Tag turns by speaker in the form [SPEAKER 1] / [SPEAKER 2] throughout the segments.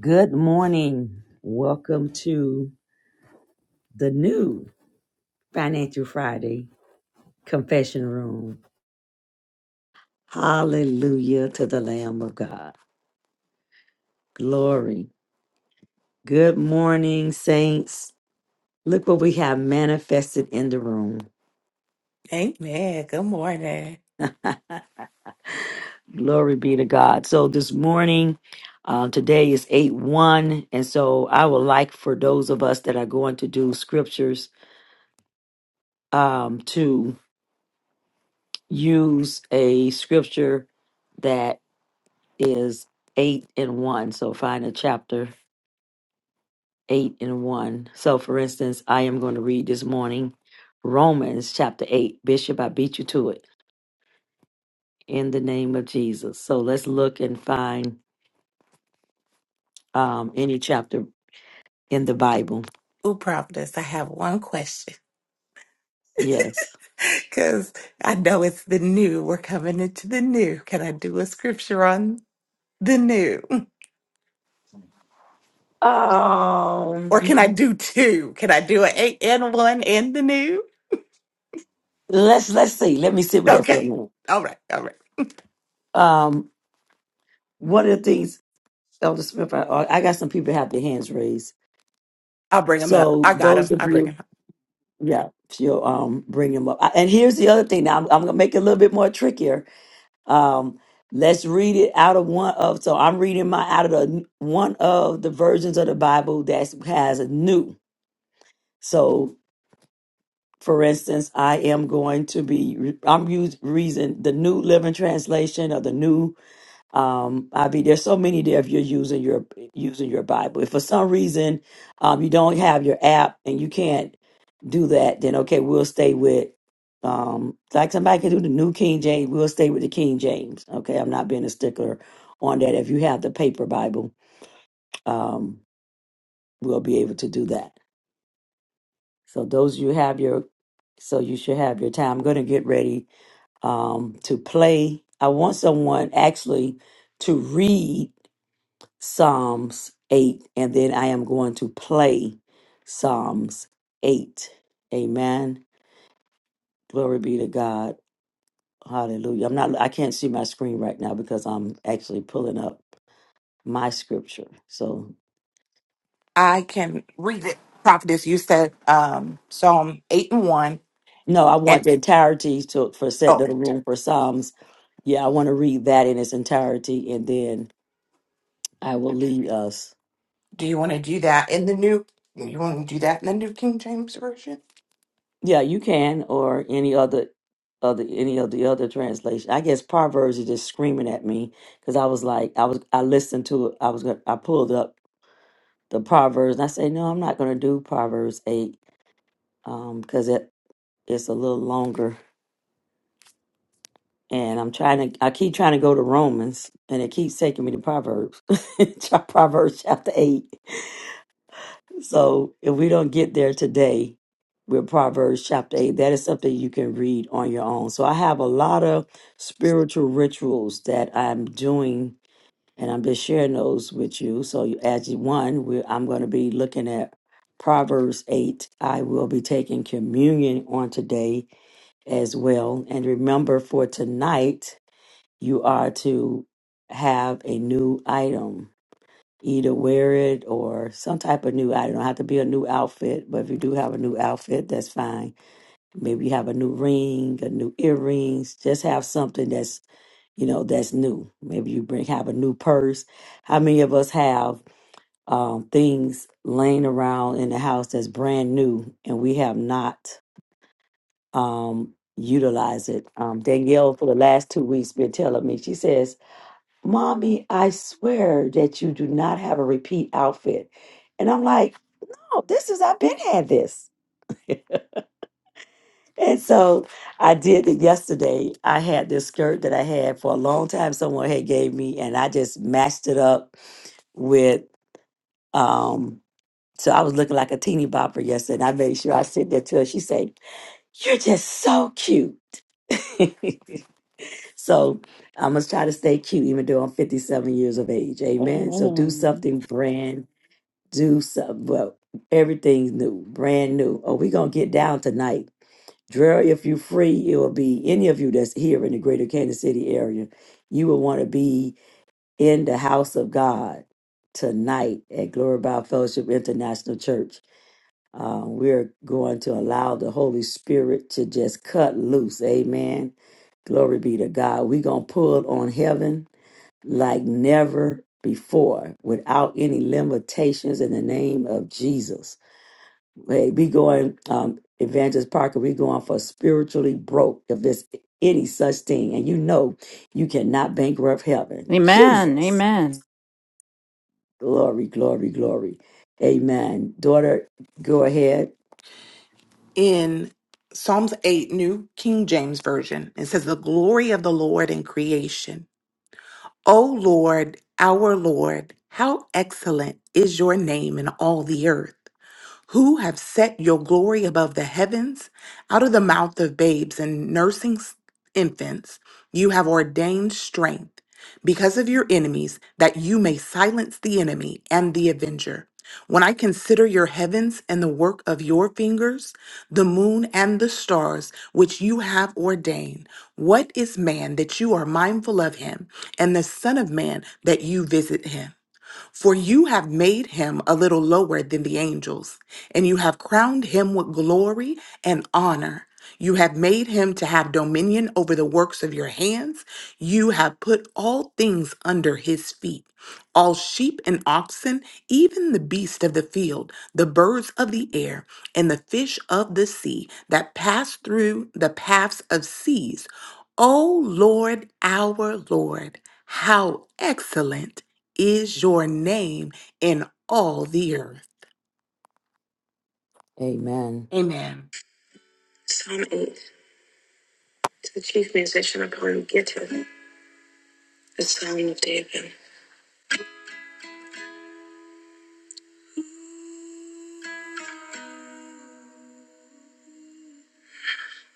[SPEAKER 1] Good morning. Welcome to the new Financial Friday Confession Room. Hallelujah to the Lamb of God. Glory. Good morning, saints. Look what we have manifested in the room.
[SPEAKER 2] Amen. Good morning.
[SPEAKER 1] Glory be to God. So this morning, uh, today is 8 1. And so I would like for those of us that are going to do scriptures um, to use a scripture is eight and one. So find a chapter eight and one. So for instance, I am going to read this morning Romans chapter eight. Bishop, I beat you to it in the name of Jesus. So let's look and find um, any chapter in the Bible.
[SPEAKER 2] Ooh, Providence, I have one question
[SPEAKER 1] Yes.
[SPEAKER 2] because I know it's the new. We're coming into the new. Can I do a scripture on the new? Or
[SPEAKER 1] Um.
[SPEAKER 2] can I do two? Can I do an eight and one and the new?
[SPEAKER 1] Let's let's see. Let me sit with that for a
[SPEAKER 2] Okay.
[SPEAKER 1] minute.
[SPEAKER 2] All right. All right.
[SPEAKER 1] Um. One of the things, Elder Smith, I, I got some people have their hands raised.
[SPEAKER 2] I'll bring them up.
[SPEAKER 1] So
[SPEAKER 2] I got them.
[SPEAKER 1] those of
[SPEAKER 2] I bring
[SPEAKER 1] you
[SPEAKER 2] them up.
[SPEAKER 1] Yeah, she'll um bring him up. I- And here's the other thing. Now I'm, I'm gonna make it a little bit more trickier. Um, let's read it out of one of. So I'm reading my out of the one of the versions of the Bible that has a new. So for instance, I am going to be. I'm using reason the New Living Translation or the New um i mean there's so many there if you're using your using your bible if for some reason um you don't have your app and you can't do that then okay we'll stay with um like somebody can do the new king james we'll stay with the king james okay i'm not being a stickler on that if you have the paper bible um we'll be able to do that so those you have your so you should have your time i'm going to get ready um to play i want someone actually to read Psalms 8, and then I am going to play Psalms 8. Amen. Glory be to God. Hallelujah. I'm not I can't see my screen right now because I'm actually pulling up my scripture. So
[SPEAKER 2] I can read it. Prophetess, you said um, Psalm 8 and 1.
[SPEAKER 1] no, I want
[SPEAKER 2] And
[SPEAKER 1] the entirety to for set
[SPEAKER 2] oh,
[SPEAKER 1] the room
[SPEAKER 2] I-
[SPEAKER 1] for Psalms. Yeah, I want to read that in its entirety and then I will lead us.
[SPEAKER 2] do you want to do that in the new? You want to do that in the New King James Version?
[SPEAKER 1] Yeah, you can, or any other, other any of the other translation. I guess Proverbs is just screaming at me because I was like, I was, I listened to it. I was, gonna, I pulled up the Proverbs, and I said, no, I'm not going to do Proverbs eight um, because it it's a little longer, and I'm trying to, I keep trying to go to Romans, and it keeps taking me to Proverbs, Proverbs chapter eight. So if we don't get there today with Proverbs chapter 8, that is something you can read on your own. So I have a lot of spiritual rituals that I'm doing, and I'm just sharing those with you. So you- as you- one, we, I'm going to be looking at Proverbs 8. I will be taking communion on today as well. And remember for tonight, you are to have a new item either wear it or some type of new. I don't know, have to be a new outfit, but if you do have a new outfit, that's fine. Maybe you have a new ring, a new earrings. Just have something that's you know that's new. Maybe you bring have a new purse. How many of us have um, things laying around in the house that's brand new and we have not um, utilized it? Um, Danielle for the last two weeks been telling me. She says Mommy, I swear that you do not have a repeat outfit. And I'm like, Oh, this is, I've been had this. And so I did it yesterday. I had this skirt that I had for a long time. Someone had gave me, and I just matched it up with. um So I was looking like a teeny bopper yesterday. And I made sure I sent that to her. She said, "You're just so cute." so I must try to stay cute, even though I'm 57 years of age. Amen. So do
[SPEAKER 3] Amen.
[SPEAKER 1] something brand do something. Well, everything's new, brand new. Oh, we gonna get down tonight. Drill, if you are free, it will be any of you that's here in the greater Kansas City area. You will want to be in the house of God tonight at Glory Bible Fellowship International Church. Uh, we're going to allow the Holy Spirit to just cut loose. Amen. Glory be to God. We're going to pull on heaven like never before without any limitations in the name of Jesus. Hey, we going, um, Evangelist Parker, we going for spiritually broke if there's any such thing. And you know you cannot bankrupt heaven.
[SPEAKER 4] Amen.
[SPEAKER 1] Jesus.
[SPEAKER 4] Amen.
[SPEAKER 1] Glory, glory, glory. Amen. Daughter, go ahead.
[SPEAKER 2] in Psalms 8, New King James Version. It says, The glory of the Lord in creation. O Lord, our Lord, how excellent is your name in all the earth who have set your glory above the heavens. Out of the mouth of babes and nursing s- infants, you have ordained strength because of your enemies, that you may silence the enemy and the avenger. When I consider your heavens and the work of your fingers, the moon and the stars which you have ordained, what is man that you are mindful of him, and the Son of Man that you visit him? For you have made him a little lower than the angels, and you have crowned him with glory and honor. You have made him to have dominion over the works of your hands. You have put all things under his feet all sheep and oxen, even the beast of the field, the birds of the air, and the fish of the sea that pass through the paths of seas. O Lord, our Lord, how excellent! is your name in all the earth.
[SPEAKER 1] Amen.
[SPEAKER 2] Amen.
[SPEAKER 1] Psalm 8 to the chief musician upon Gitter, the Psalm of David.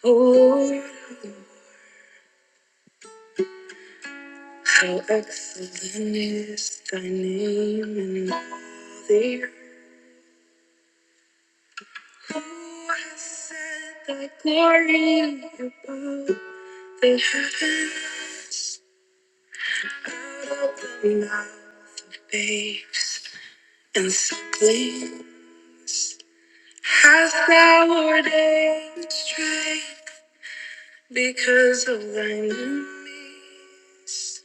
[SPEAKER 1] Lord, How excellent is thy name in all the earth. Who has set thy glory above the heavens? Out of the mouth of babes and sucklings hast thou ordained strength because of thine enemies.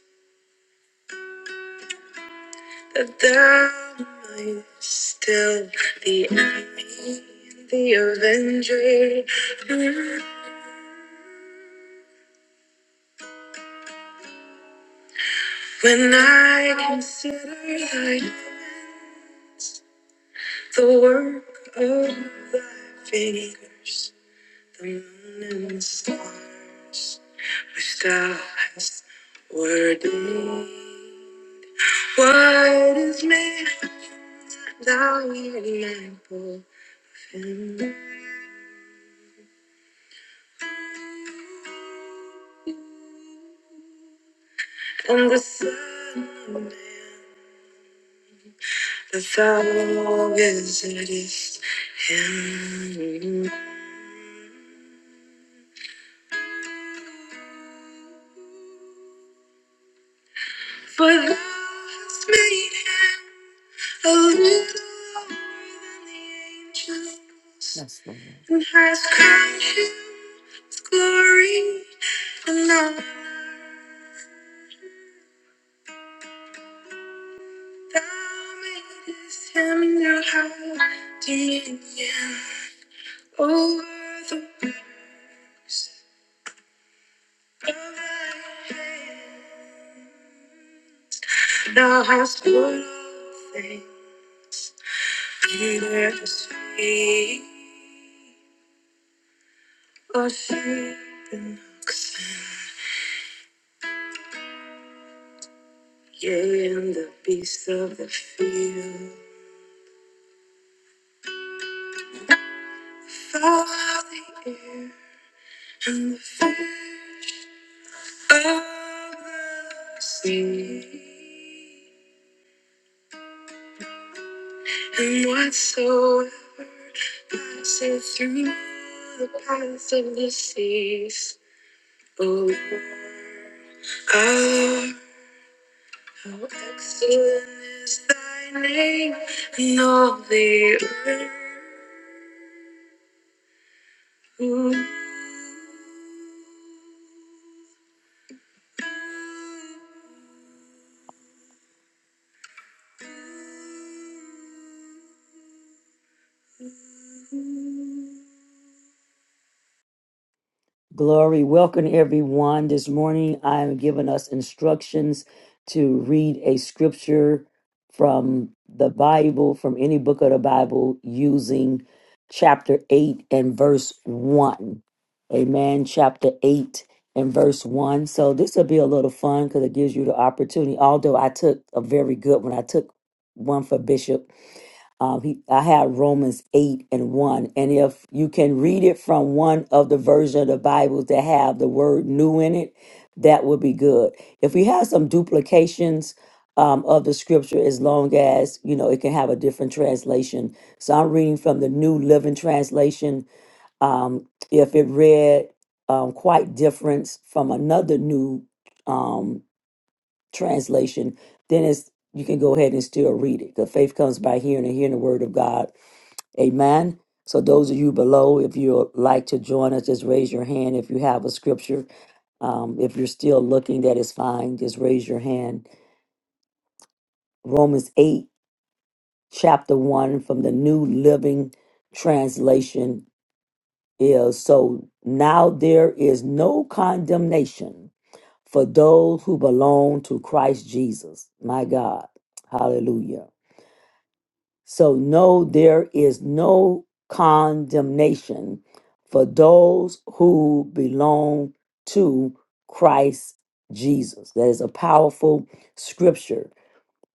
[SPEAKER 1] that thou art still the enemy, the avenger. When I consider thy heavens, the work of thy fingers, the moon and the stars, which thou hast ordained. What is man thou art mindful of him? And the Son of Man, that thou visitest him. For thou hast made him a little lower than the angels. Yes, Lord. And hast crowned him with glory and honor. Thou madest him to have dominion over the works of thy hands. Thou hast put all things under his feet. A sheep and oxen, yea, and the beasts of the field, fowl of the air, and the fish of the sea, and whatsoever passeth through the paths of the seas, O Lord, our, how excellent is thy name in all the earth. Ooh. Glory, welcome everyone. This morning I am giving us instructions to read a scripture from the Bible, from any book of the Bible, using chapter 8 and verse 1. Amen. Chapter 8 and verse 1. So this will be a little fun because it gives you the opportunity. Although I took a very good one, I took one for Bishop um, he, I have Romans 8 and 1. And if you can read it from one of the version of the Bibles that have the word new in it, that would be good. If we have some duplications um, of the scripture, as long as, you know, it can have a different translation. So I'm reading from the New Living Translation. Um, if it read um, quite different from another new um, translation, then it's you can go ahead and still read it. The faith comes by hearing and hearing the word of God Amen. So those of you below, if you'd like to join us, just raise your hand. If you have a scripture, um, if you're still looking, that is fine. Just raise your hand. Romans 8, chapter 1 from the New Living Translation is so now there is no condemnation for those who belong to Christ Jesus. My God. Hallelujah. So, no, there is no condemnation for those who belong to Christ Jesus. That is a powerful scripture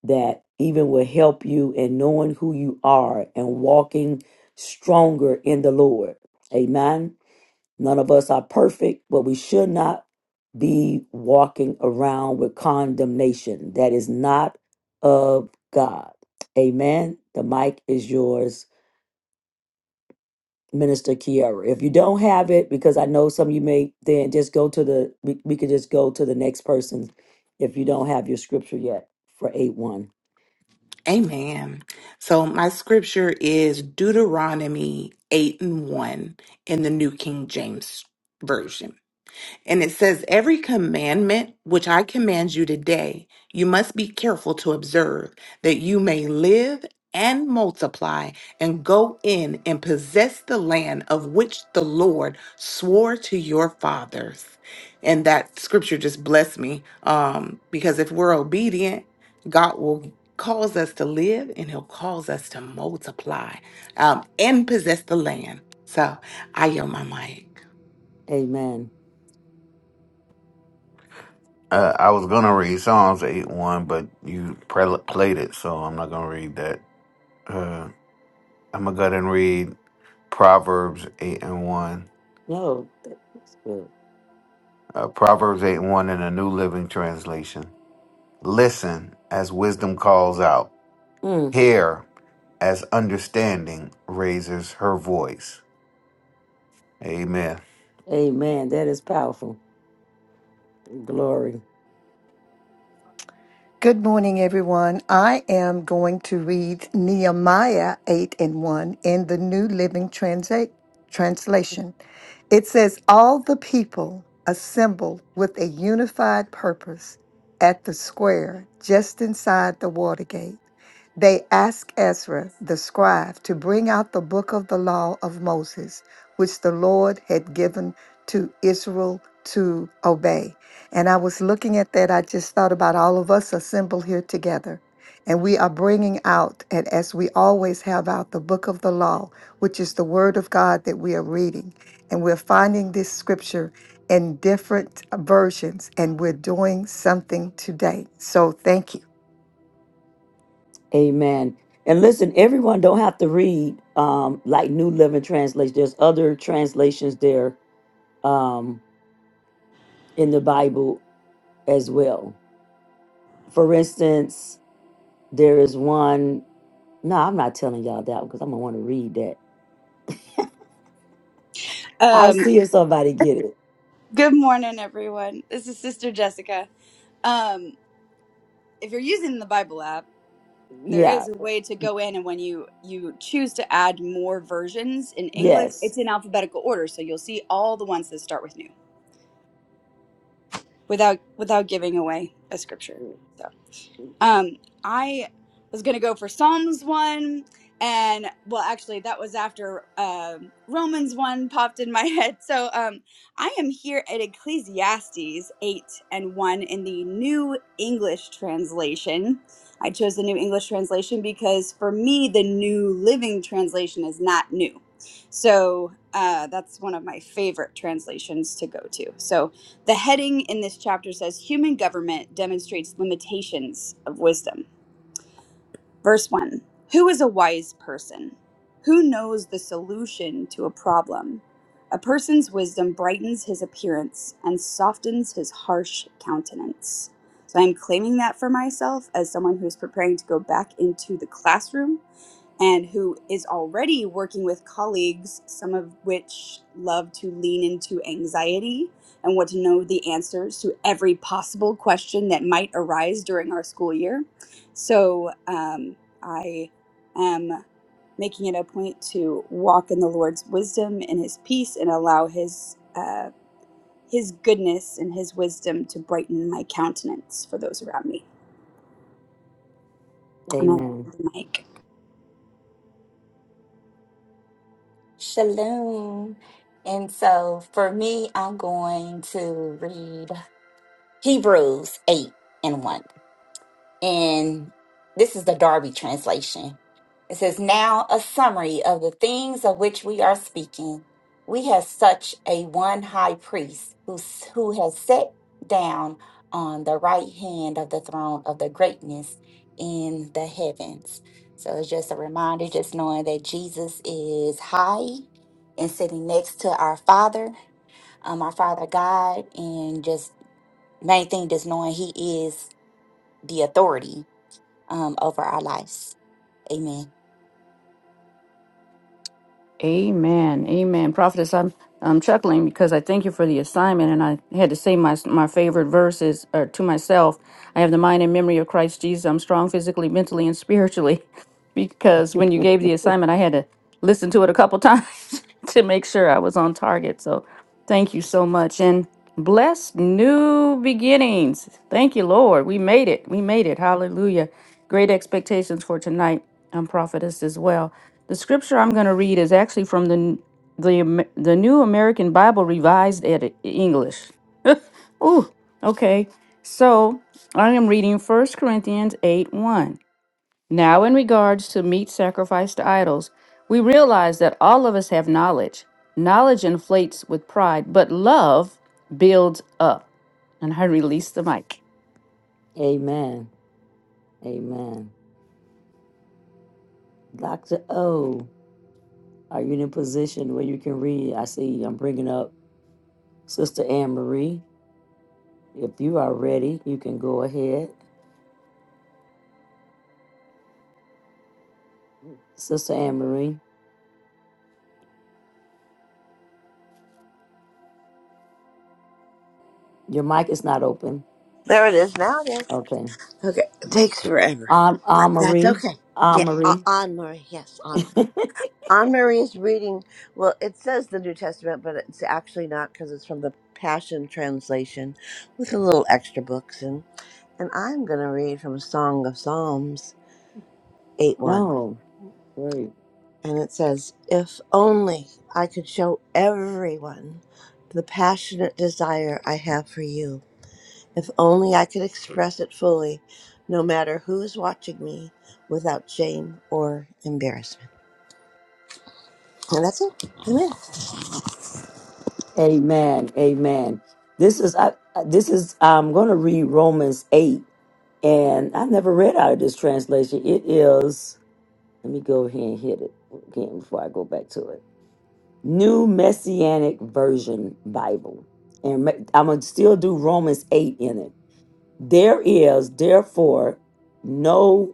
[SPEAKER 1] that even will help you in knowing who you are and walking stronger in the Lord. Amen. None of us are perfect, but we should not be walking around with condemnation. That is not of God. Amen. The mic is yours, Minister Kiara. If you don't have it, because I know some of you may, then just go to the, we, we could just go to the next person if you don't have your scripture yet for 8 1.
[SPEAKER 2] Amen. So my scripture is Deuteronomy 8 and 1 in the New King James Version. And it says, Every commandment which I command you today, you must be careful to observe, that you may live and multiply and go in and possess the land of which the Lord swore to your fathers. And that scripture just blessed me um, because if we're obedient, God will cause us to live and he'll cause us to multiply um, and possess the land. So I yield my mic.
[SPEAKER 1] Amen.
[SPEAKER 5] Uh, I was gonna read Psalms eight one, but you pre- played it, so I'm not gonna read that. Uh, I'm gonna go ahead and read Proverbs eight and one.
[SPEAKER 1] No, that's good.
[SPEAKER 5] Uh, Proverbs eight and one in the New Living Translation. Listen as wisdom calls out.
[SPEAKER 1] Mm,
[SPEAKER 5] Hear as understanding raises her voice. Amen.
[SPEAKER 1] amen. That is powerful. Glory.
[SPEAKER 6] Good morning, everyone. I am going to read Nehemiah 8 and 1 in the New Living Transa- Translation. It says, All the people assembled with a unified purpose at the square just inside the water gate. They asked Ezra the scribe to bring out the book of the law of Moses, which the Lord had given to Israel to obey. And I was looking at that. I just thought about all of us assembled here together. And we are bringing out, and as we always have out, the book of the law, which is the word of God that we are reading and we're finding this scripture in different versions and we're doing something today. So thank you.
[SPEAKER 1] Amen. And listen, everyone don't have to read um, like New Living Translation. There's other translations there um, in the Bible as well. For instance, there is one. No, I'm not telling y'all that because I'm gonna want to read that. I'll
[SPEAKER 7] Um,
[SPEAKER 1] see if somebody get it.
[SPEAKER 7] good morning, everyone. This is Sister Jessica. Um, if you're using the Bible app, there
[SPEAKER 1] Yeah.
[SPEAKER 7] is a way to go in, and when you you choose to add more versions in English,
[SPEAKER 1] Yes.
[SPEAKER 7] it's in alphabetical order, so you'll see all the ones that start with new, without without giving away a scripture. so. Um, I was gonna go for Psalms one, and well, actually, that was after um Romans one popped in my head. So um, I am here at Ecclesiastes eight and one in the New English translation. I chose the New English translation because for me, the New Living Translation is not new. So uh, that's one of my favorite translations to go to. So the heading in this chapter says Human government demonstrates limitations of wisdom. Verse 1 Who is a wise person? Who knows the solution to a problem? A person's wisdom brightens his appearance and softens his harsh countenance. So I'm claiming that for myself as someone who's preparing to go back into the classroom and who is already working with colleagues, some of which love to lean into anxiety and want to know the answers to every possible question that might arise during our school year. So um, I am making it a point to walk in the Lord's wisdom and His peace, and allow His uh, His goodness and His wisdom to brighten my countenance for those around me. And I yield
[SPEAKER 1] Amen.
[SPEAKER 7] the mic.
[SPEAKER 3] Shalom. And so for me, I'm going to read Hebrews 8 and 1. And this is the Darby translation. It says, Now a summary of the things of which we are speaking. We have such a one high priest who, s- who has sat down on the right hand of the throne of the greatness in the heavens. So it's just a reminder, just knowing that Jesus is high and sitting next to our Father, um, our Father God, and just main thing, just knowing He is the authority um, over our lives. Amen.
[SPEAKER 4] Amen. Amen. Prophetess, I'm I'm chuckling because I thank you for the assignment, and I had to say my my favorite verses or to myself. I have the mind and memory of Christ Jesus. I'm strong physically, mentally, and spiritually. Because when you gave the assignment, I had to listen to it a couple times to make sure I was on target. So thank you so much, and bless new beginnings. Thank you, Lord. We made it. We made it. Hallelujah. Great expectations for tonight. I'm prophetess as well. The scripture I'm going to read is actually from the the Am- the New American Bible Revised Edit English. Ooh, okay. So I am reading First Corinthians 8 1. Now, in regards to meat sacrificed to idols, we realize that all of us have knowledge. Knowledge inflates with pride, but love builds up. And I release the mic.
[SPEAKER 1] Amen. Amen. Dr. O, are you in a position where you can read? I see I'm bringing up Sister Anne Marie. If you are ready, you can go ahead. Sister Anne Marie, your mic is not open.
[SPEAKER 8] There it is. Now it is.
[SPEAKER 1] Okay.
[SPEAKER 8] Okay, it takes forever,
[SPEAKER 1] Anne
[SPEAKER 8] but
[SPEAKER 1] Anne
[SPEAKER 8] that's
[SPEAKER 1] Marie,
[SPEAKER 8] okay.
[SPEAKER 1] Anne
[SPEAKER 8] Yeah, Uh,
[SPEAKER 1] Marie.
[SPEAKER 8] Anne Marie. Yes, Anne Marie. Anne Marie is reading. Well, it says the New Testament, but it's actually not because it's from the Passion Translation with a little extra books in. And I'm going to read from Song of Psalms 8 1.
[SPEAKER 1] No, great.
[SPEAKER 8] And it says, If only I could show everyone the passionate desire I have for you. If only I could express it fully, no matter who is watching me, without shame or embarrassment. And that's it. Amen.
[SPEAKER 1] Amen. Amen. This is I, I- this is I'm going to read Romans 8 and I've never read out of this translation. It is let me go ahead and hit it again before I go back to it. New Messianic Version Bible. And I'm going to still do Romans 8 in it. There is therefore no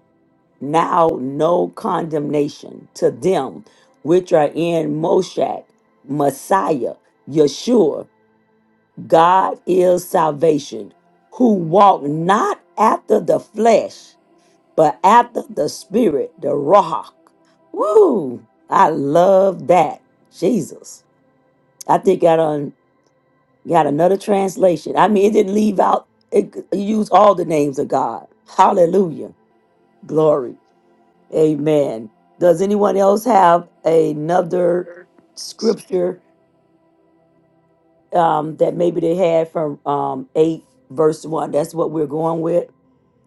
[SPEAKER 1] now no condemnation to them which are in Moshach, Messiah, Yeshua, God is salvation, who walk not after the flesh, but after the spirit, the Ruach. Woo! I love that. Jesus. I think I done got another translation. I mean, it didn't leave out, it, it used all the names of God. Hallelujah. Glory. Amen. Does anyone else have another scripture um, that maybe they had from um, 8 verse 1? That's what we're going with.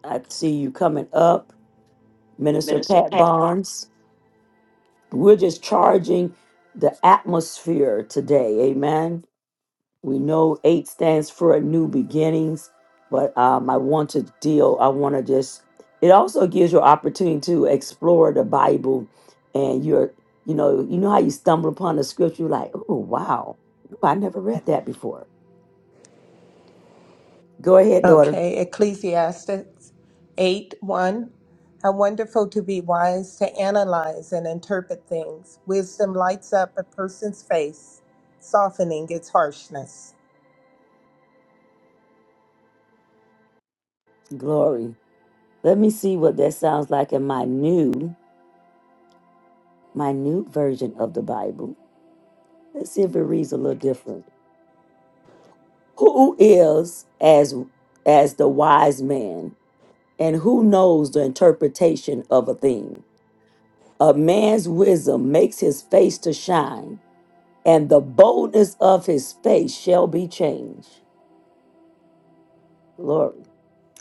[SPEAKER 1] I see you coming up, Minister Pat Barnes. We're just charging the atmosphere today. Amen. We know eight stands for a new beginnings, but um, I want to deal, I want to just, it also gives you opportunity to explore the Bible and you're, you know, you know how you stumble upon the scripture you're like, oh, wow, Ooh, I never read that before. Go ahead, daughter.
[SPEAKER 9] Okay, Ecclesiastes 8 1. How wonderful to be wise, to analyze and interpret things. Wisdom lights up a person's face, softening its harshness.
[SPEAKER 1] Glory. Let me see what that sounds like in my new, my new version of the Bible. Let's see if it reads a little different. Who is as as the wise man? And who knows the interpretation of a thing? A man's wisdom makes his face to shine, and the boldness of his face shall be changed. Glory.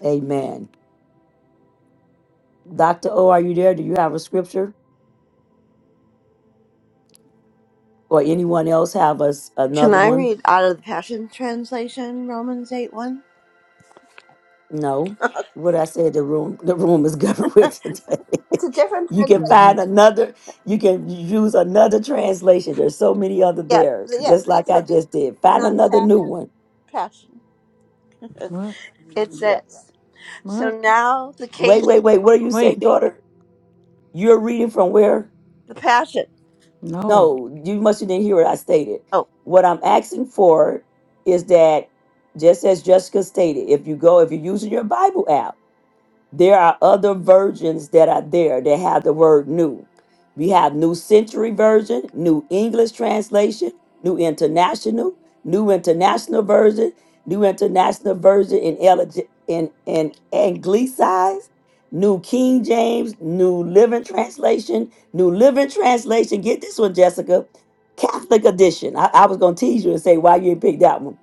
[SPEAKER 1] Amen. Dr. O, are you there? Do you have a scripture? Or anyone else have us
[SPEAKER 8] Can
[SPEAKER 1] another
[SPEAKER 8] I
[SPEAKER 1] one?
[SPEAKER 8] read out of the Passion Translation, Romans 8 1?
[SPEAKER 1] No. What I said, the room, the room is governed with today.
[SPEAKER 8] It's a different
[SPEAKER 1] you can
[SPEAKER 4] hmm
[SPEAKER 8] translation.
[SPEAKER 1] find another, you can use another translation. There's so many other
[SPEAKER 8] Yeah,
[SPEAKER 1] theirs,
[SPEAKER 8] th-
[SPEAKER 1] just
[SPEAKER 8] yes,
[SPEAKER 1] like
[SPEAKER 8] that's
[SPEAKER 1] I
[SPEAKER 8] what,
[SPEAKER 1] just did. Find
[SPEAKER 8] not
[SPEAKER 1] another new
[SPEAKER 8] passion.
[SPEAKER 1] one.
[SPEAKER 8] Passion. It,
[SPEAKER 4] What?
[SPEAKER 8] it
[SPEAKER 1] Yeah.
[SPEAKER 8] says, So
[SPEAKER 4] What?
[SPEAKER 8] now the king,
[SPEAKER 1] Wait, wait, wait. What do you say,
[SPEAKER 4] Wait.
[SPEAKER 1] daughter? You're reading from where?
[SPEAKER 8] the passion.
[SPEAKER 4] No.
[SPEAKER 1] No, you must have didn't hear what I stated.
[SPEAKER 8] Oh,
[SPEAKER 1] What I'm asking for is that, just as Jessica stated, if you go, if you're using your Bible app. There are other versions that are there that have the word new. We have New Century Version, New English Translation, New International, New International Version, New International Version in, elig- in, in Anglicized, New King James, New Living Translation, New Living Translation. Get this one, Jessica. Catholic Edition. I, I was going to tease you and say, why you didn't pick that one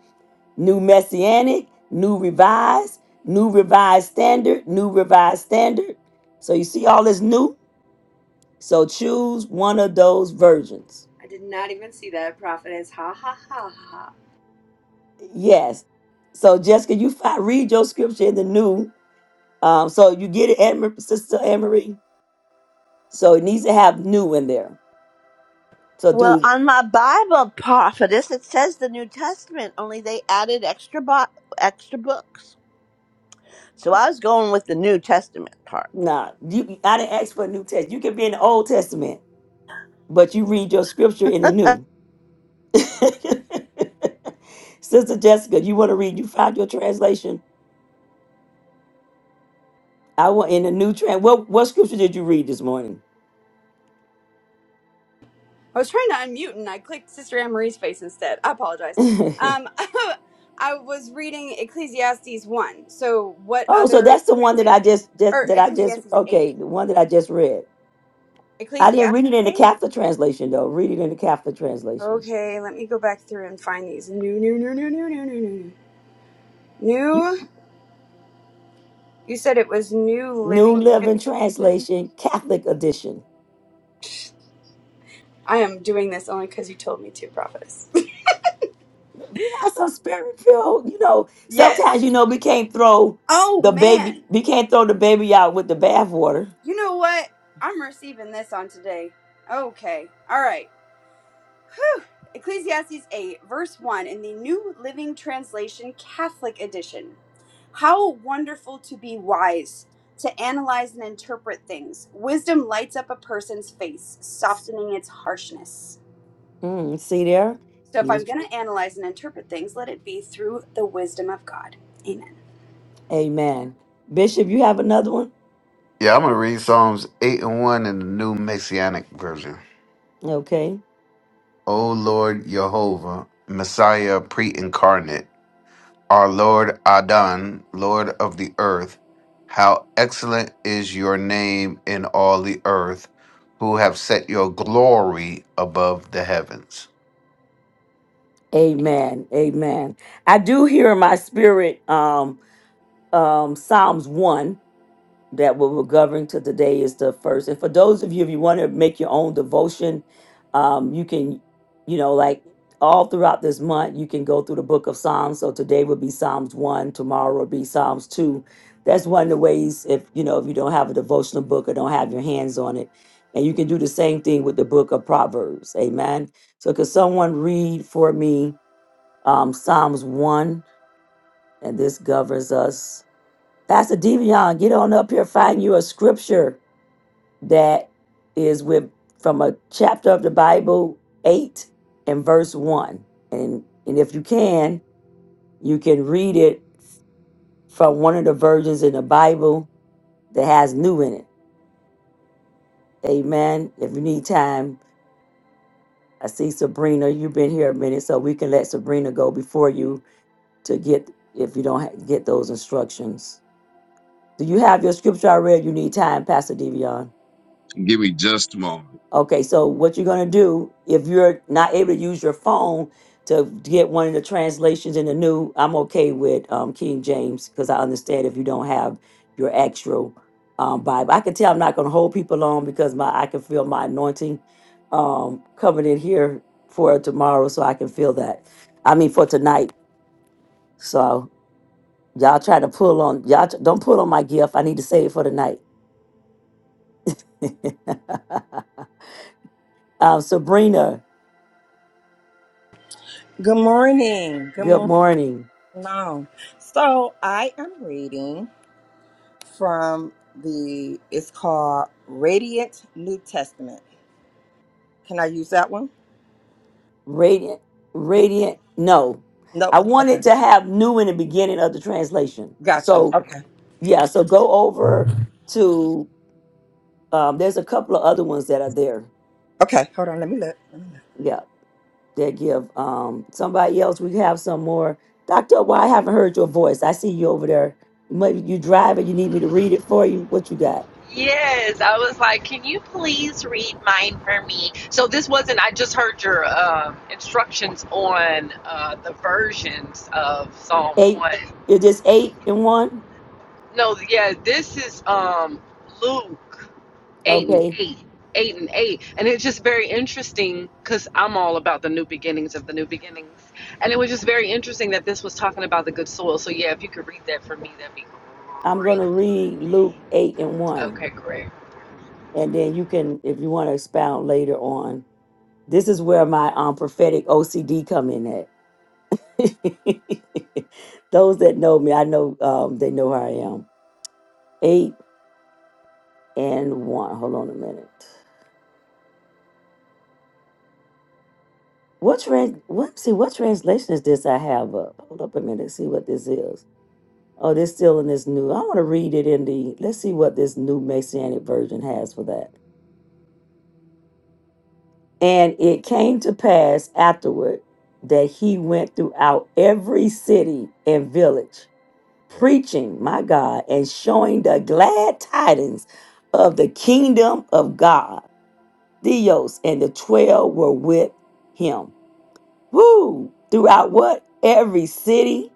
[SPEAKER 1] New Messianic, New Revised, New Revised Standard, New Revised Standard. So you see all this new? So choose one of those versions.
[SPEAKER 7] I did not even see that prophetess. Ha ha ha ha.
[SPEAKER 1] Yes. So Jessica, you find, read your scripture in the new. Um, so you get it, Anne- Sister Anne-Marie. So it needs to have new in there. So
[SPEAKER 8] well,
[SPEAKER 1] do
[SPEAKER 8] on my Bible, prophetess, it says the New Testament, only they added extra, bo- extra books. So I was going with the New Testament part.
[SPEAKER 1] nah, you, I didn't ask for a new test. You can be in the Old Testament, but you read your scripture in the new. Sister Jessica, you want to read? You found your translation? I want in the new trans. What what scripture did you read this morning?
[SPEAKER 7] I was trying to unmute and I clicked Sister Anne Marie's face instead. I apologize.
[SPEAKER 1] oh,
[SPEAKER 7] Um, I was reading Ecclesiastes 1. So, what
[SPEAKER 1] so that's
[SPEAKER 7] other
[SPEAKER 1] the one that I
[SPEAKER 7] translation?
[SPEAKER 1] just, just
[SPEAKER 7] Or
[SPEAKER 1] that I just
[SPEAKER 7] Ecclesiastes 8.
[SPEAKER 1] okay, the one that I just read. I didn't
[SPEAKER 7] Ecclesiastes
[SPEAKER 1] read it in the
[SPEAKER 7] 8?
[SPEAKER 1] Catholic translation though. Read it in the Catholic translation.
[SPEAKER 7] Okay, let me go back through and find these. New, new, new, new, new, new, new, new.
[SPEAKER 1] You-
[SPEAKER 7] New? You said it was New
[SPEAKER 1] New
[SPEAKER 7] Living
[SPEAKER 1] Living
[SPEAKER 7] Translation?
[SPEAKER 1] Translation, Catholic edition.
[SPEAKER 7] I am doing this only because you told me to, Prophetess.
[SPEAKER 1] We have some spirit filled, you know.
[SPEAKER 7] Yes.
[SPEAKER 1] Sometimes you know we can't throw
[SPEAKER 7] Oh,
[SPEAKER 1] the baby,
[SPEAKER 7] man.
[SPEAKER 1] we can't throw the baby out with the bathwater.
[SPEAKER 7] You know what? I'm receiving this on today. Okay. All right. Ecclesiastes 8, verse 1 in the New Living Translation Catholic Edition. How wonderful to be wise, to analyze and interpret things. Wisdom lights up a person's face, softening its harshness.
[SPEAKER 1] Mm, see there,
[SPEAKER 7] So
[SPEAKER 1] he
[SPEAKER 7] if I'm
[SPEAKER 1] was.
[SPEAKER 7] going to analyze and interpret things, let it be through the wisdom of God. Amen.
[SPEAKER 1] Amen, Bishop. You have another one,
[SPEAKER 5] Yeah, I'm gonna read Psalms eight and one in the New Messianic Version.
[SPEAKER 1] okay?
[SPEAKER 5] O Lord Jehovah, Messiah pre-incarnate. Our Lord Adon, Lord of the earth, how excellent is your name in all the earth, who have set your glory above the heavens.
[SPEAKER 1] Amen. Amen. I do hear in my spirit um um Psalms 1 that what we're governing to today is the first. And for those of you if you want to make your own devotion, um you can you know like all throughout this month you can go through the book of Psalms. So today would be Psalms 1, tomorrow will be Psalms 2. That's one of the ways if you know if you don't have a devotional book or don't have your hands on it. And you can do the same thing with the book of Proverbs. Amen. So could someone read for me um, Psalms 1, and this governs us. Pastor Devion, get on up here, find you a scripture that is with from a chapter of the Bible, 8 and verse 1. And, and if you can, you can read it from one of the versions in the Bible that has new in it. Amen. If you need time, I see Sabrina, you've been here a minute, so we can let Sabrina go before you to get if you don't ha- get those instructions. Do you have your scripture I read? You need time, Pastor Devion.
[SPEAKER 10] Give me just a moment.
[SPEAKER 1] Okay, so what you're gonna do if you're not able to use your phone to get one of the translations in the new, I'm okay with um, King James because I understand if you don't have your actual um, Bible. I can tell I'm not gonna hold people on because my I can feel my anointing um, coming in here for tomorrow, so I can feel that. I mean for tonight. So y'all try to pull on y'all t- don't pull on my gift. I need to save it for tonight. Uh, Sabrina,
[SPEAKER 11] Good morning. Good
[SPEAKER 1] good
[SPEAKER 11] morning.
[SPEAKER 1] morning.
[SPEAKER 11] Long. So I am reading from the. It's called Radiant New Testament. Can I use that one?
[SPEAKER 1] Radiant,
[SPEAKER 11] It's,
[SPEAKER 1] radiant. No,
[SPEAKER 11] nope.
[SPEAKER 1] I
[SPEAKER 11] Okay.
[SPEAKER 1] wanted to have new in the beginning of the translation.
[SPEAKER 11] Gotcha.
[SPEAKER 1] So
[SPEAKER 11] Okay.
[SPEAKER 1] yeah, so go over to. Um, there's a couple of other ones that are there.
[SPEAKER 11] Okay. Hold on. Let me look.
[SPEAKER 1] Yeah, that give um, somebody else. We have some more. Doctor, why I haven't heard your voice? I see you over there. Maybe you drive and you need me to read it for you. What you got?
[SPEAKER 12] Yes, I was like, can you please read mine for me? So this wasn't, I just heard your um instructions on uh, the versions of Psalm
[SPEAKER 1] Eight.
[SPEAKER 12] 1.
[SPEAKER 1] Is this eight and one?
[SPEAKER 12] No, yeah, this is um, Luke 8 and
[SPEAKER 1] Okay,
[SPEAKER 12] 8. 8 and 8. And it's just very interesting because I'm all about the new beginnings of the new beginnings. And it was just very interesting that this was talking about the good soil. So, yeah, if you could read that for me, that'd be
[SPEAKER 1] I'm
[SPEAKER 12] great.
[SPEAKER 1] gonna read Luke eight and one.
[SPEAKER 12] Okay, great.
[SPEAKER 1] and then you can if you want to expound later on this is where my um, prophetic ocd come in at those that know me i know um, they know how i am eight and one hold on a minute what trans what see what translation is this i have up hold up a minute see what this is oh this still in this new i want to read it in the let's see what this new messianic version has for that And it came to pass afterward that he went throughout every city and village, preaching, my God, and showing the glad tidings of the kingdom of God. Theos and the 12 were with him. Woo! Throughout what? Every city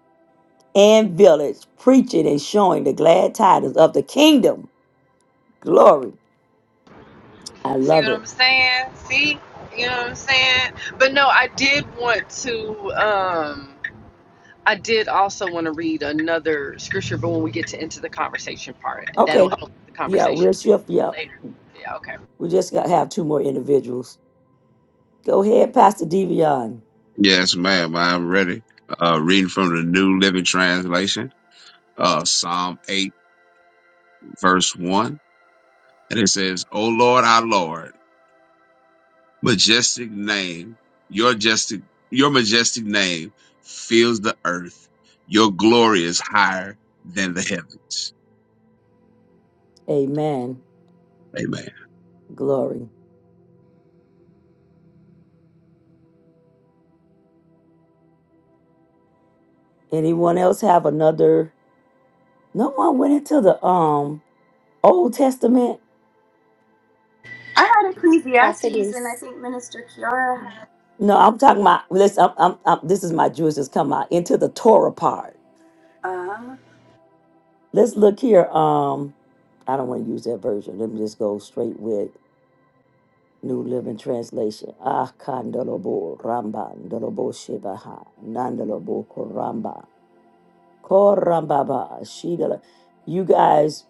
[SPEAKER 1] and village, preaching and showing the glad tidings of the kingdom. Glory. I
[SPEAKER 12] See
[SPEAKER 1] love
[SPEAKER 12] what
[SPEAKER 1] it.
[SPEAKER 12] I'm saying? See? You know what I'm saying? But no, I did want to um I did also want to read another scripture, but when we get to into the conversation part, that'll
[SPEAKER 1] Okay.
[SPEAKER 12] help the
[SPEAKER 1] Yeah,
[SPEAKER 12] conversation
[SPEAKER 1] we'll shift. Yeah.
[SPEAKER 12] later. Yeah, okay.
[SPEAKER 1] We just got to have two more individuals. Go ahead, Pastor Devion.
[SPEAKER 10] Yes, ma'am. I'm ready. Uh, reading from the New Living Translation, uh, Psalm 8, verse 1. And it says, O Lord, our Lord, majestic name, your majestic, your majestic name fills the earth. Your glory is higher than the heavens.
[SPEAKER 1] Amen.
[SPEAKER 10] Amen.
[SPEAKER 1] Glory. Anyone else have another? No one went into the um Old Testament.
[SPEAKER 7] I had Ecclesiastes, and I
[SPEAKER 3] Prophetess.
[SPEAKER 7] think Minister Kiara had.
[SPEAKER 1] No, I'm talking about. Listen, I'm, I'm, I'm- this is my Jewish is come out into the Torah part.
[SPEAKER 7] Uh,
[SPEAKER 1] Let's look here. Um, I don't want to use that version. Let me just go straight with New Living Translation. Ah, kandalobo ramba ndalobo shebaha nandalobo koramba koramba ba shidala. You guys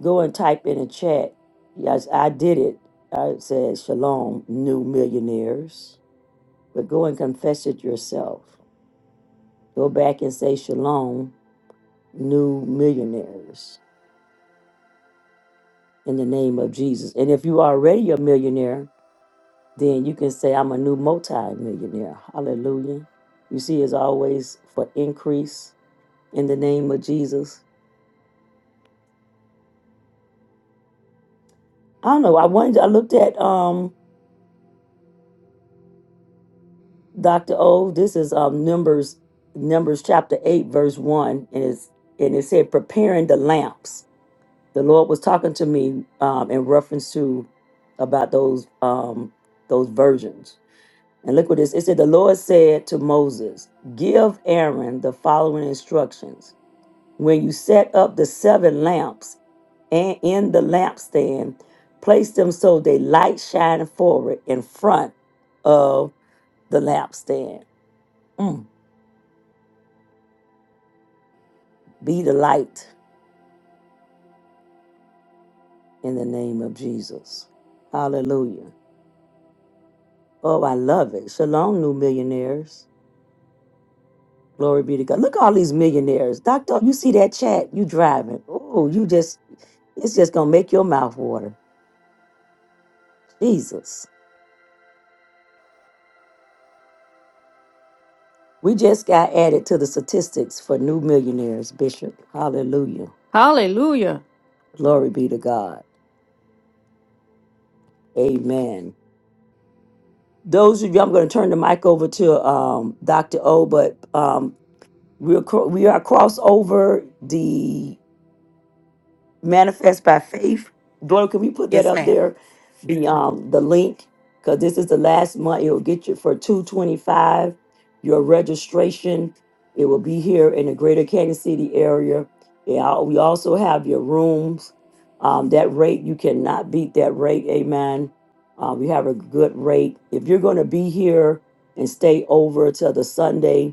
[SPEAKER 1] Go and type in a chat. Yes, I did it. I said, Shalom, new millionaires. But go and confess it yourself. Go back and say, Shalom, new millionaires, in the name of Jesus. And if you are already a millionaire, then you can say, I'm a new multi-millionaire. Hallelujah. You see, it's always for increase in the name of Jesus. I don't know. I wanted. I looked at. um Dr. O, this is um Numbers Numbers chapter 8 verse 1 and it's and it said preparing the lamps. The Lord was talking to me um in reference to about those um those virgins. And look what this it said the Lord said to Moses, "Give Aaron the following instructions. When you set up the seven lamps and in the lampstand, place them so they light shine forward in front of the lampstand." Mm Be the light in the name of Jesus. Hallelujah. Oh, I love it. Shalom, new millionaires. Glory be to God. Look at all these millionaires. Doctor, you see that chat? You driving. Oh, you just, it's just going to make your mouth water. Jesus. We just got added to the statistics for new millionaires, Bishop. Hallelujah.
[SPEAKER 4] Hallelujah.
[SPEAKER 1] Glory be to God. Amen. Those of you, I'm going to turn the mic over to um, Dr. O, but um, we're, cro- we are crossover the manifest by faith. Gloria, can we put that
[SPEAKER 2] Yes,
[SPEAKER 1] up
[SPEAKER 2] ma'am.
[SPEAKER 1] there? The um the link because this is the last month. It'll get you for two twenty five. Your registration. It will be here in the Greater Kansas City area. Yeah, we also have your rooms. Um, that rate you cannot beat that rate. Amen. Uh, we have a good rate. If you're going to be here and stay over till the Sunday,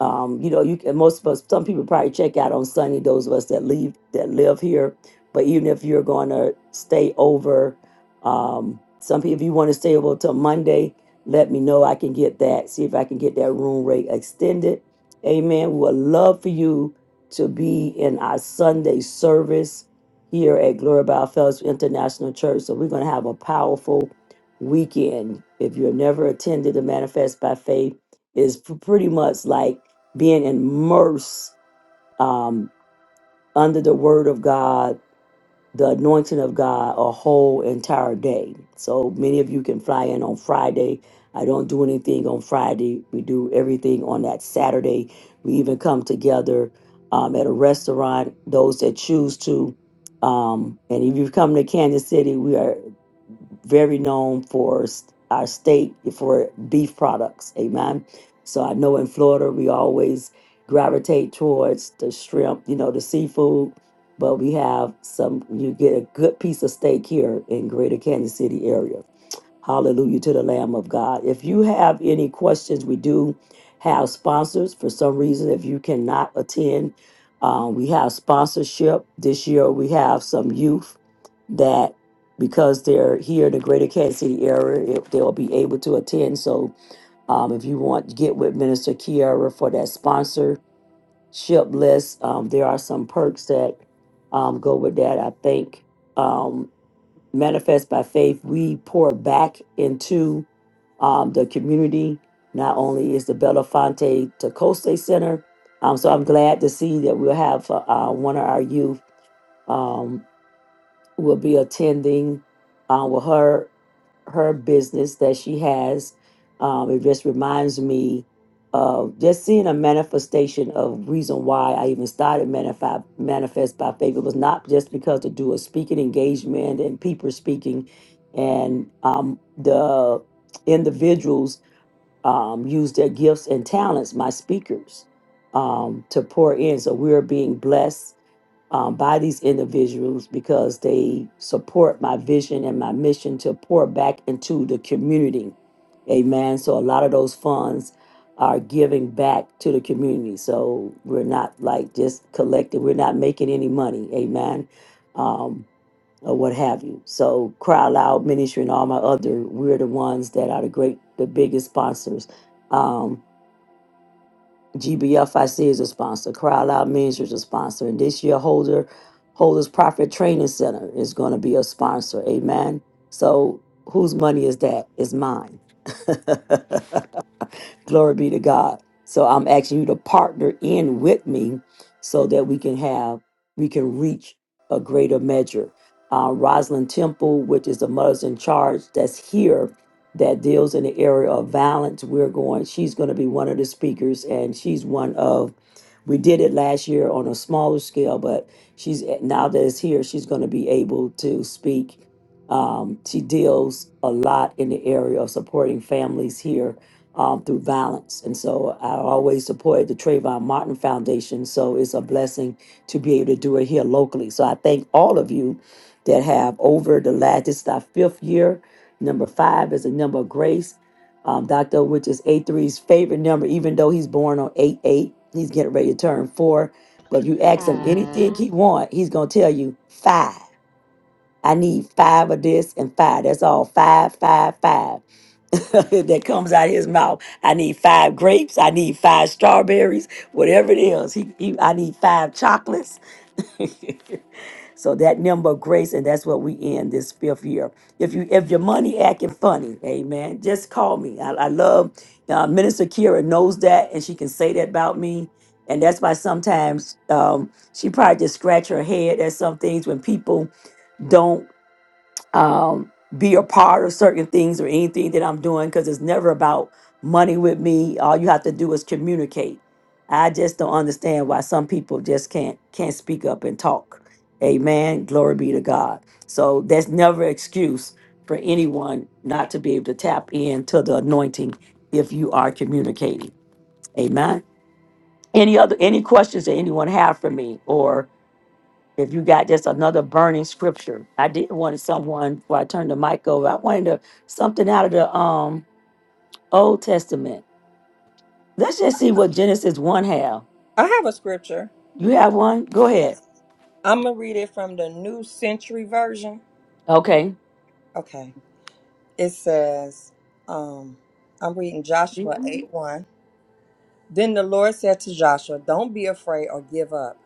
[SPEAKER 1] um, you know, you can, most of us, some people probably check out on Sunday, those of us that leave, that live here. But even if you're going to stay over, um, some people, if you want to stay over till Monday, let me know. I can get that, see if I can get that room rate extended. Amen. We would love for you to be in our Sunday service here at Glory by Fellowship International Church. So we're going to have a powerful weekend. If you've never attended the Manifest by Faith, is p- pretty much like being immersed um, under the word of God, the anointing of God a whole entire day. So many of you can fly in on Friday. I don't do anything on Friday. We do everything on that Saturday. We even come together um, at a restaurant, those that choose to. Um, and if you've come to Kansas City, we are very known for s- our state for beef products. Amen. So I know in Florida we always gravitate towards the shrimp, you know, the seafood but we have some you get a good piece of steak here in greater kansas city area hallelujah to the lamb of god if you have any questions we do have sponsors for some reason if you cannot attend um, we have sponsorship this year we have some youth that because they're here in the greater kansas city area it, they'll be able to attend so um, if you want get with minister kiara for that sponsor ship list. Um, there are some perks that um, go with that. I think um, Manifest by Faith, we pour back into um, the community. Not only is the Belafonte Tecose Center, um, so I'm glad to see that we'll have uh, uh, one of our youth. Um, will be attending uh, with her her business that she has. Um, it just reminds me of just seeing a manifestation of reason why I even started manifest manifest by faith. It was not just because to do a speaking engagement and people speaking, and um, the individuals um, use their gifts and talents, my speakers, um, to pour in. So we're being blessed um, by these individuals because they support my vision and my mission to pour back into the community. Amen. So a lot of those funds are giving back to the community. So we're not like just collecting, we're not making any money. Amen. Um, or what have you. So Cry Loud Ministry and all my other, we're the ones that are the great, the biggest sponsors. Um, GBFIC is a sponsor. Cry Loud Ministry is a sponsor. And this year, Holder, Holder's Profit Training Center is going to be a sponsor. Amen. So whose money is that? It's mine. Glory be to God. So I'm asking you to partner in with me so that we can have, we can reach a greater measure. Uh, Rosalind Temple, which is the mother's in charge that's here that deals in the area of violence, we're going, she's going to be one of the speakers and she's one of, we did it last year on a smaller scale, but she's now that it's here, she's going to be able to speak. Um, she deals a lot in the area of supporting families here um, through violence. And so I always supported the Trayvon Martin Foundation. So it's a blessing to be able to do it here locally. So I thank all of you that have over the last, this is our fifth year. Number five is a number of grace. Um, Dr. Which is a three's favorite number, even though he's born on 8 8. He's getting ready to turn four. But if you ask him anything
[SPEAKER 12] Um,
[SPEAKER 1] he want, he's going to tell you five. I need five of this and five. That's all. Five, five, five. that comes out of his mouth. I need five grapes. I need five strawberries. Whatever it is, he, he I need five chocolates. so that number of grace, and that's what we end this fifth year. If you if your money acting funny, amen. Just call me. I, I love uh, Minister Kira knows that, and she can say that about me. And that's why sometimes um, she probably just scratch her head at some things when people don't um, be a part of certain things or anything that I'm doing because it's never about money with me. All you have to do is communicate. I just don't understand why some people just can't can't speak up and talk. Amen. Glory be to God. So that's never an excuse for anyone not to be able to tap into the anointing if you are communicating. Amen. Any other any questions that anyone have for me or? if you got just another burning scripture. I didn't want someone before I turned the mic over. I wanted to, something out of the um Old Testament. Let's just see what Genesis one have.
[SPEAKER 11] I have a scripture.
[SPEAKER 1] You have one? Go ahead.
[SPEAKER 11] Yes. I'm gonna read it from the New Century Version.
[SPEAKER 1] Okay.
[SPEAKER 11] Okay. It says, um, I'm reading Joshua eight one. Then the Lord said to Joshua, Don't be afraid or give up.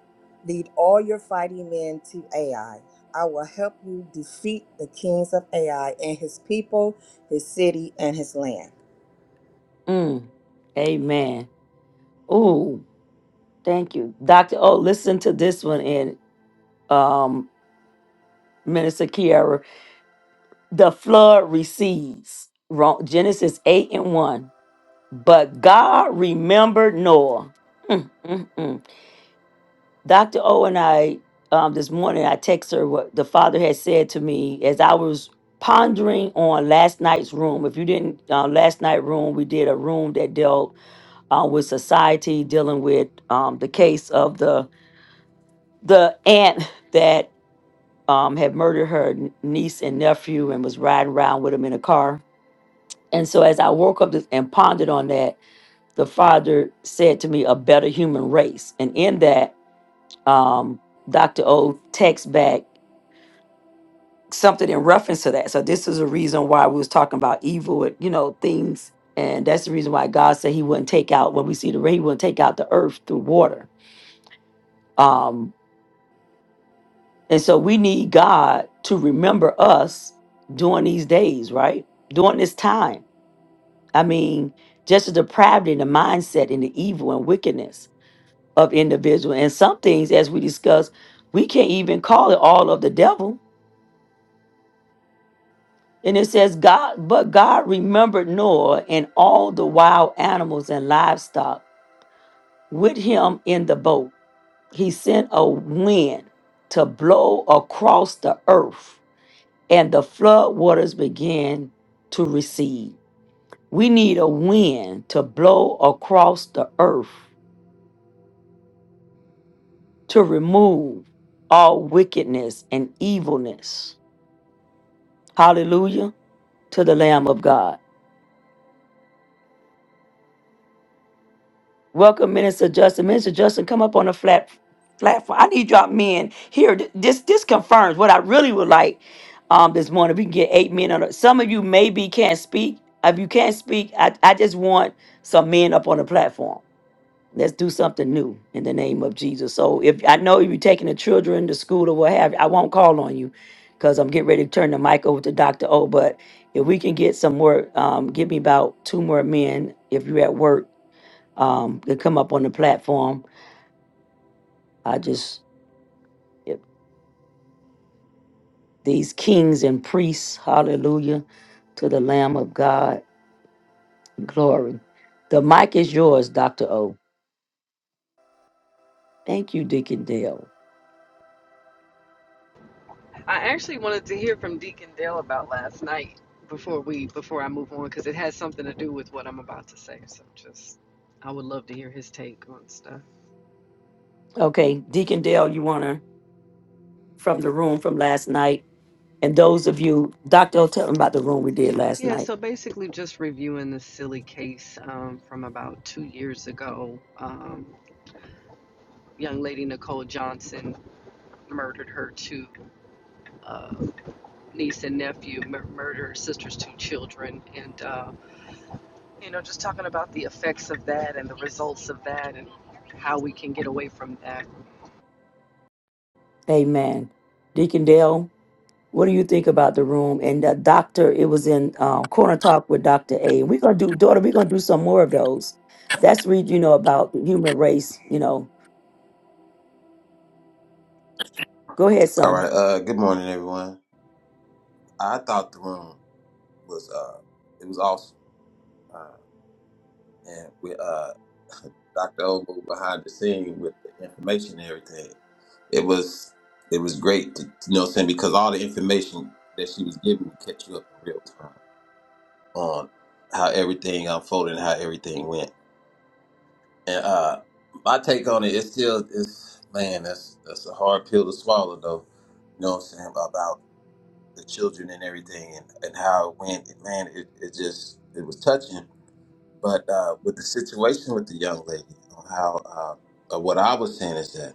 [SPEAKER 11] Lead all your fighting men to Ai. I will help you defeat the kings of Ai and his people, his city, and his land.
[SPEAKER 1] Mm, amen. Ooh, thank you, Doctor. Oh, listen to this one in um Minister Kiara. The flood recedes. Wrong. Genesis eight and one. But God remembered Noah. Mm, mm, mm. Dr. O and I, um, this morning, I text her what the father had said to me as I was pondering on last night's room. If you didn't, uh, last night room, we did a room that dealt uh, with society, dealing with um, the case of the the aunt that um, had murdered her n- niece and nephew and was riding around with him in a car. And so as I woke up this, and pondered on that, the father said to me, "A better human race," and in that, um, Dr. O texts back. something in reference to that. So this is a reason why we was talking about evil, you know, things, and that's the reason why God said He wouldn't take out when we see the rain, He wouldn't take out the earth through water. Um, and so we need God to remember us during these days, right? During this time. I mean, just the depravity and the mindset and the evil and wickedness of individual. And some things, as we discussed, we can't even call it all of the devil And it says, God, but God remembered Noah and all the wild animals and livestock with him in the boat. He sent a wind to blow across the earth, and the flood waters began to recede. We need a wind to blow across the earth to remove all wickedness and evilness. Hallelujah to the Lamb of God. Welcome, Minister Justin. Minister Justin, come up on the flat platform. I need y'all men here. th- This this confirms what I really would like um this morning. We can get eight men on. The, some of you maybe can't speak. If you can't speak, I, I just want some men up on the platform. Let's do something new in the name of Jesus. So if I know you're taking the children to school or what have you, I won't call on you because I'm getting ready to turn the mic over to Dr. O. But if we can get some more, um, give me about two more men if you're at work um, to come up on the platform. I just, these kings and priests, hallelujah, to the Lamb of God, glory. The mic is yours, Dr. O. Thank you, Deacon Dale.
[SPEAKER 12] I actually wanted to hear from Deacon Dale about last night before we before I move on because it has something to do with what I'm about to say. So just I would love to hear his take on stuff.
[SPEAKER 1] Okay, Deacon Dale, you want to, from the room from last night, and those of you, Dr. O, tell them about the room we did last
[SPEAKER 12] Yeah,
[SPEAKER 1] night.
[SPEAKER 12] so basically just reviewing this silly case um, from about two years ago. Um, young lady Nicole Johnson murdered her two uh, niece and nephew, mur- murdered her sister's two children, and uh, you know just talking about the effects of that and the results of that and how we can get away from that.
[SPEAKER 1] Amen. Deacon Dale, What do you think about the room? And the doctor, it was in um, Corner Talk with Dr. A. And we're going to do, daughter, we're going to do some more of those. That's read, you know, about the human race, you know. Go ahead,
[SPEAKER 13] All
[SPEAKER 1] son.
[SPEAKER 13] right. Uh, good morning, everyone. I thought the room was uh, it was awesome, uh, and with uh, Dr. Obo behind the scene with the information and everything, it was it was great to you know what I'm saying because all the information that she was giving would catch you up in real time on how everything unfolded and how everything went. And uh, my take on it is still is man, that's that's a hard pill to swallow though. You know what I'm saying about. the children and everything and, and how it went. And man, it, it just it was touching. But uh, with the situation with the young lady, on how uh, uh, what I was saying is that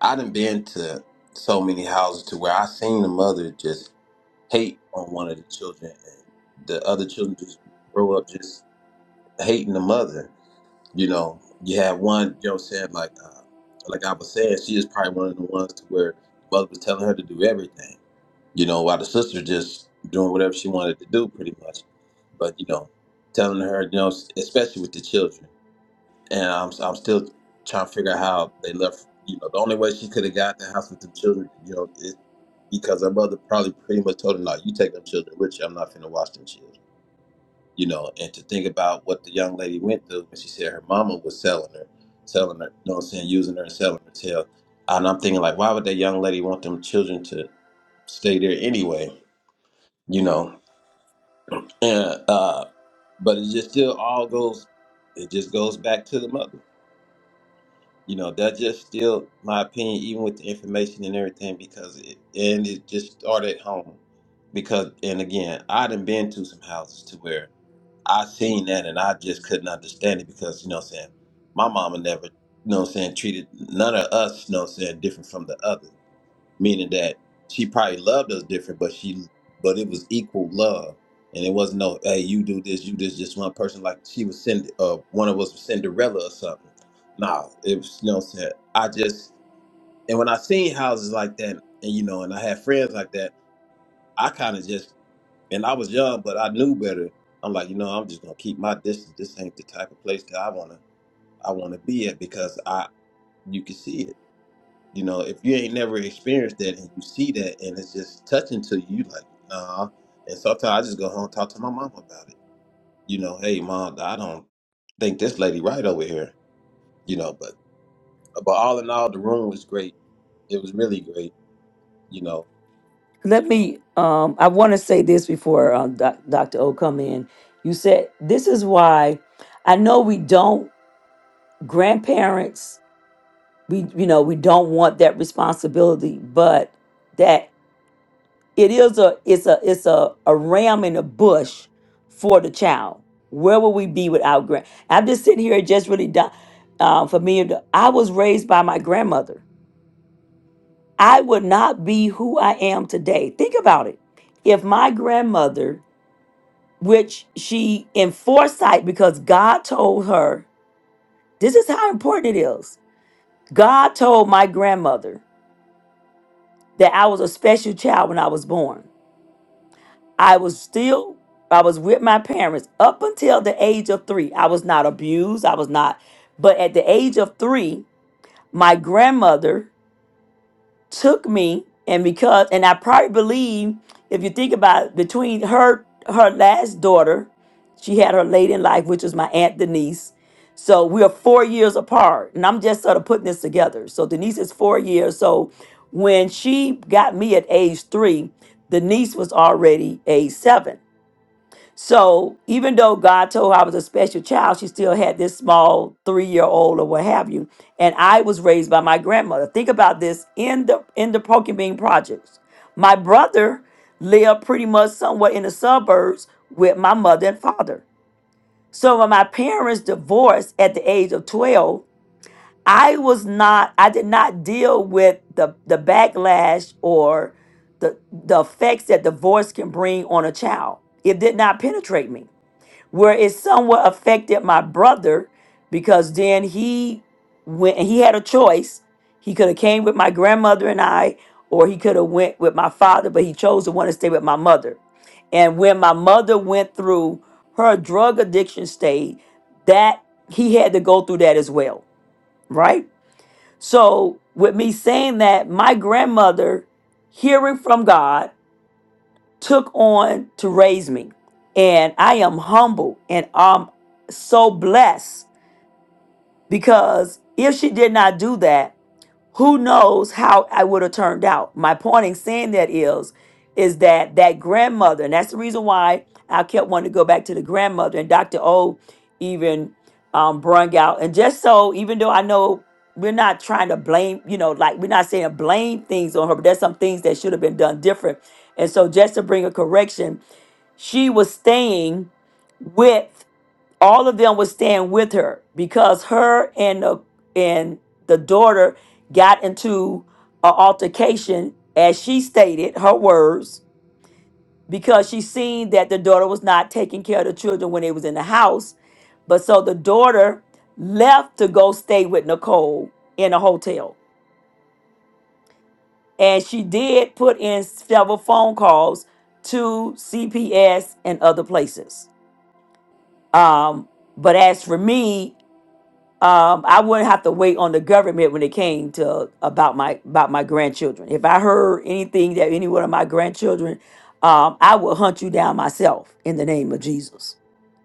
[SPEAKER 13] I done been to so many houses to where I seen the mother just hate on one of the children, and the other children just grow up just hating the mother. You know, you had one, you know, what I'm saying like uh, like I was saying, she is probably one of the ones to where the mother was telling her to do everything you know, while the sister just doing whatever she wanted to do, pretty much. But you know, telling her, you know, especially with the children, and I'm I'm still trying to figure out how they left. You know, the only way she could have got the house with the children, you know, is because her mother probably pretty much told her, "No, you take them children with you. I'm not finna watch them children." You know, and to think about what the young lady went through when she said her mama was selling her, selling her, you know what I'm saying, using her and selling her tail. And I'm thinking like, why would that young lady want them children to stay there anyway? you know. And uh, but it just still all goes. It just goes back to the mother. You know, that's just still my opinion, even with the information and everything, because it and it just started at home. Because and again, I done been to some houses to where I seen that and I just couldn't understand it because, you know what I'm saying, my mama never, you know what I'm saying, treated none of us, you know what I'm saying, different from the other meaning that she probably loved us different, but she but it was equal love, and it wasn't no hey you do this you this just one person like she was send uh one of us was Cinderella or something. Nah, it was you know what I'm saying I just and when I seen houses like that and you know and I had friends like that, I kind of just and I was young but I knew better. I'm like you know I'm just gonna keep my distance. This ain't the type of place that I wanna I wanna be at because I you can see it you know, if you ain't never experienced that and you see that and it's just touching to you, you like, nah. And sometimes I just go home and talk to my mom about it. You know, hey mom, I don't think this lady right over here. You know, but but all in all, the room was great. It was really great. You know,
[SPEAKER 1] Let me, um, I want to say this before um, doc, Dr. O come in. You said, this is why I know we don't, grandparents, we, you know, we don't want that responsibility, but that. it is a it's a it's a, a ram in a bush for the child where would we be without grand i'm just sitting here just really di- uh, for me i was raised by my grandmother i would not be who i am today think about it if my grandmother which she in foresight because god told her this is how important it is god told my grandmother that i was a special child when i was born I was still, I was with my parents up until the age of three. I was not abused. I was not, but at the age of three, my grandmother took me, and because, and I probably believe, if you think about it, between her, her last daughter, she had her late in life, which was my aunt Denise. So we are four years apart, and I'm just sort of putting this together. So Denise is four years. So when she got me at age three, Denise was already age seven. So even though God told her I was a special child, she still had this small three-year-old or what have you. And I was raised by my grandmother. Think about this in the in the Poking Bean projects. My brother lived pretty much somewhat in the suburbs with my mother and father. So when my parents divorced at the age of 12, I was not, I did not deal with the the backlash or the the effects that divorce can bring on a child. It did not penetrate me where it somewhat affected my brother because then he went and he had a choice he could have came with my grandmother and i or he could have went with my father but he chose to want to stay with my mother and when my mother went through her drug addiction stage that he had to go through that as well right so with me saying that my grandmother hearing from god took on to raise me. And I am humble and I'm so blessed because if she did not do that, who knows how I would have turned out. My point in saying that is, is that that grandmother, and that's the reason why I kept wanting to go back to the grandmother. And Dr. O even um, brung out, and just so, even though I know we're not trying to blame, you know, like we're not saying blame things on her, but there's some things that should have been done different. And so, just to bring a correction, she was staying with all of them was staying with her because her and the and the daughter got into an altercation as she stated her words because she seen that the daughter was not taking care of the children when they was in the house but so the daughter left to go stay with nicole in a hotel and she did put in several phone calls to cps and other places Um, but as for me, um, I wouldn't have to wait on the government when it came to about my about my grandchildren. If I heard anything that any one of my grandchildren, um, I would hunt you down myself in the name of Jesus,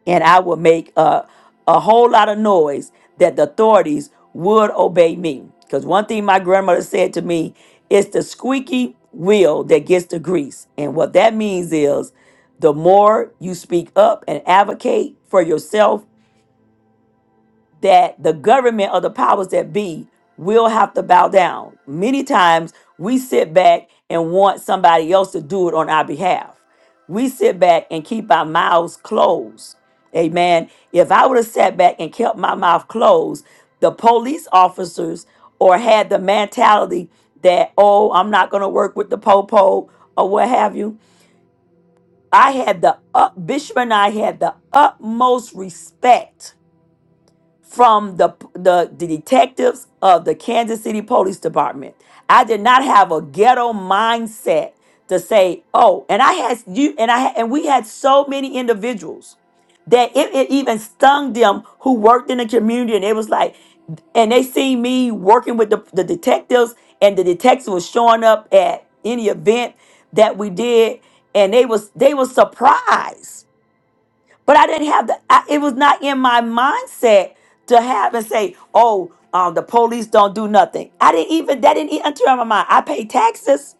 [SPEAKER 1] and I would make a a whole lot of noise that the authorities would obey me. Because one thing my grandmother said to me is the squeaky wheel that gets the grease, and what that means is the more you speak up and advocate for yourself that the government or the powers that be will have to bow down. Many times we sit back and want somebody else to do it on our behalf. We sit back and keep our mouths closed. Amen. If I would have sat back and kept my mouth closed, the police officers or had the mentality that, oh, I'm not going to work with the popo or what have you. I had the up, Bishop and I had the utmost respect from the, the the detectives of the Kansas City Police Department. I did not have a ghetto mindset to say, "Oh," and I had you and I had, and we had so many individuals that it, it even stung them who worked in the community, and it was like, and they seen me working with the, the detectives, and the detectives was showing up at any event that we did, and they was they was surprised but I didn't have the, I, it was not in my mindset to have and say, oh, um, the police don't do nothing. I didn't even, that didn't even enter my mind. I pay taxes.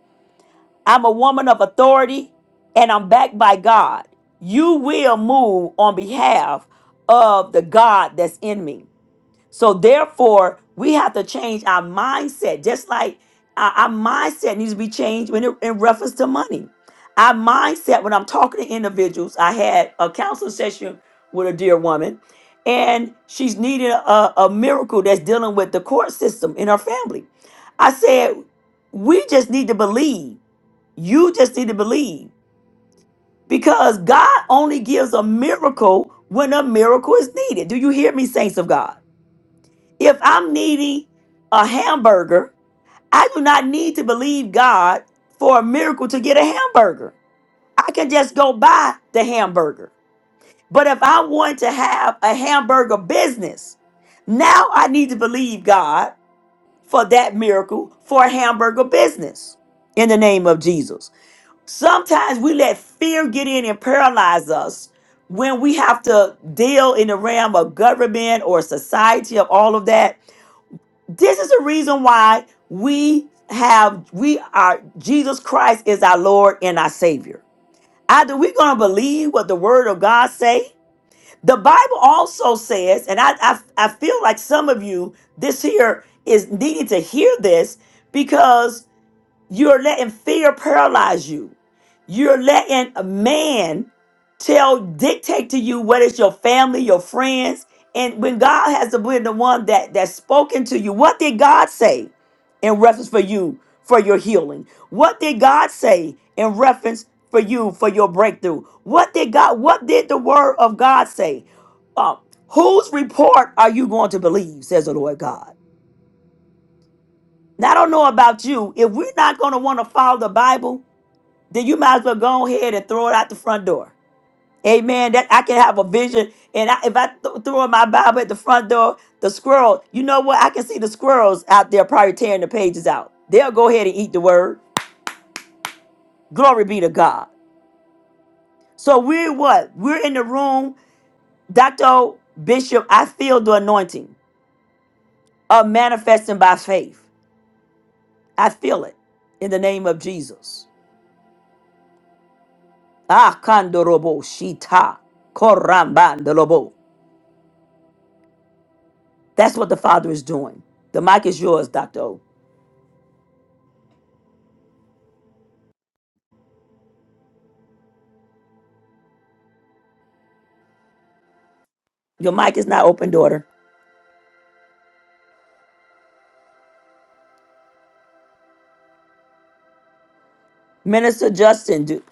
[SPEAKER 1] I'm a woman of authority and I'm backed by God. You will move on behalf of the God that's in me. So therefore, we have to change our mindset. Just like our, our mindset needs to be changed when it, in reference to money. Our mindset when I'm talking to individuals, I had a counseling session with a dear woman, and she's needing a, a miracle that's dealing with the court system in her family. I said, we just need to believe. You just need to believe because God only gives a miracle when a miracle is needed. Do you hear me, saints of God? If I'm needing a hamburger, I do not need to believe God for a miracle to get a hamburger. I can just go buy the hamburger. But if I want to have a hamburger business, now I need to believe God for that miracle for a hamburger business in the name of Jesus. Sometimes we let fear get in and paralyze us when we have to deal in the realm of government or society of all of that this is the reason why we have we are Jesus Christ is our Lord and our Savior. Either we're gonna believe what the Word of God say. The Bible also says, and I I, I feel like some of you this here is needing to hear this because you're letting fear paralyze you. You're letting a man tell, dictate to you what is your family, your friends. And when God has to be the one that that's spoken to you, what did God say in reference for you for your healing? What did God say in reference for you for your breakthrough? What did God, what did the word of God say? Um, whose report are you going to believe, says the Lord God? Now, I don't know about you. If we're not going to want to follow the Bible, then you might as well go ahead and throw it out the front door. Amen. That I can have a vision, and I, if I th- throw my Bible at the front door, the squirrel. You know what? I can see the squirrels out there probably tearing the pages out. They'll go ahead and eat the word. Glory be to God. So we're what? We're in the room, Doctor Bishop. I feel the anointing of manifesting by faith. I feel it in the name of Jesus. Ah, kandorobo shita korambandolobo. That's what the Father is doing. The mic is yours, Dr. O. Your mic is not open, daughter. Minister Justin, do,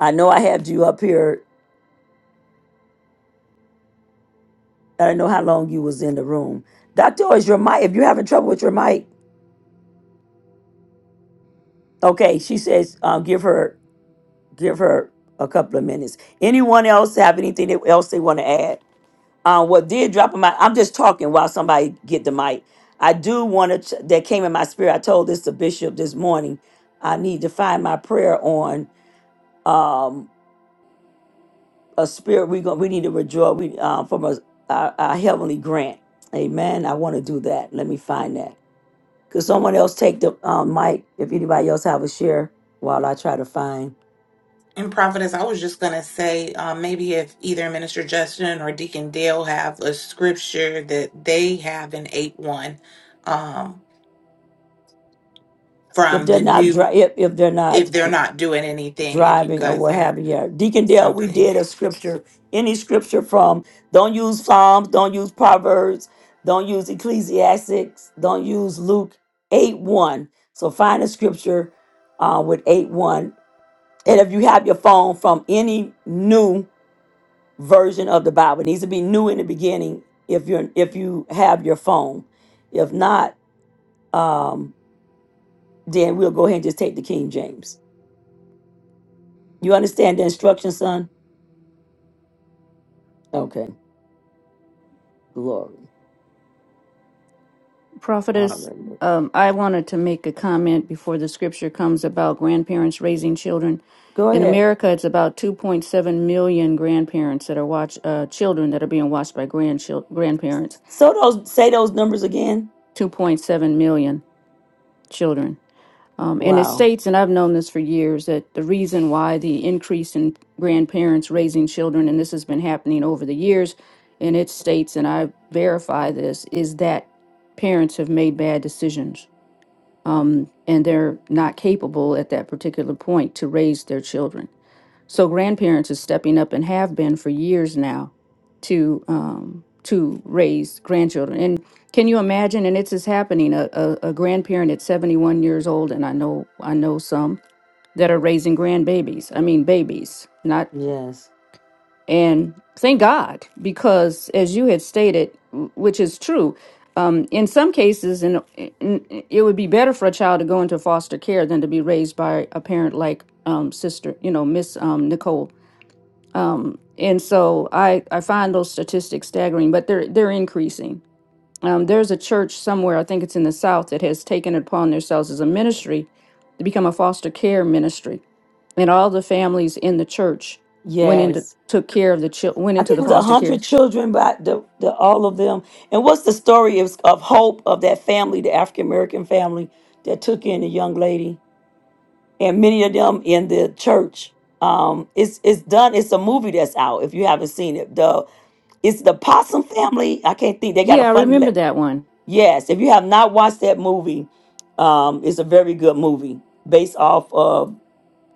[SPEAKER 1] I know I had you up here. I don't know how long you was in the room. Dr. O, is your mic, if you're having trouble with your mic, okay, she says, um, give her give her a couple of minutes. Anyone else have anything that- else they want to add? Uh, what did drop in my, I'm just talking while somebody get the mic. I do want to, that came in my spirit. I told this to Bishop this morning. I need to find my prayer on Um, a spirit we go. we need to withdraw we uh, from a, our, our heavenly grant. Amen. I want to do that. Let me find that. Could someone else take the um, mic if anybody else have a share while I try to find
[SPEAKER 2] And prophetess, I was just going to say um, maybe if either Minister Justin or Deacon Dale have a scripture that they have in 8 1 um,
[SPEAKER 1] if
[SPEAKER 2] from
[SPEAKER 1] they're
[SPEAKER 2] the
[SPEAKER 1] not
[SPEAKER 2] new,
[SPEAKER 1] dri- if, if they're
[SPEAKER 2] if
[SPEAKER 1] not
[SPEAKER 2] they're
[SPEAKER 1] dr-
[SPEAKER 2] not doing anything, if you
[SPEAKER 1] driving or
[SPEAKER 2] guys
[SPEAKER 1] what
[SPEAKER 2] have
[SPEAKER 1] have you. Yeah. Deacon Dale, we
[SPEAKER 2] something.
[SPEAKER 1] did a scripture, any scripture from don't use Psalms, don't use Proverbs, don't use Ecclesiastics, don't use Luke 8 1. So find a scripture uh, with 8 1 And if you have your phone from any new version of the Bible, it needs to be new in the beginning if you're if you have your phone. If not, um, then we'll go ahead and just take the King James. You understand the instruction, son? Okay. Glory.
[SPEAKER 4] Prophetess,
[SPEAKER 1] Hallelujah.
[SPEAKER 4] um, I wanted to make a comment before the scripture comes about grandparents raising children.
[SPEAKER 1] Go
[SPEAKER 4] In
[SPEAKER 1] ahead.
[SPEAKER 4] America, it's about 2.7 million grandparents that are watch uh, children that are being watched by grandchil- grandparents.
[SPEAKER 1] So those say those numbers again.
[SPEAKER 4] 2.7 million children. Um, and it
[SPEAKER 1] Wow.
[SPEAKER 4] states, and I've known this for years, that the reason why the increase in grandparents raising children, and this has been happening over the years, and it states, and I verify this, is that parents have made bad decisions um, and they're not capable at that particular point to raise their children. So grandparents is stepping up and have been for years now to um, to raise grandchildren. And can you imagine? And it's is happening. A, a, a grandparent at seventy one years old, and I know I know some that are raising grandbabies. I mean babies, not
[SPEAKER 1] Yes.
[SPEAKER 4] and thank God, because as you had stated, w- which is true, um, in some cases, in, in, it would be better for a child to go into foster care than to be raised by a parent like um, Sister, you know, Miss um, Nicole. Um, and so I, I find those statistics staggering, but they're they're increasing um, there's a church somewhere, I think it's in the South, that has taken it upon themselves as a ministry to become a foster care ministry. And all the families in the church went into
[SPEAKER 1] Yes.
[SPEAKER 4] took care of the chil- went
[SPEAKER 1] I
[SPEAKER 4] into
[SPEAKER 1] think
[SPEAKER 4] the
[SPEAKER 1] it was a
[SPEAKER 4] foster care.
[SPEAKER 1] hundred children, but the, the all of them. And what's the story of, of hope of that family, the African American family that took in the young lady, and many of them in the church. Um, it's it's done. It's a movie that's out. If you haven't seen it, the it's the Possum Family. I can't think. They got a
[SPEAKER 4] Yeah, I
[SPEAKER 1] funny.
[SPEAKER 4] remember
[SPEAKER 1] Le-
[SPEAKER 4] that one.
[SPEAKER 1] yes, if you have not watched that movie, um, it's a very good movie based off of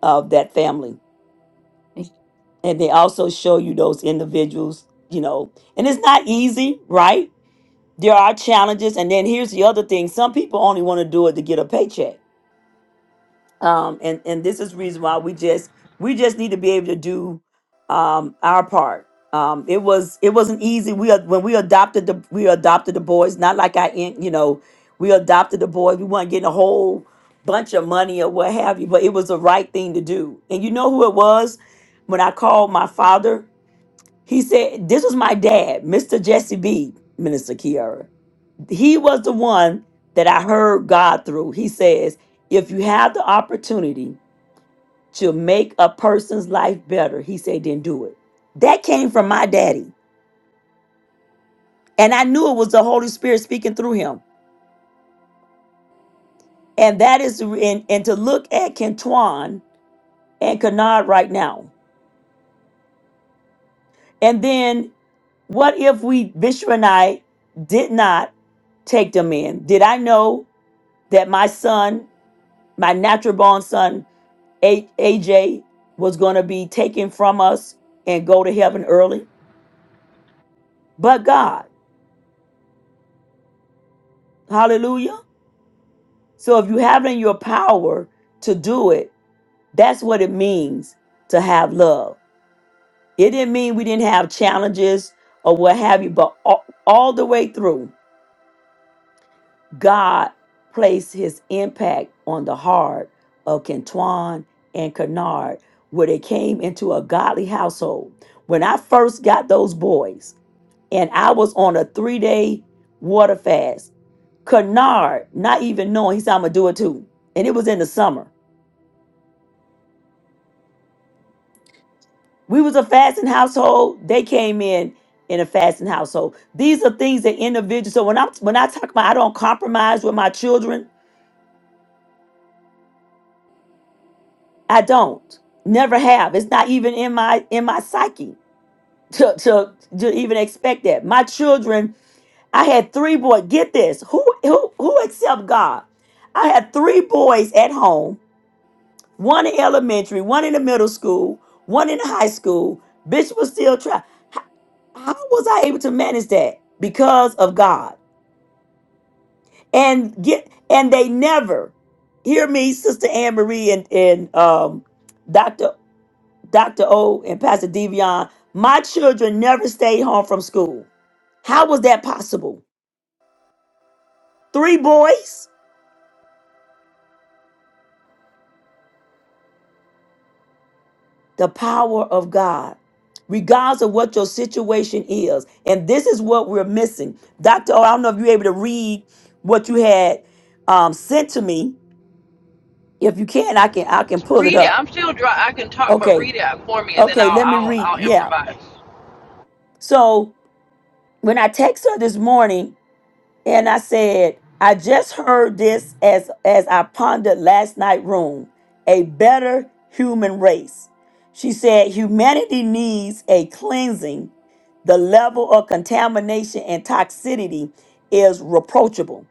[SPEAKER 1] of that family. and they also show you those individuals you know and it's not easy right there are challenges and then here's the other thing some people only want to do it to get a paycheck um and and this is reason why we just we just need to be able to do um our part um it was it wasn't easy we ad- when we adopted the we adopted the boys not like i in- you know we adopted the boys we weren't getting a whole bunch of money or what have you but it was the right thing to do and you know who it was when i called my father he said, This was my dad, Mr. Jesse B, Minister Kiara. He was the one that I heard God through. He says, If you have the opportunity to make a person's life better, he said, then do it. That came from my daddy. And I knew it was the Holy Spirit speaking through him. And that is, and, and to look at Kentuan and Kennard right now. And then what if we, Bishop and I, did not take them in? Did I know that my son my natural born son A- AJ was going to be taken from us and go to heaven early. But God, hallelujah. So if you have it in your power to do it, that's what it means to have love. It didn't mean we didn't have challenges or what have you, but all, all the way through. God placed his impact on the heart of Kentuan and Kennard, where they came into a godly household. When I first got those boys, and I was on a three day water fast, Kennard, not even knowing, he said, I'm going to do it too. And it was in the summer. We was a fasting household. They came in in a fasting household. These are things that individuals. So when I'm when I talk about I don't compromise with my children, I don't. Never have. It's not even in my in my psyche to to, to even expect that. My children, I had three boys. Get this. Who who who except God? I had three boys at home, one in elementary, one in the middle school, one in the high school. Bitch was still trying. How was I able to manage that? Because of God. And get and they never hear me, Sister Anne Marie and, and um Dr. O and Pastor Devion, my children never stayed home from school. How was that possible? Three boys, the power of God, regardless of what your situation is. And this is what we're missing. Dr. O, I don't know if you're able to read what you had um, sent to me. If you can, I can I can pull it
[SPEAKER 12] Read it.
[SPEAKER 1] up.
[SPEAKER 12] I'm still dry. I can talk, but
[SPEAKER 1] Okay.
[SPEAKER 12] read it for me, and then
[SPEAKER 1] Okay, let me
[SPEAKER 12] I'll I'll,
[SPEAKER 1] read.
[SPEAKER 12] I'll
[SPEAKER 1] Yeah.
[SPEAKER 12] improvise.
[SPEAKER 1] So when I text her this morning, And I said, I just heard this as as I pondered last night room, a better human race. She said humanity needs a cleansing. The level of contamination and toxicity is reproachable.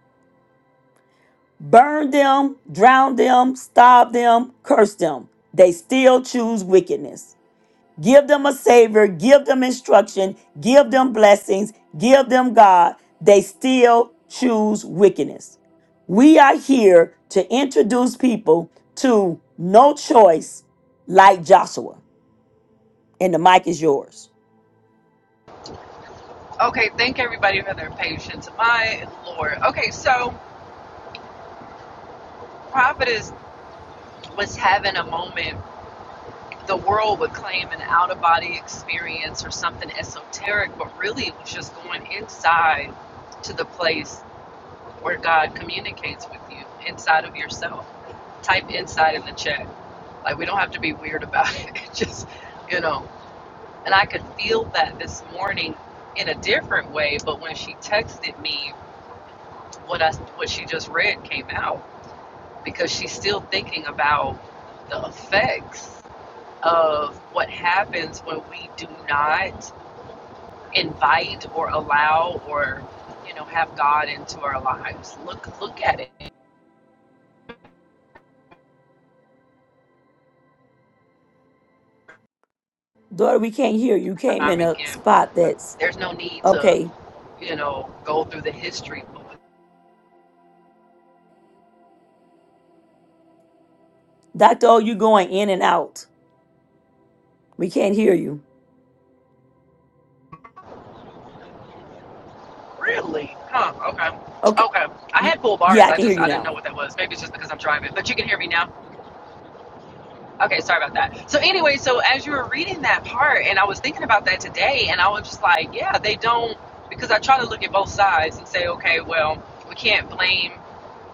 [SPEAKER 1] Burn them, drown them, starve them, curse them. They still choose wickedness. Give them a savior, give them instruction, give them blessings, give them God. They still choose wickedness. We are here to introduce people to no choice like Joshua. And the mic is yours.
[SPEAKER 12] Okay. Thank everybody for their patience. My lord. Okay. So prophetess was having a moment, the world would claim an out of body experience or something esoteric, but really it was just going inside to the place where God communicates with you, inside of yourself. Type inside in the chat. Like, we don't have to be weird about it. just, you know. And I could feel that this morning in a different way, but when she texted me, what I what she just read came out because she's still thinking about the effects of what happens when we do not invite or allow or you know have God into our lives. Look look at it
[SPEAKER 1] Daughter, we can't hear you. Came
[SPEAKER 12] time
[SPEAKER 1] in a
[SPEAKER 12] again.
[SPEAKER 1] spot that's
[SPEAKER 12] There's no need to
[SPEAKER 1] okay.
[SPEAKER 12] you know go through the history. book.
[SPEAKER 1] Dr. O, you going in and out. We can't hear you.
[SPEAKER 12] Really? Huh? Okay.
[SPEAKER 1] Okay.
[SPEAKER 12] Okay. I
[SPEAKER 1] You-
[SPEAKER 12] had full
[SPEAKER 1] Yeah,
[SPEAKER 12] bars.
[SPEAKER 1] I
[SPEAKER 12] I
[SPEAKER 1] can hear
[SPEAKER 12] just
[SPEAKER 1] you
[SPEAKER 12] I didn't
[SPEAKER 1] now.
[SPEAKER 12] know what that was. Maybe it's just because I'm driving. But you can hear me now. Okay, sorry about that. So anyway, so as you were reading that part, and I was thinking about that today, and I was just like, yeah, they don't because I try to look at both sides and say, okay, well, we can't blame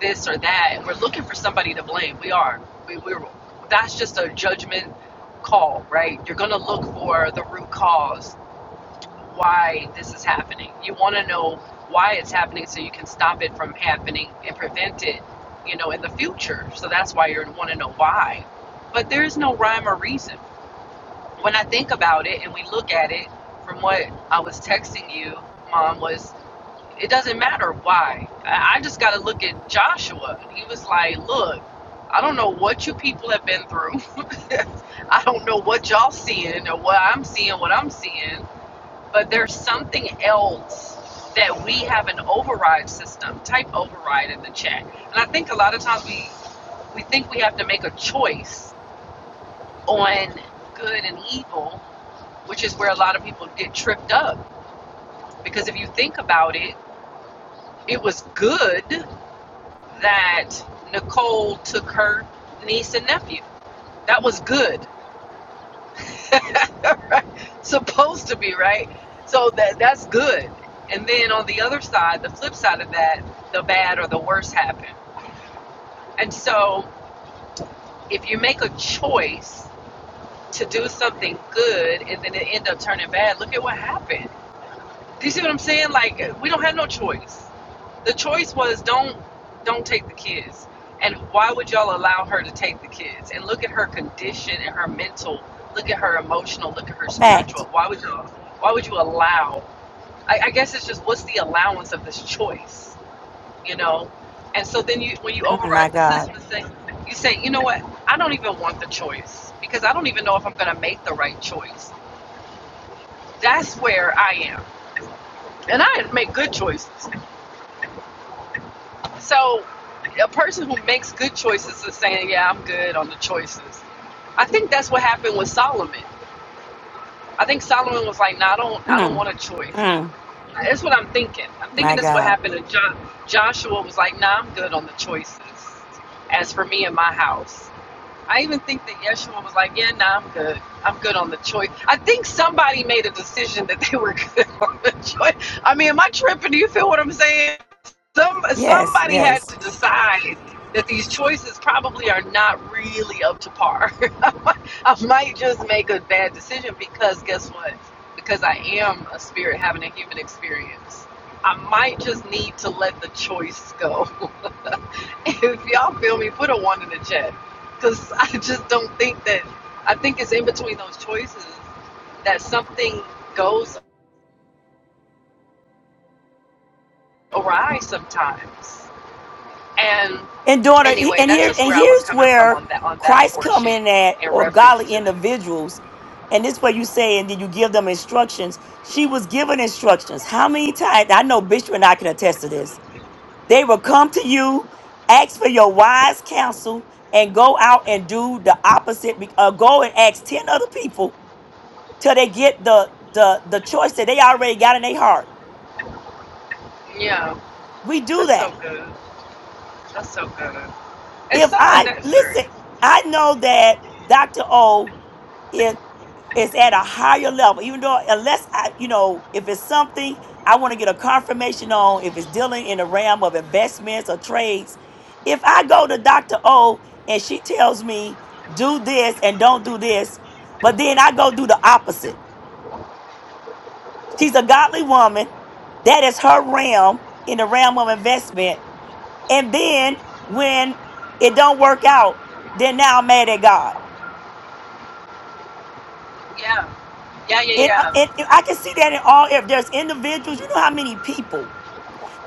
[SPEAKER 12] this or that, and we're looking for somebody to blame. We are. We, we're. That's just a judgment call, right? You're gonna look for the root cause why this is happening. You want to know why it's happening so you can stop it from happening and prevent it, you know, in the future. So that's why you want to know why. But there is no rhyme or reason. When I think about it and we look at it from what I was texting you, mom, was it doesn't matter why. I just got to look at Joshua. He was like, look, I don't know what you people have been through. I don't know what y'all seeing or what I'm seeing, what I'm seeing but there's something else that we have an override system. Type override in the chat. And I think a lot of times we we think we have to make a choice on good and evil, which is where a lot of people get tripped up. Because if you think about it, it was good that Nicole took her niece and nephew. That was good. supposed to be right so that that's good and then on the other side the flip side of that the bad or the worse happen and so if you make a choice to do something good and then it end up turning bad look at what happened Do you see what I'm saying? Like we don't have no choice. The choice was don't don't take the kids. And why would y'all allow her to take the kids? And look at her condition and her mental. Look at her emotional. Look at her
[SPEAKER 1] Fact.
[SPEAKER 12] spiritual. Why would y'all? Why would you allow? I, I guess it's just what's the allowance of this choice, you know? And so then you when you
[SPEAKER 1] Mm, my
[SPEAKER 12] override the
[SPEAKER 1] God.
[SPEAKER 12] system and say you say you know what I don't even want the choice because I don't even know if I'm gonna make the right choice. That's where I am, and I make good choices. So a person who makes good choices is saying, "Yeah, I'm good on the choices." I think that's what happened with Solomon. I think Solomon was like, "No, I don't, I don't
[SPEAKER 1] Mm,
[SPEAKER 12] want a choice."
[SPEAKER 1] mm,
[SPEAKER 12] That's what I'm thinking. I'm
[SPEAKER 1] my
[SPEAKER 12] thinking that's what
[SPEAKER 1] God.
[SPEAKER 12] happened to jo- Joshua. Was like, "No, I'm good on the choices." As for me and my house. I even think that Yeshua was like, "Yeah, nah, I'm good. I'm good on the choice." I think somebody made a decision that they were good on the choice. I mean, am I tripping? Do you feel what I'm saying? Some
[SPEAKER 1] Yes,
[SPEAKER 12] somebody had
[SPEAKER 1] yes.
[SPEAKER 12] to decide that these choices probably are not really up to par. I might I might just make a bad decision because guess what? Because I am a spirit having a human experience. I might just need to let the choice go. if y'all feel me, put a one in the chat because I just don't think that. I think it's in between those choices that something goes awry sometimes. And
[SPEAKER 1] And daughter, he-
[SPEAKER 12] anyway,
[SPEAKER 1] and
[SPEAKER 12] that's
[SPEAKER 1] here
[SPEAKER 12] just
[SPEAKER 1] and
[SPEAKER 12] where I was
[SPEAKER 1] here's
[SPEAKER 12] coming from
[SPEAKER 1] where
[SPEAKER 12] on that on that
[SPEAKER 1] Christ come
[SPEAKER 12] portion
[SPEAKER 1] in at,
[SPEAKER 12] in
[SPEAKER 1] or
[SPEAKER 12] reference
[SPEAKER 1] godly
[SPEAKER 12] to that.
[SPEAKER 1] individuals, and this is what you say, and then you give them instructions. She was given instructions. How many times? I know Bishop and I can attest to this. They will come to you, ask for your wise counsel, and go out and do the opposite. be- Uh, go and ask ten other people till they get the the the choice that they already got in their heart.
[SPEAKER 12] Yeah,
[SPEAKER 1] We do
[SPEAKER 12] that's so
[SPEAKER 1] that.
[SPEAKER 12] good. That's so good. It's
[SPEAKER 1] If
[SPEAKER 12] so
[SPEAKER 1] I
[SPEAKER 12] unnecessary.
[SPEAKER 1] listen, I know that Doctor O. it's at a higher level even though unless i you know if it's something i want to get a confirmation on if it's dealing in the realm of investments or trades if i go to dr o and she tells me do this and don't do this but then i go do the opposite she's a godly woman that is her realm in the realm of investment and then when it don't work out then now i'm mad at god
[SPEAKER 12] Yeah, yeah, yeah,
[SPEAKER 1] and, uh,
[SPEAKER 12] yeah.
[SPEAKER 1] and and i can see that in all if there's individuals you know how many people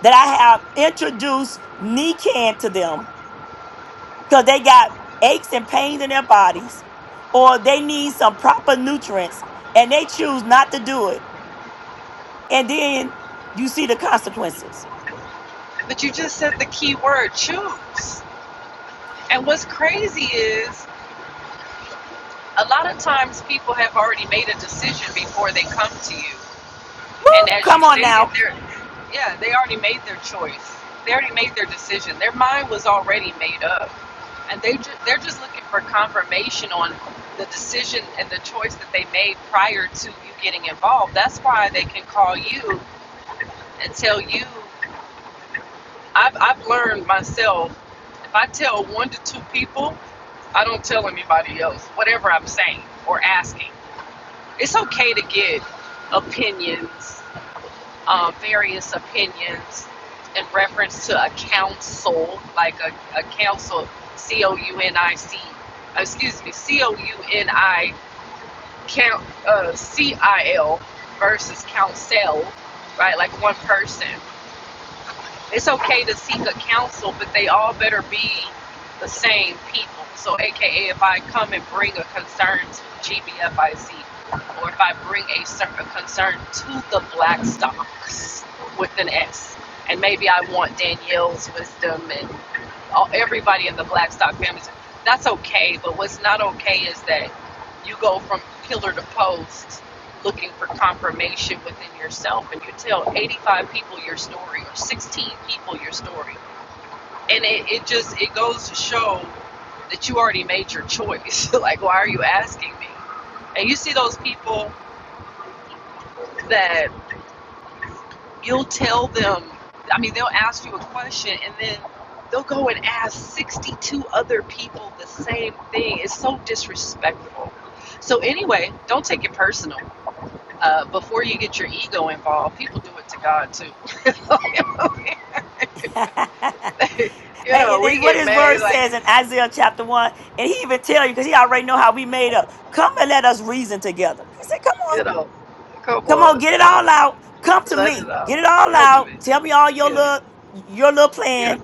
[SPEAKER 1] that I have introduced Nican to them because they got aches and pains in their bodies or they need some proper nutrients and they choose not to do it. And then you see the consequences.
[SPEAKER 12] But you just said the key word, choose. And what's crazy is a lot of times people have already made a decision before they come to you
[SPEAKER 1] Woo!
[SPEAKER 12] And as you
[SPEAKER 1] Come on
[SPEAKER 12] stated,
[SPEAKER 1] now.
[SPEAKER 12] they're yeah, they already made their choice. They already made their decision. Their mind was already made up, and they ju- they're just looking for confirmation on the decision and the choice that they made prior to you getting involved. That's why they can call you and tell you. I've I've learned myself. If I tell one to two people, I don't tell anybody else whatever I'm saying or asking. It's okay to get opinions uh, various opinions in reference to a council, like a, a council, C O U N I C, excuse me, C O U N I count uh, C I L versus council, right? Like one person. It's okay to seek a counsel, but they all better be the same people. So, AKA, if I come and bring a concern to GBFIC, or if I bring a, certain concern to the black stocks with an S, and maybe I want Danielle's wisdom and all, everybody in the black stock families. That's okay, but what's not okay is that you go from pillar to post looking for confirmation within yourself and you tell 85 people your story or 16 people your story and it, it just it goes to show that you already made your choice like why are you asking me and you see those people that you'll tell them i mean they'll ask you a question and then they'll go and ask 62 other people the same thing it's so disrespectful so anyway don't take it personal uh, before you get your ego involved, people do it to God too.
[SPEAKER 1] and,
[SPEAKER 12] you know,
[SPEAKER 1] and-
[SPEAKER 12] we
[SPEAKER 1] and what
[SPEAKER 12] get
[SPEAKER 1] his word
[SPEAKER 12] mad, like,
[SPEAKER 1] says in Isaiah chapter 1, and he even tell you because he already know how we made up. Come and let us reason together. He said, come on.
[SPEAKER 12] you know, come
[SPEAKER 1] Come on,
[SPEAKER 12] on,
[SPEAKER 1] get it
[SPEAKER 12] let it,
[SPEAKER 1] all out. Come to
[SPEAKER 12] let it
[SPEAKER 1] me.
[SPEAKER 12] um,
[SPEAKER 1] Get it all
[SPEAKER 12] come to
[SPEAKER 1] out.
[SPEAKER 12] me.
[SPEAKER 1] Tell me all your
[SPEAKER 12] Yeah,
[SPEAKER 1] little your little plan
[SPEAKER 12] yeah,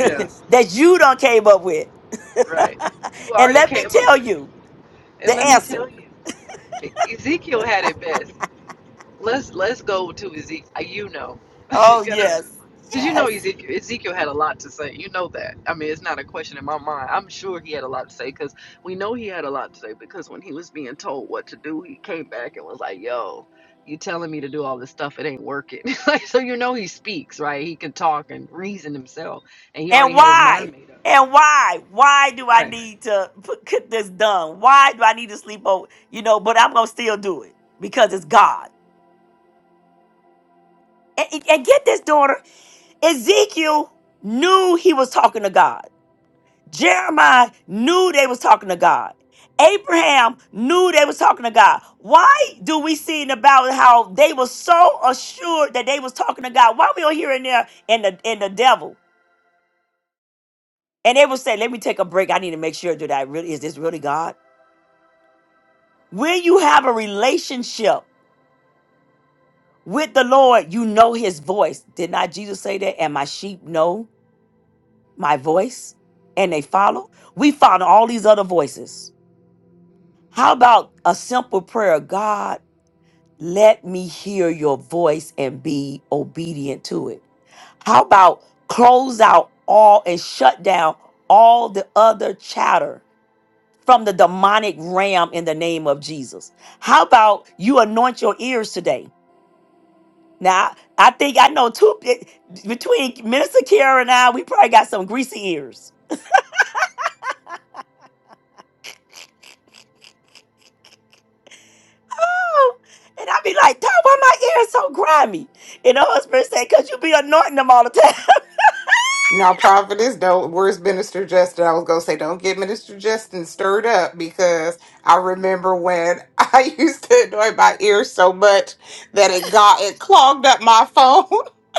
[SPEAKER 12] yeah,
[SPEAKER 1] that you done came up with.
[SPEAKER 12] right. You
[SPEAKER 1] and
[SPEAKER 12] already
[SPEAKER 1] let me
[SPEAKER 12] came up
[SPEAKER 1] tell
[SPEAKER 12] with it.
[SPEAKER 1] you
[SPEAKER 12] And
[SPEAKER 1] the
[SPEAKER 12] let me
[SPEAKER 1] answer.
[SPEAKER 12] tell you, Ezekiel had it best. Let's let's go to Ezekiel. You know, you
[SPEAKER 1] Oh
[SPEAKER 12] know.
[SPEAKER 1] yes.
[SPEAKER 12] Because you know
[SPEAKER 1] Yes.
[SPEAKER 12] Ezekiel, Ezekiel had a lot to say. You know that. I mean, it's not a question in my mind. I'm sure he had a lot to say because we know he had a lot to say because when he was being told what to do, he came back and was like, yo, you telling me to do all this stuff. It ain't working. like, so you know he speaks, right? He can talk and reason himself. And he
[SPEAKER 1] And
[SPEAKER 12] already had his
[SPEAKER 1] why?
[SPEAKER 12] mind made up.
[SPEAKER 1] And why? Why do I
[SPEAKER 12] Right.
[SPEAKER 1] need to put get this done? Why do I need to sleep over? You know, but I'm gonna still do it because it's God. And, and and get this daughter, Ezekiel knew he was talking to God. Jeremiah knew they was talking to God. Abraham knew they was talking to God. Why do we see about how they were so assured that they was talking to God? Why we all not hear there and the and the devil? And they would say, "Let me take a break. I need to make sure that I really is this really God." When you have a relationship with the Lord, you know His voice. Did not Jesus say that? And my sheep know my voice, and they follow. We follow all these other voices. How about a simple prayer, God? Let me hear your voice and be obedient to it. How about close out all and shut down all the other chatter from the demonic realm in the name of Jesus? How about you anoint your ears today? Now, I think I know two eh, between Minister Kara and I, we probably got some greasy ears. Oh, And I'd be like, Dad, why my ears so grimy? And the husband said, Because you be anointing them all the time.
[SPEAKER 2] No, prophetess, don't. Where's Minister Justin? I was gonna say, don't get Minister Justin stirred up because I remember when I used to annoy my ears so much that it got it clogged up my phone,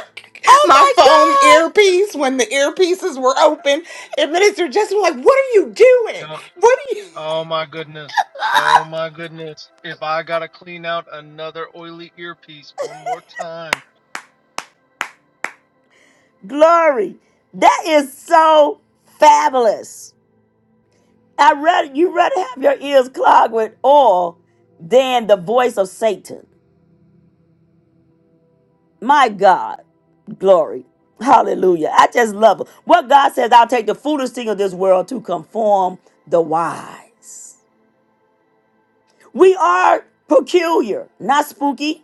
[SPEAKER 2] my phone
[SPEAKER 1] oh
[SPEAKER 2] earpiece when the earpieces were open. And Minister Justin was like, "What are you doing?
[SPEAKER 14] Don't.
[SPEAKER 2] What are you?"
[SPEAKER 14] Oh my goodness. Oh my goodness. If I gotta clean out another oily earpiece one more time,
[SPEAKER 1] Glory. That is so fabulous. I rather you rather have your ears clogged with oil than the voice of Satan. My God. Glory. Hallelujah. I just love it. What God says, I'll take the foolish thing of this world to conform the wise. We are peculiar, not spooky.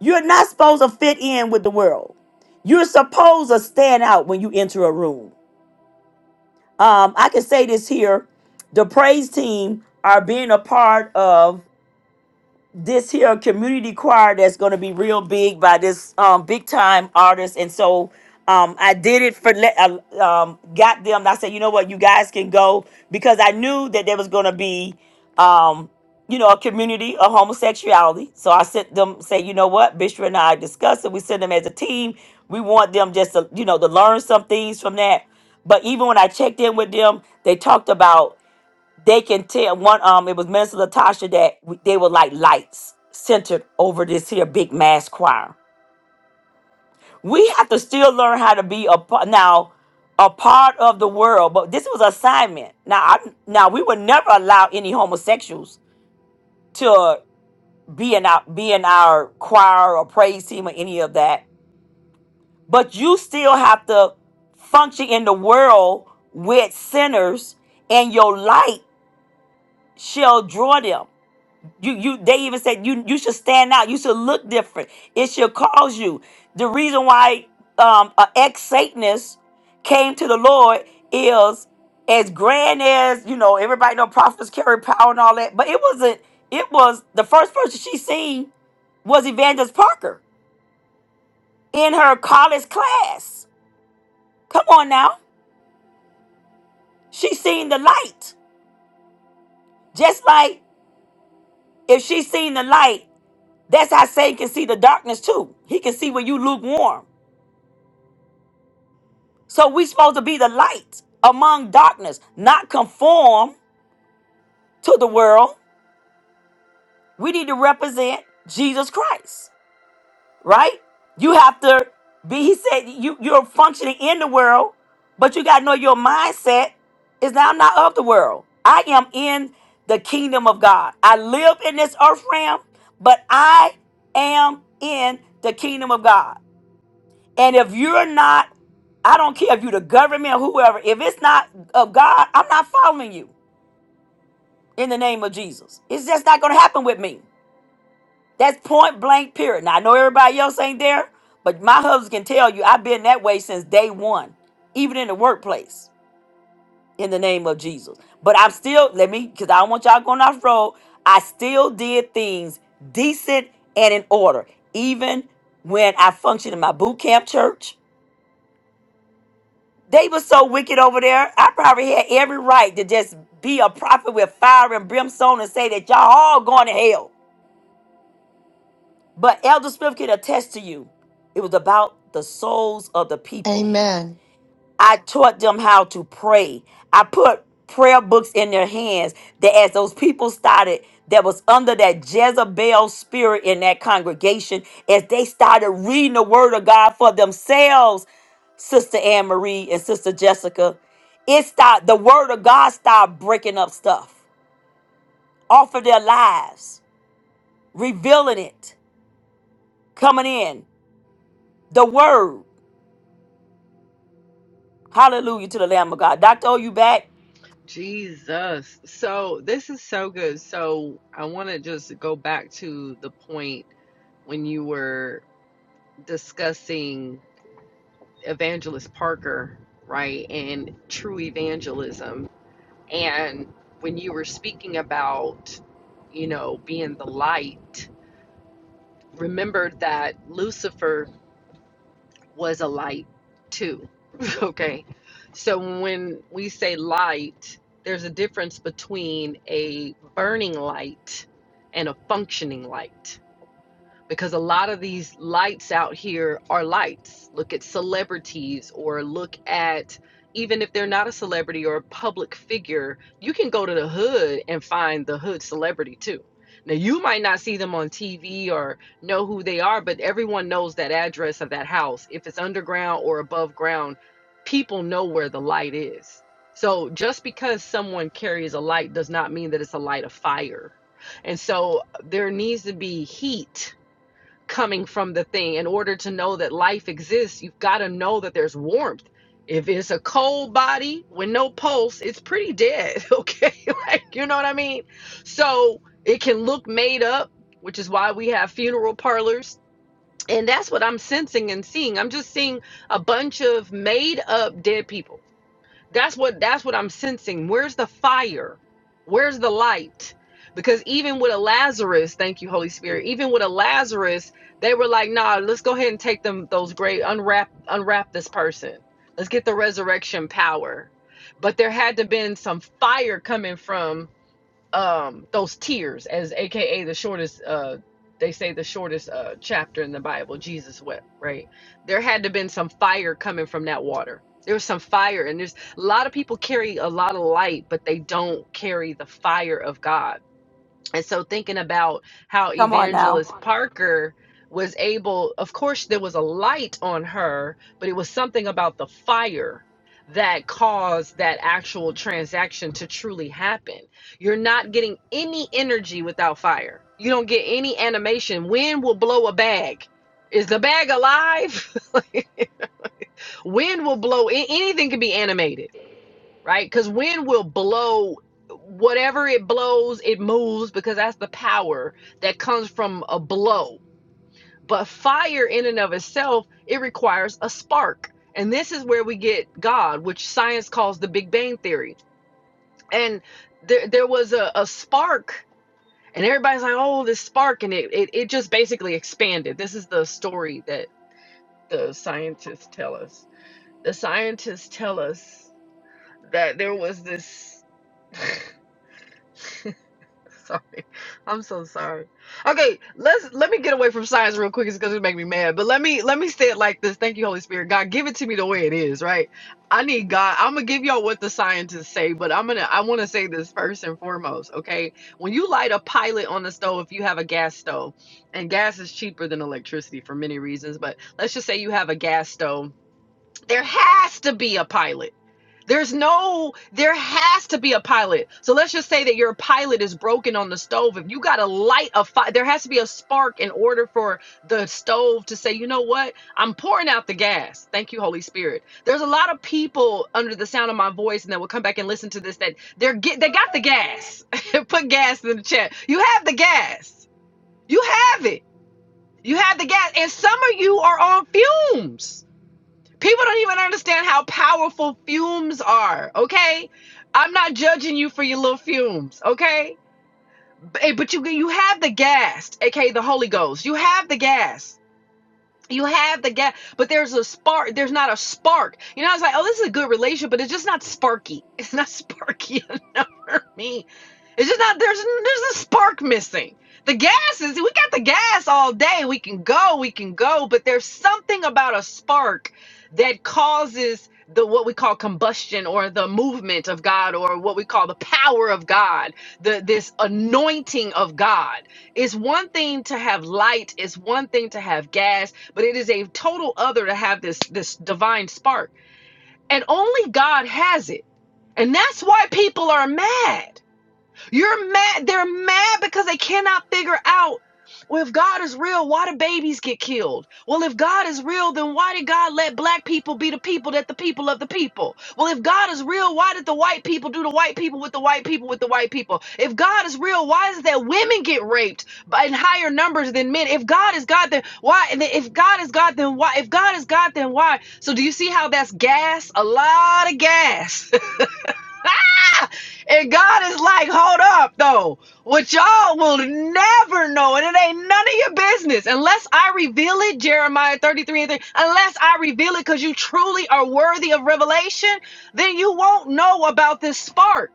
[SPEAKER 1] You're not supposed to fit in with the world. You're supposed to stand out when you enter a room. Um, I can say this here: the praise team are being a part of this here community choir that's going to be real big by this um, big time artist and so um, i did it for le- uh, um, got them and i said you know what you guys can go because i knew that there was going to be um, you know a community of homosexuality so i sent them say you know what bishop and i discussed it we sent them as a team we want them just to you know to learn some things from that but even when i checked in with them they talked about they can tell one um it was minister latasha that we- they were like lights centered over this here big mass choir we have to still learn how to be a part now a part of the world but this was assignment now i now we would never allow any homosexuals to be in our be in our choir or praise team or any of that but you still have to function in the world with sinners and your light shall draw them You you they even said you you should stand out. You should look different. It should cause you. The reason why um an ex Satanist came to the Lord is as grand as you know everybody know prophets carry power and all that, but it wasn't. It was the first person she seen was Evangelist Parker in her college class. Come on now, she seen the light. Just like if she seen the light, that's how Satan can see the darkness too. He can see when you lukewarm. So we supposed to be the light among darkness, not conform to the world. We need to represent Jesus Christ, right? You have to be, he said, you, you're functioning in the world, but you got to know your mindset is now not of the world. I am in the kingdom of God. I live in this earth realm, but I am in the kingdom of God. And if you're not, I don't care if you're the government, or whoever, if it's not of God, I'm not following you in the name of Jesus. It's just not going to happen with me. That's point blank, period. Now, I know everybody else ain't there, but my husband can tell you I've been that way since day one, even in the workplace, in the name of Jesus. But I'm still, let me, because I don't want y'all going off road, I still did things decent and in order, even when I functioned in my boot camp church They were so wicked over there. I probably had every right to just be a prophet with fire and brimstone and say that y'all all going to hell. But Elder Smith can attest to you. It was about the souls of the people.
[SPEAKER 6] Amen.
[SPEAKER 1] I taught them how to pray. I put prayer books in their hands that as those people started that was under that Jezebel spirit in that congregation, as they started reading the word of God for themselves, Sister Anne Marie and Sister Jessica, it started the word of God started breaking up stuff off of their lives, revealing it, coming in. The word. Hallelujah to the Lamb of God. Doctor, oh, you back?
[SPEAKER 12] Jesus. So this is so good. So I want to just go back to the point when you were discussing Evangelist Parker, right, and true evangelism. And when you were speaking about, you know, being the light, remember that Lucifer was a light too. okay. So when we say light, there's a difference between a burning light and a functioning light because a lot of these lights out here are lights. Look at celebrities or look at even if they're not a celebrity or a public figure, you can go to the hood and find the hood celebrity too. Now you might not see them on TV or know who they are, but everyone knows that address of that house. If it's underground or above ground, people know where the light is. So just because someone carries a light does not mean that it's a light of fire. And so there needs to be heat coming from the thing. In order to know that life exists, you've got to know that there's warmth. If it's a cold body with no pulse, it's pretty dead. Okay. like, you know what I mean? So it can look made up, which is why we have funeral parlors. And that's what I'm sensing and seeing. I'm just seeing a bunch of made up dead people that's what that's what I'm sensing. Where's the fire? Where's the light? Because even with a Lazarus, thank you, Holy Spirit, even with a Lazarus, they were like, nah, let's go ahead and take them those great unwrap unwrap this person. Let's get the resurrection power. But there had to been some fire coming from um those tears as aka the shortest uh they say the shortest uh chapter in the bible jesus wept right there had to have been some fire coming from that water there was some fire and there's a lot of people carry a lot of light but they don't carry the fire of god and so thinking about how
[SPEAKER 1] Come on now.
[SPEAKER 12] Evangelist Parker was able, of course, there was a light on her, but it was something about the fire that caused that actual transaction to truly happen. You're not getting any energy without fire. You don't get any animation. Wind will blow a bag. Is the bag alive? Wind will blow. a- Anything can be animated right? Because wind will blow whatever it blows, it moves because that's the power that comes from a blow. But fire, in and of itself, it requires a spark. And this is where we get God, which science calls the Big Bang Theory. And there, there was a, a spark, and everybody's like, oh, this spark. And it, it, it just basically expanded. This is the story that the scientists tell us. The scientists tell us that there was this. Sorry. I'm so sorry. Okay, let's let me get away from science real quick. It's gonna make me mad. But let me let me say it like this. Thank you, Holy Spirit. God, give it to me the way it is, right? I need God. I'm gonna give y'all what the scientists say, but I'm gonna I wanna say this first and foremost, okay? When you light a pilot on the stove, if you have a gas stove, and gas is cheaper than electricity for many reasons, but let's just say you have a gas stove there has to be a pilot. There's no, there has to be a pilot. So let's just say that your pilot is broken on the stove. If you got to light a fire, there has to be a spark in order for the stove to say, you know what? I'm pouring out the gas. Thank you, Holy Spirit. There's a lot of people under the sound of my voice and that will come back and listen to this that they're get, they got the gas. Put gas in the chat. You have the gas. You have it. You have the gas. And some of you are on fumes People don't even understand how powerful fumes are. Okay, I'm not judging you for your little fumes. Okay, but, eh, but you you have the gas, aka the Holy Ghost. You have the gas you have the gap, but there's a spark. There's not a spark. You know, I was like, oh, this is a good relationship, but it's just not sparky. It's not sparky enough for me. It's just not. There's there's a spark missing. The gas is. We got the gas all day. We can go. We can go. But there's something about a spark that causes the what we call combustion or the movement of God or what we call the power of God. The this anointing of God. It's one thing to have light. It's one thing to have gas but it is a total other to have this this divine spark and only god has it and that's why people are mad you're mad. They're mad because they cannot figure out. Well, if God is real, why do babies get killed? Well, if God is real, then why did God let black people be the people that the people of the people? Well, if God is real, why did the white people do the white people with the white people with the white people? If God is real, why is it that women get raped by in higher numbers than men? If God is God, then why? And if God is God, then why? If God is God, then why? So do you see how that's gas? A lot of gas. And God is like, hold up though. What y'all will never know, and it ain't none of your business unless I reveal it, Jeremiah 33 and 3. Unless I reveal it because you truly are worthy of revelation, then you won't know about this spark.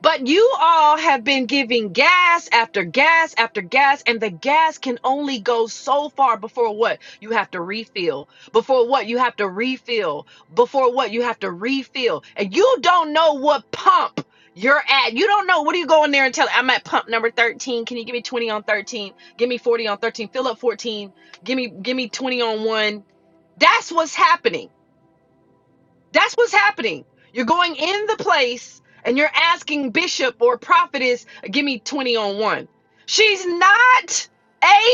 [SPEAKER 12] But you all have been giving gas after gas after gas, and the gas can only go so far before what? You have to refill. Before what? You have to refill. Before what? You have to refill. And you don't know what pump you're at. You don't know. What do you go in there and tell? I'm at pump number 13. Can you give me 20 on 13? Give me 40 on 13. Fill up 14. Give me, give me 20 on one. That's what's happening. That's what's happening. You're going in the place and you're asking bishop or prophetess, give me 20 on one. She's not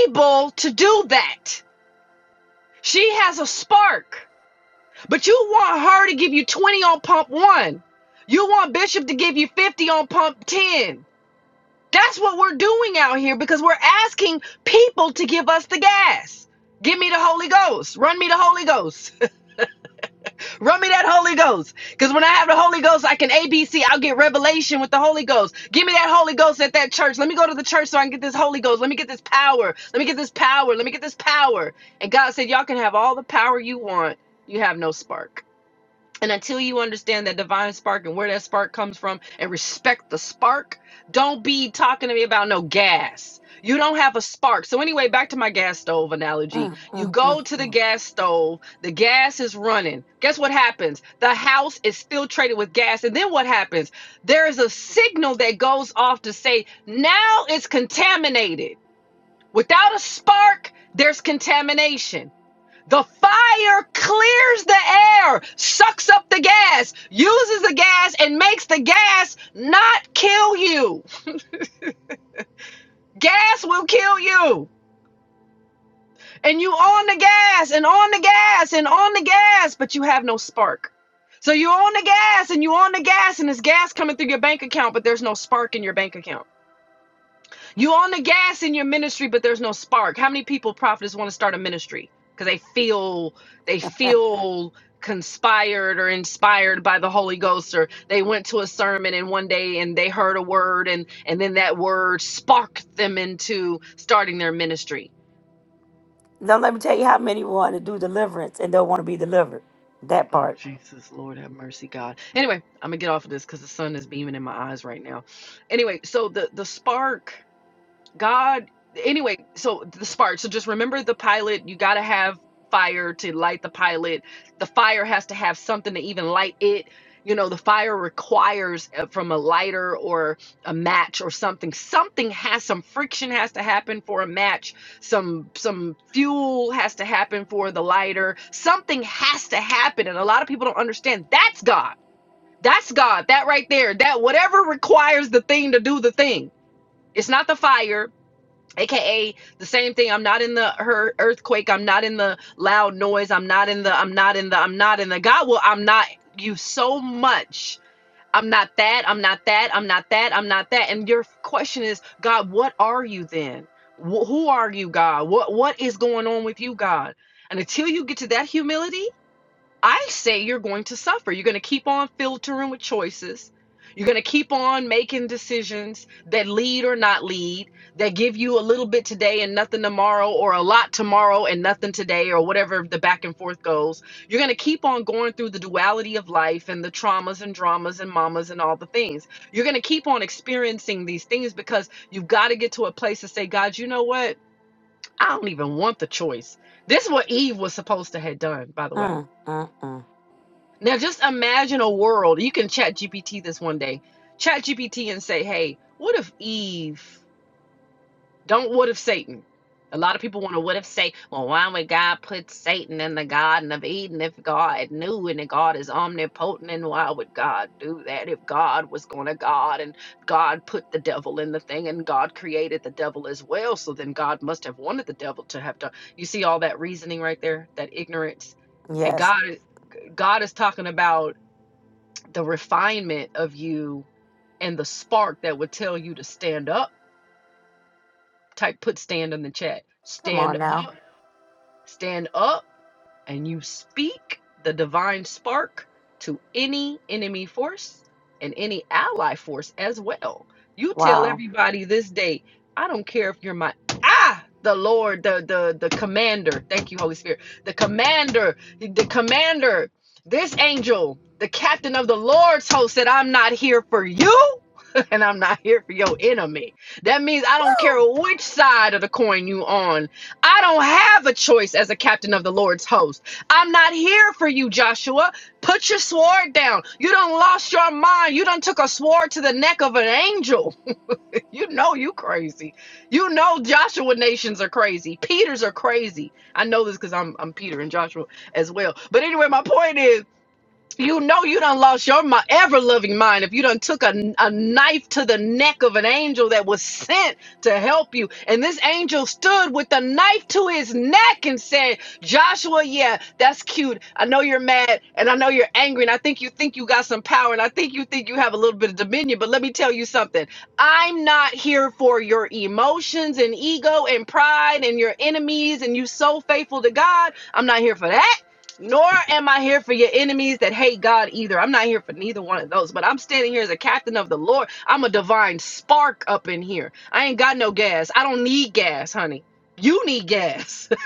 [SPEAKER 12] able to do that. She has a spark, but you want her to give you 20 on pump one. You want bishop to give you 50 on pump 10. That's what we're doing out here because we're asking people to give us the gas. Give me the Holy Ghost. Run me the Holy Ghost. Run me that Holy Ghost. Because when I have the Holy Ghost, I can A B will get revelation with the Holy Ghost. Give me that Holy Ghost at that church. Let me go to the church so I can get this Holy Ghost. Let me get this power. Let me get this power. Let me get this power. And God said, Y'all can have all the power you want. You have no spark. And until you understand that divine spark and where that spark comes from and respect the spark, don't be talking to me about no gas. You don't have a spark. So, anyway, back to my gas stove analogy.
[SPEAKER 1] Mm,
[SPEAKER 12] You
[SPEAKER 1] mm,
[SPEAKER 12] go
[SPEAKER 1] mm,
[SPEAKER 12] to the
[SPEAKER 1] mm.
[SPEAKER 12] gas stove, the gas is running. Guess what happens? The house is filtrated with gas. And then what happens? There is a signal that goes off to say, now it's contaminated. Without a spark, there's contamination. The fire clears the air, sucks up the gas, uses the gas, and makes the gas not kill you. Gas will kill you. And you on the gas and on the gas and on the gas, but you have no spark. So you on the gas and you on the gas, and there's gas coming through your bank account, but there's no spark in your bank account. You on the gas in your ministry, but there's no spark. How many people prophets want to start a ministry because they feel they feel conspired or inspired by the Holy Ghost, or they went to a sermon and one day and they heard a word and and then that word sparked them into starting their ministry.
[SPEAKER 1] Don't let me tell you how many want to do deliverance and don't want to be delivered. That
[SPEAKER 12] Oh
[SPEAKER 1] part.
[SPEAKER 12] Jesus, Lord have mercy, God. Anyway, I'm gonna get off of this because the sun is beaming in my eyes right now. Anyway, so the the spark. God, anyway, so the spark. So just remember the pilot, you got to have fire to light the pilot. The fire has to have something to even light it. You know, the fire requires uh, from a lighter or a match or something. Something has some friction has to happen for a match. Some some fuel has to happen for the lighter. Something has to happen and a lot of people don't understand. That's God. That's God. That right there. That whatever requires the thing to do the thing. It's not the fire aka the same thing i'm not in the her earthquake i'm not in the loud noise i'm not in the i'm not in the i'm not in the god will i'm not you so much i'm not that i'm not that i'm not that i'm not that and your question is god what are you then Wh- who are you god what what is going on with you god and until you get to that humility I say you're going to suffer. You're going to keep on filtering with choices. You're going to keep on making decisions that lead or not lead, that give you a little bit today and nothing tomorrow, or a lot tomorrow and nothing today, or whatever the back and forth goes. You're going to keep on going through the duality of life and the traumas and dramas and mamas and all the things. You're going to keep on experiencing these things because you've got to get to a place to say, God, you know what? I don't even want the choice. This is what Eve was supposed to have done, by the way.
[SPEAKER 1] Mm, mm, mm.
[SPEAKER 12] Now just imagine a world. You can chat GPT this one day. Chat GPT and say, hey, what if Eve? Don't what if Satan? A lot of people want to what if say, well, why would God put Satan in the Garden of Eden if God knew and if God is omnipotent and why would God do that if God was going to God and God put the devil in the thing and God created the devil as well? So then God must have wanted the devil to have done. You see all that reasoning right there, that ignorance. And
[SPEAKER 1] Yes.
[SPEAKER 12] God, God is talking about the refinement of you and the spark that would tell you to stand up type put stand in the chat
[SPEAKER 1] Come
[SPEAKER 12] stand
[SPEAKER 1] on now.
[SPEAKER 12] up stand up and you speak the divine spark to any enemy force and any ally force as well. You tell
[SPEAKER 1] Wow.
[SPEAKER 12] everybody this day, I don't care if you're my ah the Lord, the the the commander. Thank you, Holy Spirit. The commander, the commander, this angel, the captain of the Lord's host said, I'm not here for you. And I'm not here for your enemy. That means I don't care
[SPEAKER 1] Woo!
[SPEAKER 12] which side of the coin you on. I don't have a choice as a captain of the Lord's host. I'm not here for you, Joshua. Put your sword down. You done lost your mind. You done took a sword to the neck of an angel. You know you crazy. You know Joshua nations are crazy. Peters are crazy. I know this because I'm I'm Peter and Joshua as well. But anyway, my point is you know you done lost your mi- ever-loving mind if you done took a, a knife to the neck of an angel that was sent to help you. And this angel stood with the knife to his neck and said, Joshua, yeah, that's cute. I know you're mad and I know you're angry and I think you think you got some power and I think you think you have a little bit of dominion. But let me tell you something. I'm not here for your emotions and ego and pride and your enemies and you so faithful to God. I'm not here for that. Nor am I here for your enemies that hate God either. I'm not here for neither one of those, but I'm standing here as a captain of the Lord. I'm a divine spark up in here. I ain't got no gas. I don't need gas, honey. You need gas.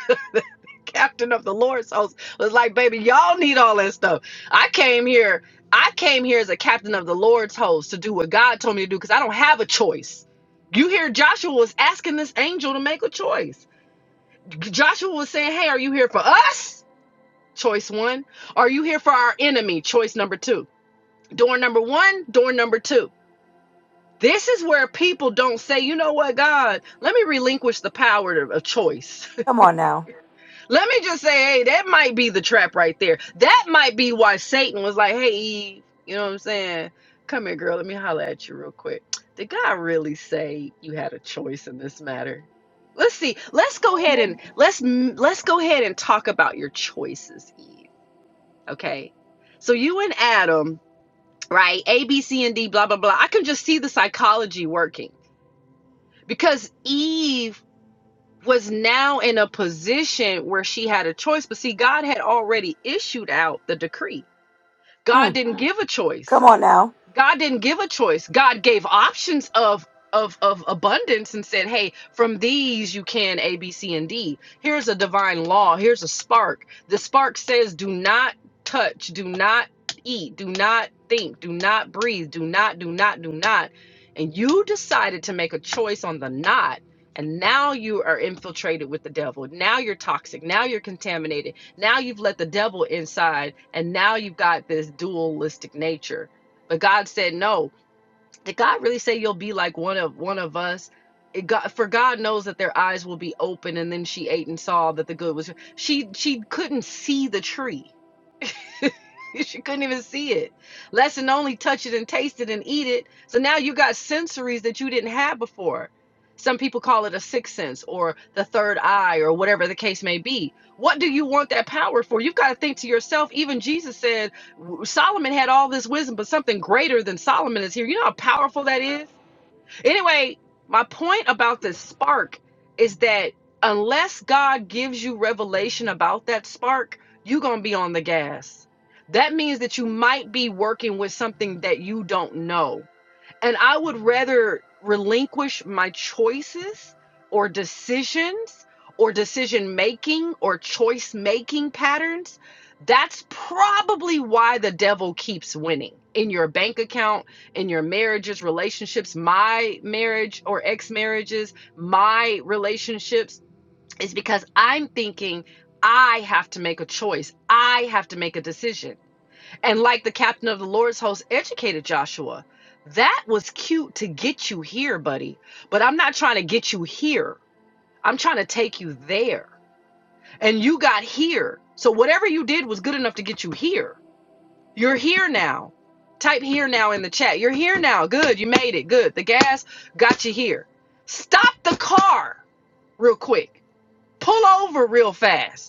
[SPEAKER 12] captain of the Lord's host was like, baby, y'all need all that stuff. I came here. I came here as a captain of the Lord's host to do what God told me to do because I don't have a choice. You hear Joshua was asking this angel to make a choice. Joshua was saying, hey, are you here for us? Choice one. Are you here for our enemy? Choice number two. Door number one, door number two. This is where people don't say, you know what, God, let me relinquish the power of of choice.
[SPEAKER 1] Come on now.
[SPEAKER 12] let me just say, hey, that might be the trap right there. That might be why Satan was like, hey, Eve, you know what I'm saying? Come here, girl, let me holler at you real quick. Did God really say you had a choice in this matter? Let's see. Let's go ahead and let's let's go ahead and talk about your choices, Eve Okay. So you and Adam, right? A, B, C, and D, blah, blah, blah. I can just see the psychology working because Eve was now in a position where she had a choice. But see, God had already issued out the decree, God
[SPEAKER 1] Mm.
[SPEAKER 12] didn't give a choice.
[SPEAKER 1] Come on now.
[SPEAKER 12] God didn't give a choice. God gave options of of of abundance and said, "Hey, from these you can A, B, C, and D. Here's a divine law. Here's a spark. The spark says, do not touch, do not eat, do not think, do not breathe, do not, do not, do not." And you decided to make a choice on the not. And now you are infiltrated with the devil. Now you're toxic. Now you're contaminated. Now you've let the devil inside. And now you've got this dualistic nature but God said no. Did God really say you'll be like one of one of us? It got, for God knows that their eyes will be open, and then she ate and saw that the good was. She she couldn't see the tree she couldn't even see it. Lesson only touch it and taste it and eat it. So now you got sensories that you didn't have before. Some people call it a sixth sense or the third eye or whatever the case may be. What do you want that power for? You've got to think to yourself. Even Jesus said Solomon had all this wisdom, but something greater than Solomon is here. You know how powerful that is? Anyway, my point about the spark is that unless God gives you revelation about that spark, you're going to be on the gas. That means that you might be working with something that you don't know and I would rather relinquish my choices or decisions or decision making or choice making patterns. That's probably why the devil keeps winning in your bank account, in your marriages, relationships, my marriage or ex marriages, my relationships, is because I'm thinking I have to make a choice. I have to make a decision. And like the captain of the Lord's host educated Joshua, that was cute to get you here, buddy. But I'm not trying to get you here. I'm trying to take you there. And you got here. So whatever you did was good enough to get you here. You're here now. Type here now in the chat. You're here now. Good. You made it. Good. The gas got you here. Stop the car real quick. Pull over real fast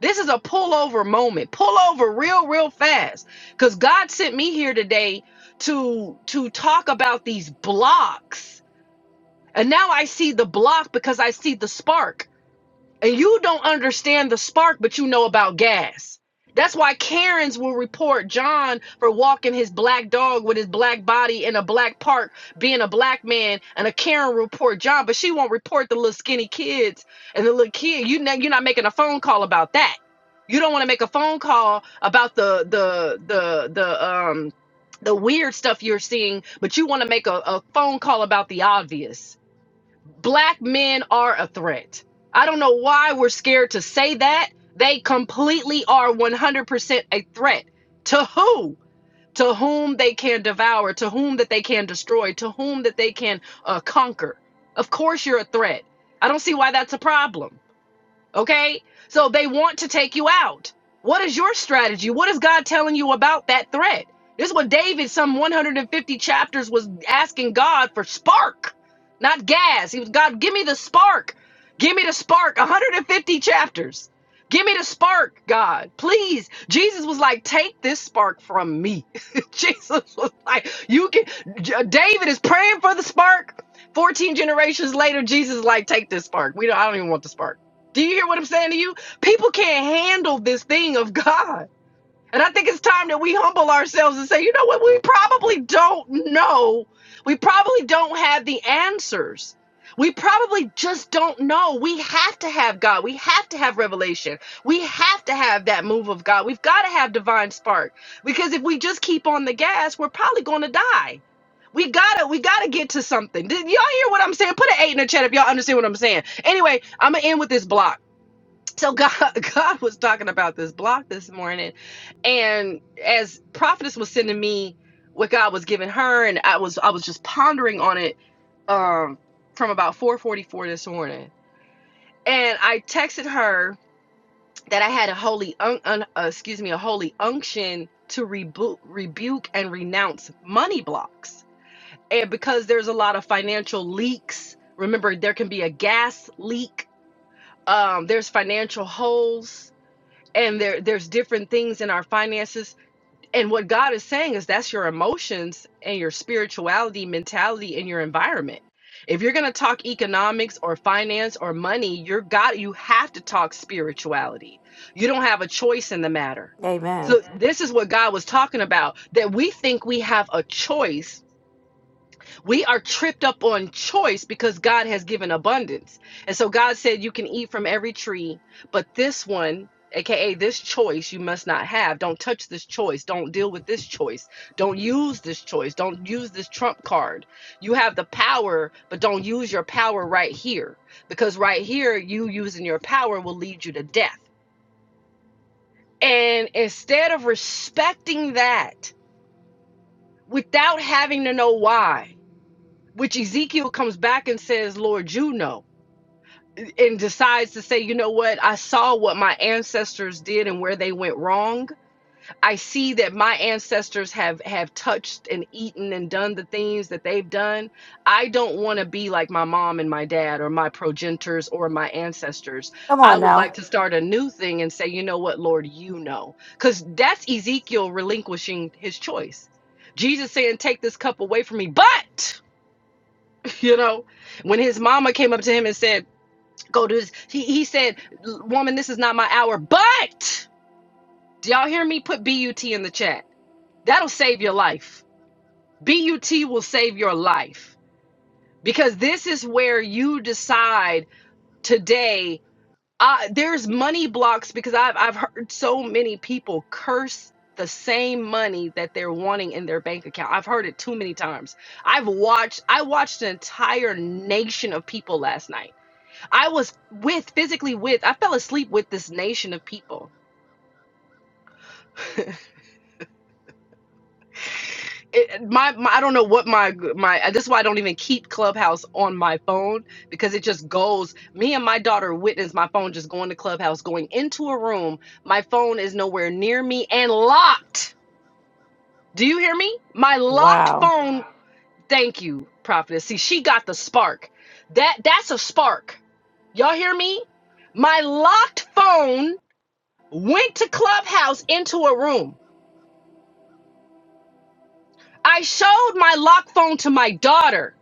[SPEAKER 12] this is a pullover moment. Pull over real, real fast. Because God sent me here today to to talk about these blocks. And now I see the block because I see the spark and you don't understand the spark, but you know about gas. That's why Karens will report John for walking his black dog with his black body in a black park, being a black man, and a Karen will report John, but she won't report the little skinny kids and the little kid. You know, you're not making a phone call about that. You don't want to make a phone call about the the the the um the weird stuff you're seeing, but you want to make a, a phone call about the obvious black men are a threat. I don't know why we're scared to say that. They completely are 100% a threat. To who? To whom they can devour, to whom that they can destroy, to whom that they can uh, conquer. Of course, you're a threat. I don't see why that's a problem. Okay? So they want to take you out. What is your strategy? What is God telling you about that threat? This is what David, some 150 chapters, was asking God for spark, not gas. He was, God, give me the spark. Give me the spark. 150 chapters. Give me the spark, God. Please. Jesus was like, take this spark from me. Jesus was like, you can. J- David is praying for the spark. 14 generations later, Jesus is like, take this spark. We don't, I don't even want the spark. Do you hear what I'm saying to you? People can't handle this thing of God. And I think it's time that we humble ourselves and say, you know what? We probably don't know. We probably don't have the answers. We probably just don't know. We have to have God. We have to have revelation. We have to have that move of God. We've got to have divine spark because if we just keep on the gas, we're probably going to die. We gotta, we gotta get to something. Did y'all hear what I'm saying? Put an eight in the chat if y'all understand what I'm saying. Anyway, I'm gonna end with this block so God, God was talking about this block this morning, and as prophetess was sending me what God was giving her, and I was I was just pondering on it um from about 4:44 this morning, and I texted her that I had a holy un, un, uh, excuse me a holy unction to rebu- rebuke and renounce money blocks, and because there's a lot of financial leaks. Remember, there can be a gas leak. Um, there's financial holes and there there's different things in our finances and what god is saying is that's your emotions and your spirituality mentality and your environment if you're going to talk economics or finance or money you're got, you have to talk spirituality you don't have a choice in the matter
[SPEAKER 1] Amen.
[SPEAKER 12] so this is what god was talking about that we think we have a choice we are tripped up on choice because God has given abundance. And so God said, You can eat from every tree, but this one, aka this choice, you must not have. Don't touch this choice. Don't deal with this choice. Don't use this choice. Don't use this trump card. You have the power, but don't use your power right here because right here, you using your power will lead you to death. And instead of respecting that without having to know why, which Ezekiel comes back and says, Lord, you know, and decides to say, you know what? I saw what my ancestors did and where they went wrong. I see that my ancestors have have touched and eaten and done the things that they've done. I don't want to be like my mom and my dad or my progenitors or my ancestors.
[SPEAKER 1] Come
[SPEAKER 12] I
[SPEAKER 1] on
[SPEAKER 12] would
[SPEAKER 1] now.
[SPEAKER 12] like to start a new thing and say, you know what, Lord, you know. Cuz that's Ezekiel relinquishing his choice. Jesus saying, take this cup away from me, but you know, when his mama came up to him and said, "Go to," this, he he said, "Woman, this is not my hour." But do y'all hear me? Put but in the chat. That'll save your life. But will save your life because this is where you decide today. Uh, there's money blocks because I've I've heard so many people curse the same money that they're wanting in their bank account. I've heard it too many times. I've watched I watched an entire nation of people last night I was with physically with. I fell asleep with this nation of people. It, my, my I don't know what my my. uh, This is why I don't even keep Clubhouse on my phone because it just goes. Me and my daughter witnessed my phone just going to Clubhouse, going into a room. My phone is nowhere near me and locked. Do you hear me? My locked
[SPEAKER 1] Wow.
[SPEAKER 12] phone. Thank you, prophetess. See, she got the spark. That that's a spark. Y'all hear me? My locked phone went to Clubhouse into a room. I showed my lock phone to my daughter.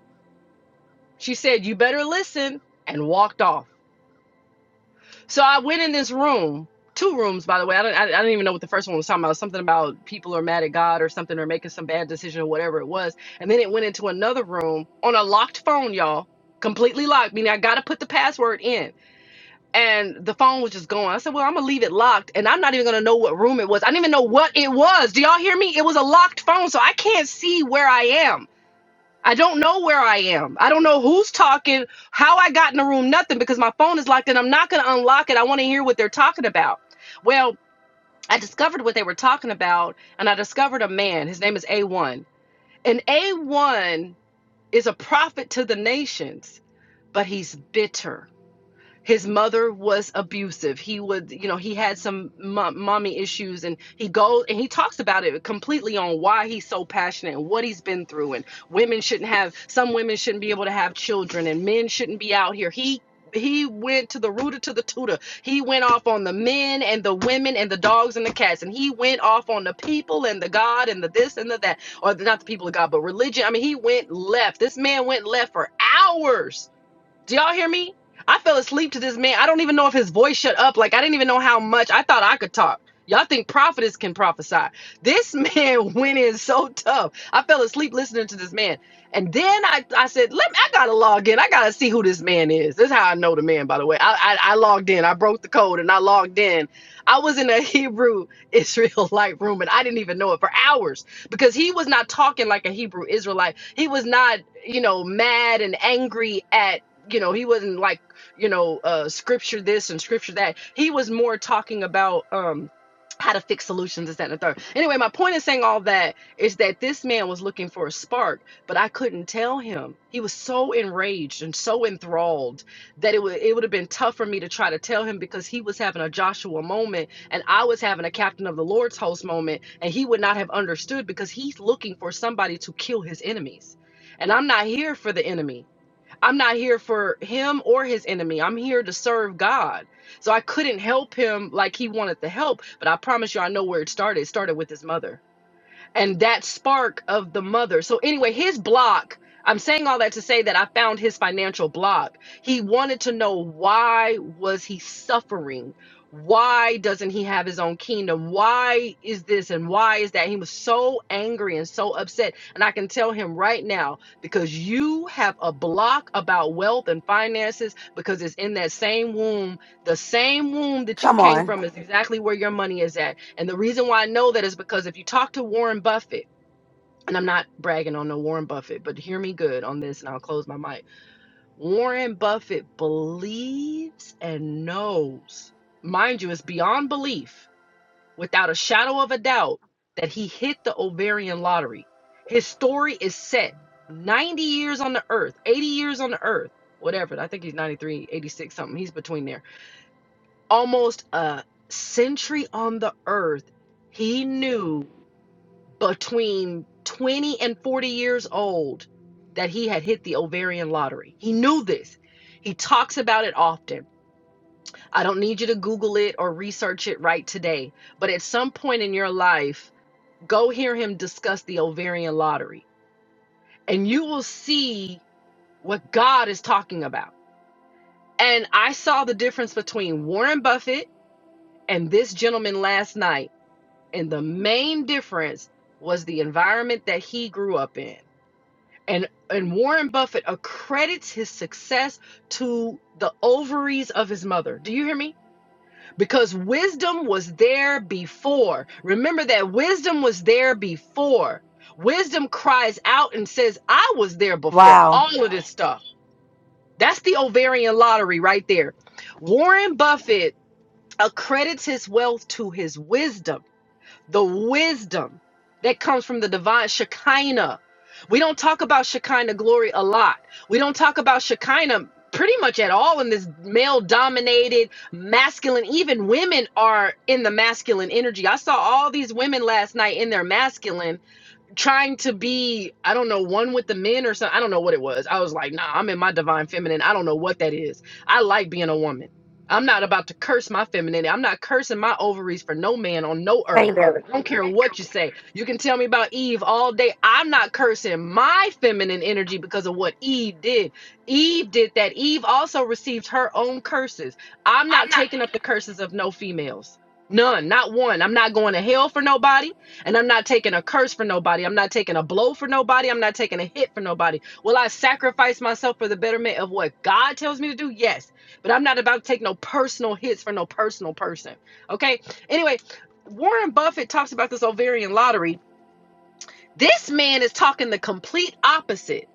[SPEAKER 12] She said, You better listen, and walked off. So I went in this room, two rooms, by the way. I don't, I, I don't even know what the first one was talking about. Something about people are mad at God or something, or making some bad decision or whatever it was. And then it went into another room on a locked phone, y'all, completely locked. Meaning I got to put the password in. And the phone was just going. I said, Well, I'm going to leave it locked, and I'm not even going to know what room it was. I didn't even know what it was. Do y'all hear me? It was a locked phone, so I can't see where I am. I don't know where I am. I don't know who's talking, how I got in the room, nothing because my phone is locked and I'm not going to unlock it. I want to hear what they're talking about. Well, I discovered what they were talking about and I discovered a man. His name is A1. And A1 is a prophet to the nations, but he's bitter his mother was abusive he would you know he had some mo- mommy issues and he goes and he talks about it completely on why he's so passionate and what he's been through and women shouldn't have some women shouldn't be able to have children and men shouldn't be out here he he went to the rooter to the tutor. He went off on the men and the women and the dogs and the cats. And he went off on the people and the God and the this and the that. Or the, not the people of God, but religion. I mean, he went left. This man went left for hours do y'all hear me? I fell asleep to this man. I don't even know if his voice shut up. Like I didn't even know how much. I thought I could talk. Y'all think prophetess can prophesy. This man went in so tough. I fell asleep listening to this man. And then I, I said, Let me, I gotta log in. I gotta see who this man is. This is how I know the man, by the way. I, I I logged in. I broke the code and I logged in. I was in a Hebrew Israelite room and I didn't even know it for hours because he was not talking like a Hebrew Israelite. He was not, you know, mad and angry at you know he wasn't like you know uh scripture this and scripture that he was more talking about um how to fix solutions this that and the third anyway my point in saying all that is that this man was looking for a spark but i couldn't tell him he was so enraged and so enthralled that it would it would have been tough for me to try to tell him because he was having a joshua moment and i was having a captain of the lord's host moment and he would not have understood because he's looking for somebody to kill his enemies and i'm not here for the enemy I'm not here for him or his enemy. I'm here to serve God. So I couldn't help him like he wanted the help, but I promise you, I know where it started. It started with his mother and that spark of the mother. So anyway, his block, I'm saying all that to say that I found his financial block. He wanted to know why was he suffering? Why doesn't he have his own kingdom? Why is this and why is that? He was so angry and so upset. And I can tell him right now because you have a block about wealth and finances because it's in that same womb the same womb that you
[SPEAKER 1] Come
[SPEAKER 12] came
[SPEAKER 1] on.
[SPEAKER 12] from is exactly where your money is at. And the reason why I know that is because if you talk to Warren Buffett, and I'm not bragging on no Warren Buffett, but hear me good on this and I'll close my mic. Warren Buffett believes and knows, mind you, it's beyond belief, without a shadow of a doubt, that he hit the ovarian lottery. His story is set 90 years on the earth, 80 years on the earth, whatever. I think he's 93, 86, something. He's between there almost a century on the earth, he knew between 20 and 40 years old that he had hit the ovarian lottery. He knew this. He talks about it often. I don't need you to Google it or research it right today, but at some point in your life, go hear him discuss the ovarian lottery and you will see what God is talking about. And I saw the difference between Warren Buffett and this gentleman last night and the main difference was the environment that he grew up in and and Warren Buffett accredits his success to the ovaries of his mother. Do you hear me? Because wisdom was there before. Remember that wisdom was there before. Wisdom cries out and says, "I was there before
[SPEAKER 1] Wow.
[SPEAKER 12] all of this stuff." That's the ovarian lottery right there. Warren Buffett accredits his wealth to his wisdom the wisdom that comes from the divine Shekinah. We don't talk about Shekinah glory a lot. We don't talk about Shekinah pretty much at all in this male dominated masculine even women are in the masculine energy i saw all these women last night in their masculine trying to be i don't know one with the men or something i don't know what it was i was like nah i'm in my divine feminine i don't know what that is i like being a woman i'm not about to curse my femininity i'm not cursing my ovaries for no man on no earth
[SPEAKER 1] Thank you. Lord.
[SPEAKER 12] i don't care what you say you can tell me about eve all day i'm not cursing my feminine energy because of what eve did eve did that eve also received her own curses i'm not taking up the curses of no females none not one i'm not going to hell for nobody and I'm not taking a curse for nobody. I'm not taking a blow for nobody. I'm not taking a hit for nobody. Will I sacrifice myself for the betterment of what God tells me to do? Yes. But I'm not about to take no personal hits for no personal person. Okay. Anyway, Warren Buffett talks about this ovarian lottery. This man is talking the complete opposite.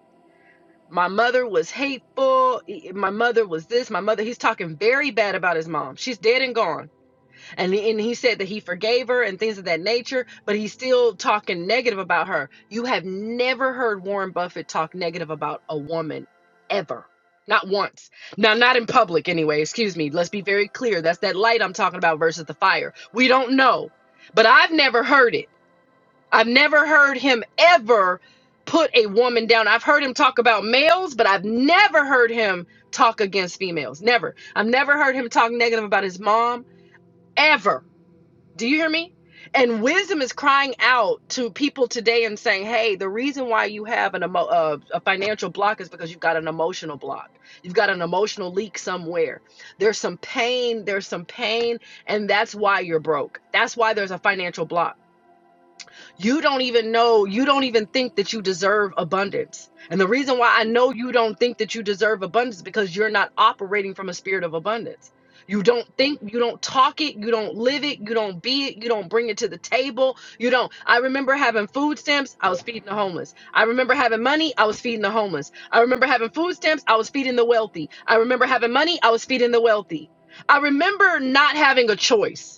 [SPEAKER 12] My mother was hateful. e- My mother was this. My mother, he's talking very bad about his mom. She's dead and gone and he, and he said that he forgave her and things of that nature but he's still talking negative about her you have never heard warren buffett talk negative about a woman ever not once now not in public anyway excuse me let's be very clear that's that light i'm talking about versus the fire we don't know but i've never heard it i've never heard him ever put a woman down i've heard him talk about males but i've never heard him talk against females never i've never heard him talk negative about his mom ever do you hear me? And wisdom is crying out to people today and saying, "Hey, the reason why you have an emo- uh, a financial block is because you've got an emotional block. You've got an emotional leak somewhere. There's some pain. There's some pain, and that's why you're broke. That's why there's a financial block." You don't even know, you don't even think that you deserve abundance. And the reason why I know you don't think that you deserve abundance is because you're not operating from a spirit of abundance. You don't think, you don't talk it, you don't live it, you don't be it, you don't bring it to the table. You don't. I remember having food stamps, I was feeding the homeless. I remember having money, I was feeding the homeless. I remember having food stamps, I was feeding the wealthy. I remember having money, I was feeding the wealthy. I remember not having a choice.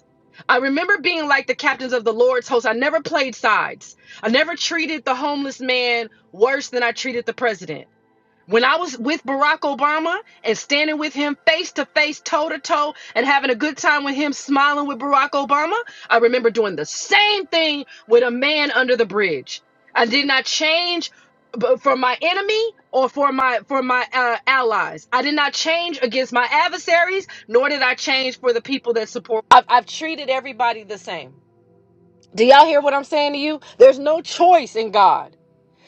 [SPEAKER 12] I remember being like the captains of the Lord's host. I never played sides. I never treated the homeless man worse than I treated the president. When I was with Barack Obama and standing with him face to face, toe to toe, and having a good time with him, smiling with Barack Obama, I remember doing the same thing with a man under the bridge. I did not change b- for my enemy or for my for my uh, allies. I did not change against my adversaries, nor did I change for the people that support. I've, I've treated everybody the same. Do y'all hear what I'm saying to you? There's no choice in God.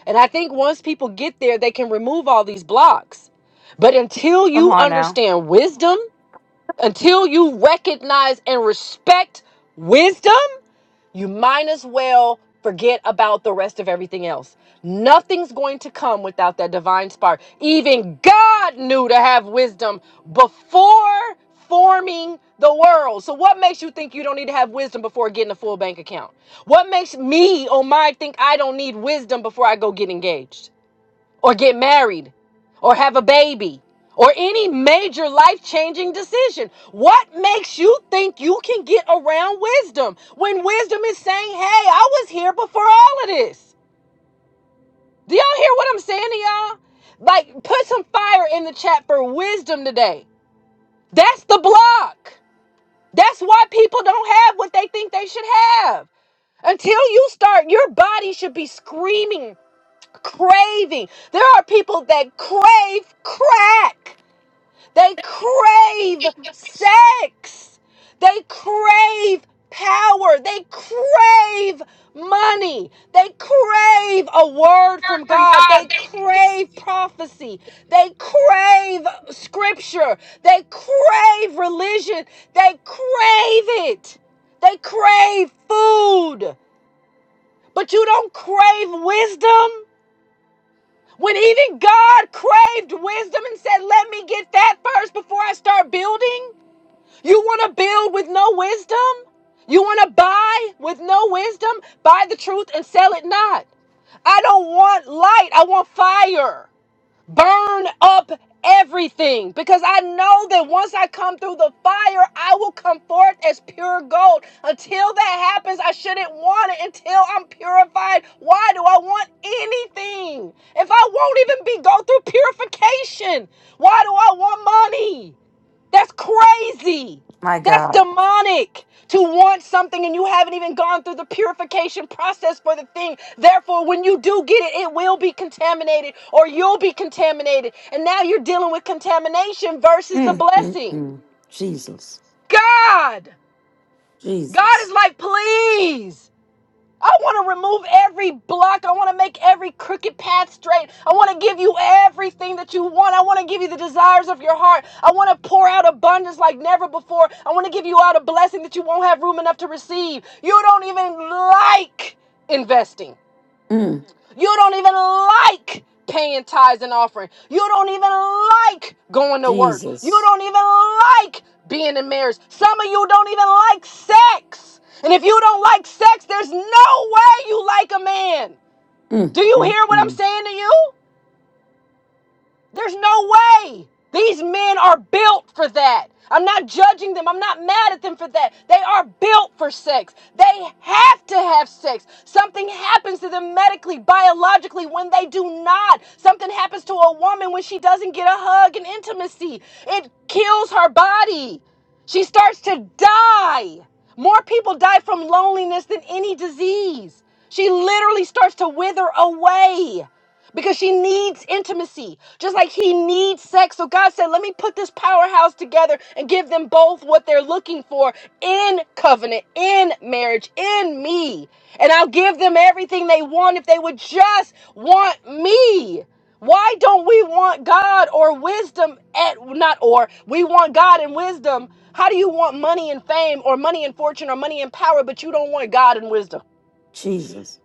[SPEAKER 12] And I think once people get there, they can remove all these blocks. But until
[SPEAKER 1] Come
[SPEAKER 12] you
[SPEAKER 1] on now.
[SPEAKER 12] understand wisdom, until you recognize and respect wisdom, you might as well forget about the rest of everything else. Nothing's going to come without that divine spark. Even God knew to have wisdom before forming the world. So what makes you think you don't need to have wisdom before getting a full bank account? What makes me, oh my, think I don't need wisdom before I go get engaged? or get married or have a baby or any major life changing decision. What makes you think you can get around wisdom when wisdom is saying, hey, I was here before all of this? Do y'all hear what I'm saying to y'all? Like, put some fire in the chat for wisdom today. That's the block. That's why people don't have what they think they should have. Until you start, your body should be screaming, craving. There are people that crave crack. They crave sex. They crave power. They crave money. They crave a word from God. They crave prophecy. They crave scripture. They crave religion. They crave it. They crave food. But you don't crave wisdom. When even God craved wisdom and said, Let me get that first before I start building. You want to build with no wisdom? You want to buy with no wisdom? Buy the truth and sell it not. I don't want light. I want fire. Burn up everything because I know that once I come through the fire, I will come forth as pure gold. Until that happens, I shouldn't want it until I'm purified. Why do I want anything? If I won't even be go through purification, why do I want money? That's crazy.
[SPEAKER 1] My
[SPEAKER 12] That's
[SPEAKER 1] God.
[SPEAKER 12] demonic to want something and you haven't even gone through the purification process for the thing. Therefore, when you do get it, it will be contaminated or you'll be contaminated. And now you're dealing with contamination versus the
[SPEAKER 1] Mm, mm,
[SPEAKER 12] blessing.
[SPEAKER 1] mm. Jesus.
[SPEAKER 12] God, God
[SPEAKER 1] Jesus.
[SPEAKER 12] is like, please. I want to remove every block. I want to make every crooked path straight. I want to give you everything that you want. I want to give you the desires of your heart. I want to pour out abundance like never before. I want to give you out a blessing that you won't have room enough to receive. You don't even like investing.
[SPEAKER 1] Mm,
[SPEAKER 12] You don't even like paying tithes and offering. You don't even like going to work. You
[SPEAKER 1] Jesus.
[SPEAKER 12] don't even like being in marriage. Some of you don't even like sex. And if you don't like sex, there's no way you like a man.
[SPEAKER 1] Mm,
[SPEAKER 12] Do you
[SPEAKER 1] mm,
[SPEAKER 12] hear what I'm
[SPEAKER 1] mm.
[SPEAKER 12] saying to you? There's no way. These men are built for that. I'm not judging them. I'm not mad at them for that. They are built for sex. They have to have sex. Something happens to them medically, biologically when they do not. Something happens to a woman when she doesn't get a hug and intimacy. It kills her body. She starts to die. More people die from loneliness than any disease. She literally starts to wither away because she needs intimacy, just like he needs sex. So God said, Let me put this powerhouse together and give them both what they're looking for in covenant, in marriage, in me. And I'll give them everything they want if they would just want me. Why don't we want God or wisdom at not or we want God and wisdom? How do you want money and fame or money and fortune or money and power, but you don't want God and wisdom?
[SPEAKER 1] Jesus.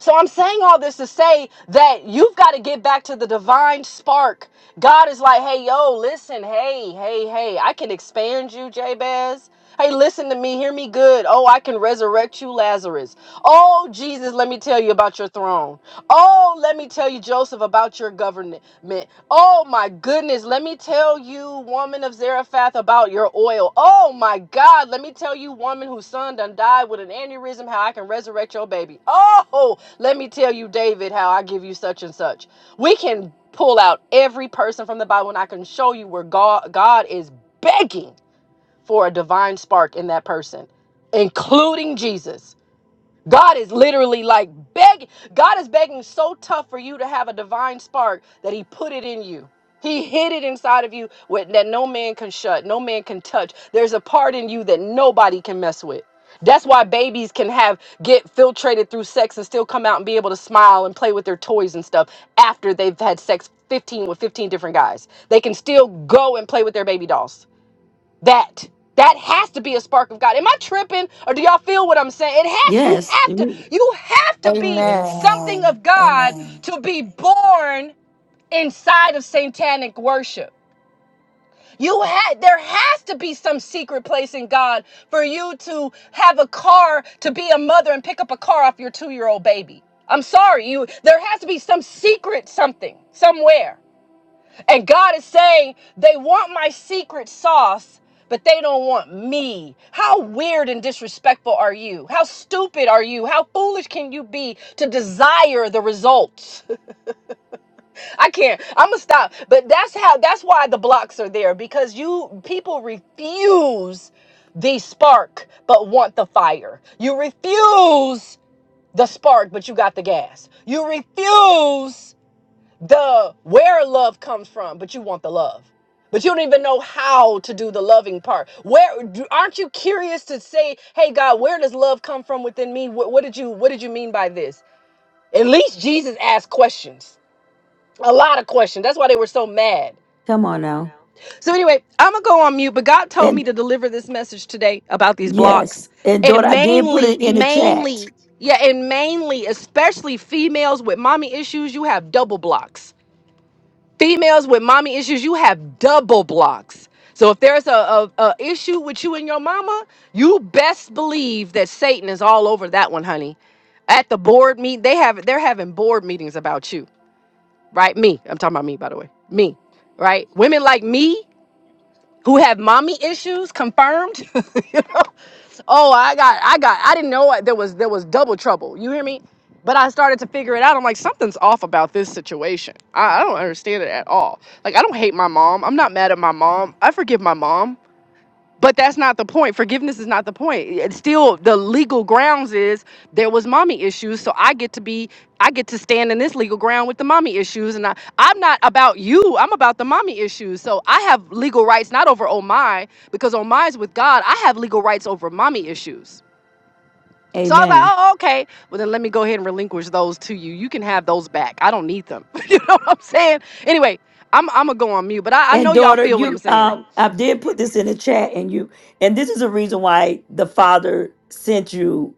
[SPEAKER 12] So I'm saying all this to say that you've got to get back to the divine spark. God is like, hey, yo, listen, hey, hey, hey, I can expand you, Jabez. Hey, listen to me, hear me good. Oh, I can resurrect you, Lazarus. Oh, Jesus, let me tell you about your throne. Oh, let me tell you, Joseph, about your government. Oh, my goodness, let me tell you, woman of Zarephath, about your oil. Oh, my God, let me tell you, woman whose son done died with an aneurysm, how I can resurrect your baby. Oh, let me tell you, David, how I give you such and such. We can pull out every person from the Bible, and I can show you where God, God is begging for a divine spark in that person, including Jesus. God is literally like begging. God is begging so tough for you to have a divine spark that He put it in you. He hid it inside of you with, that no man can shut, no man can touch. There's a part in you that nobody can mess with. That's why babies can have get filtrated through sex and still come out and be able to smile and play with their toys and stuff after they've had sex 15 with 15 different guys. They can still go and play with their baby dolls that that has to be a spark of god am i tripping or do y'all feel what i'm saying it has you
[SPEAKER 1] Yes.
[SPEAKER 12] have to
[SPEAKER 1] Mm.
[SPEAKER 12] you have to be
[SPEAKER 6] Amen.
[SPEAKER 12] something
[SPEAKER 3] Amen.
[SPEAKER 12] of god
[SPEAKER 3] Amen.
[SPEAKER 12] to be born inside of satanic worship you had there has to be some secret place in god for you to have a car to be a mother and pick up a car off your two-year-old baby i'm sorry you there has to be some secret something somewhere and God is saying, they want my secret sauce, but they don't want me. How weird and disrespectful are you? How stupid are you? How foolish can you be to desire the results? I can't. I'm going to stop. But that's how that's why the blocks are there because you people refuse the spark but want the fire. You refuse the spark but you got the gas. You refuse the where love comes from, but you want the love. But you don't even know how to do the loving part. Where do- aren't you curious to say, "Hey God, where does love come from within me? What, what did you What did you mean by this?" At least Jesus asked questions, a lot of questions. That's why they were so mad.
[SPEAKER 1] Come on now.
[SPEAKER 12] So anyway, I'm gonna go on mute. But God told me to deliver this message today about these blocks,
[SPEAKER 1] Yes. And
[SPEAKER 12] and
[SPEAKER 1] daughter, I did put
[SPEAKER 12] mainly,
[SPEAKER 1] it in the chat.
[SPEAKER 12] mainly, yeah, and mainly, especially females with mommy issues. You have double blocks females with mommy issues, you have double blocks. So if there's a, a, a issue with you and your mama, you best believe that Satan is all over that one, honey. At the board meet, they have they're having board meetings about you, right? Me, I'm talking about me, by the way. Me, right? Women like me who have mommy issues confirmed. you know, oh, I got, I got, I didn't know I, there was there was double trouble. You hear me? But I started to figure it out. I'm like, something's off about this situation. I, I don't understand it at all. Like, I don't hate my mom. I'm not mad at my mom. I forgive my mom but that's not the point. Forgiveness is not the point. It's still the legal grounds is there was mommy issues, so I get to be I get to stand in this legal ground with the mommy issues and I I'm not about you. I'm about the mommy issues. So I have legal rights not over Omai because Omai's with God. I have legal rights over mommy issues. So I was like,
[SPEAKER 1] Amen.
[SPEAKER 12] "Oh, okay. Well, then let me go ahead and relinquish those to you. You can have those back. I don't need them." you know what I'm saying? Anyway, I'm I'm gonna go on mute, but I, I
[SPEAKER 1] And
[SPEAKER 12] know y'all
[SPEAKER 1] daughter,
[SPEAKER 12] feel what I'm
[SPEAKER 1] you
[SPEAKER 12] saying.
[SPEAKER 1] um I did put this in the chat and you and this is a reason why the father sent you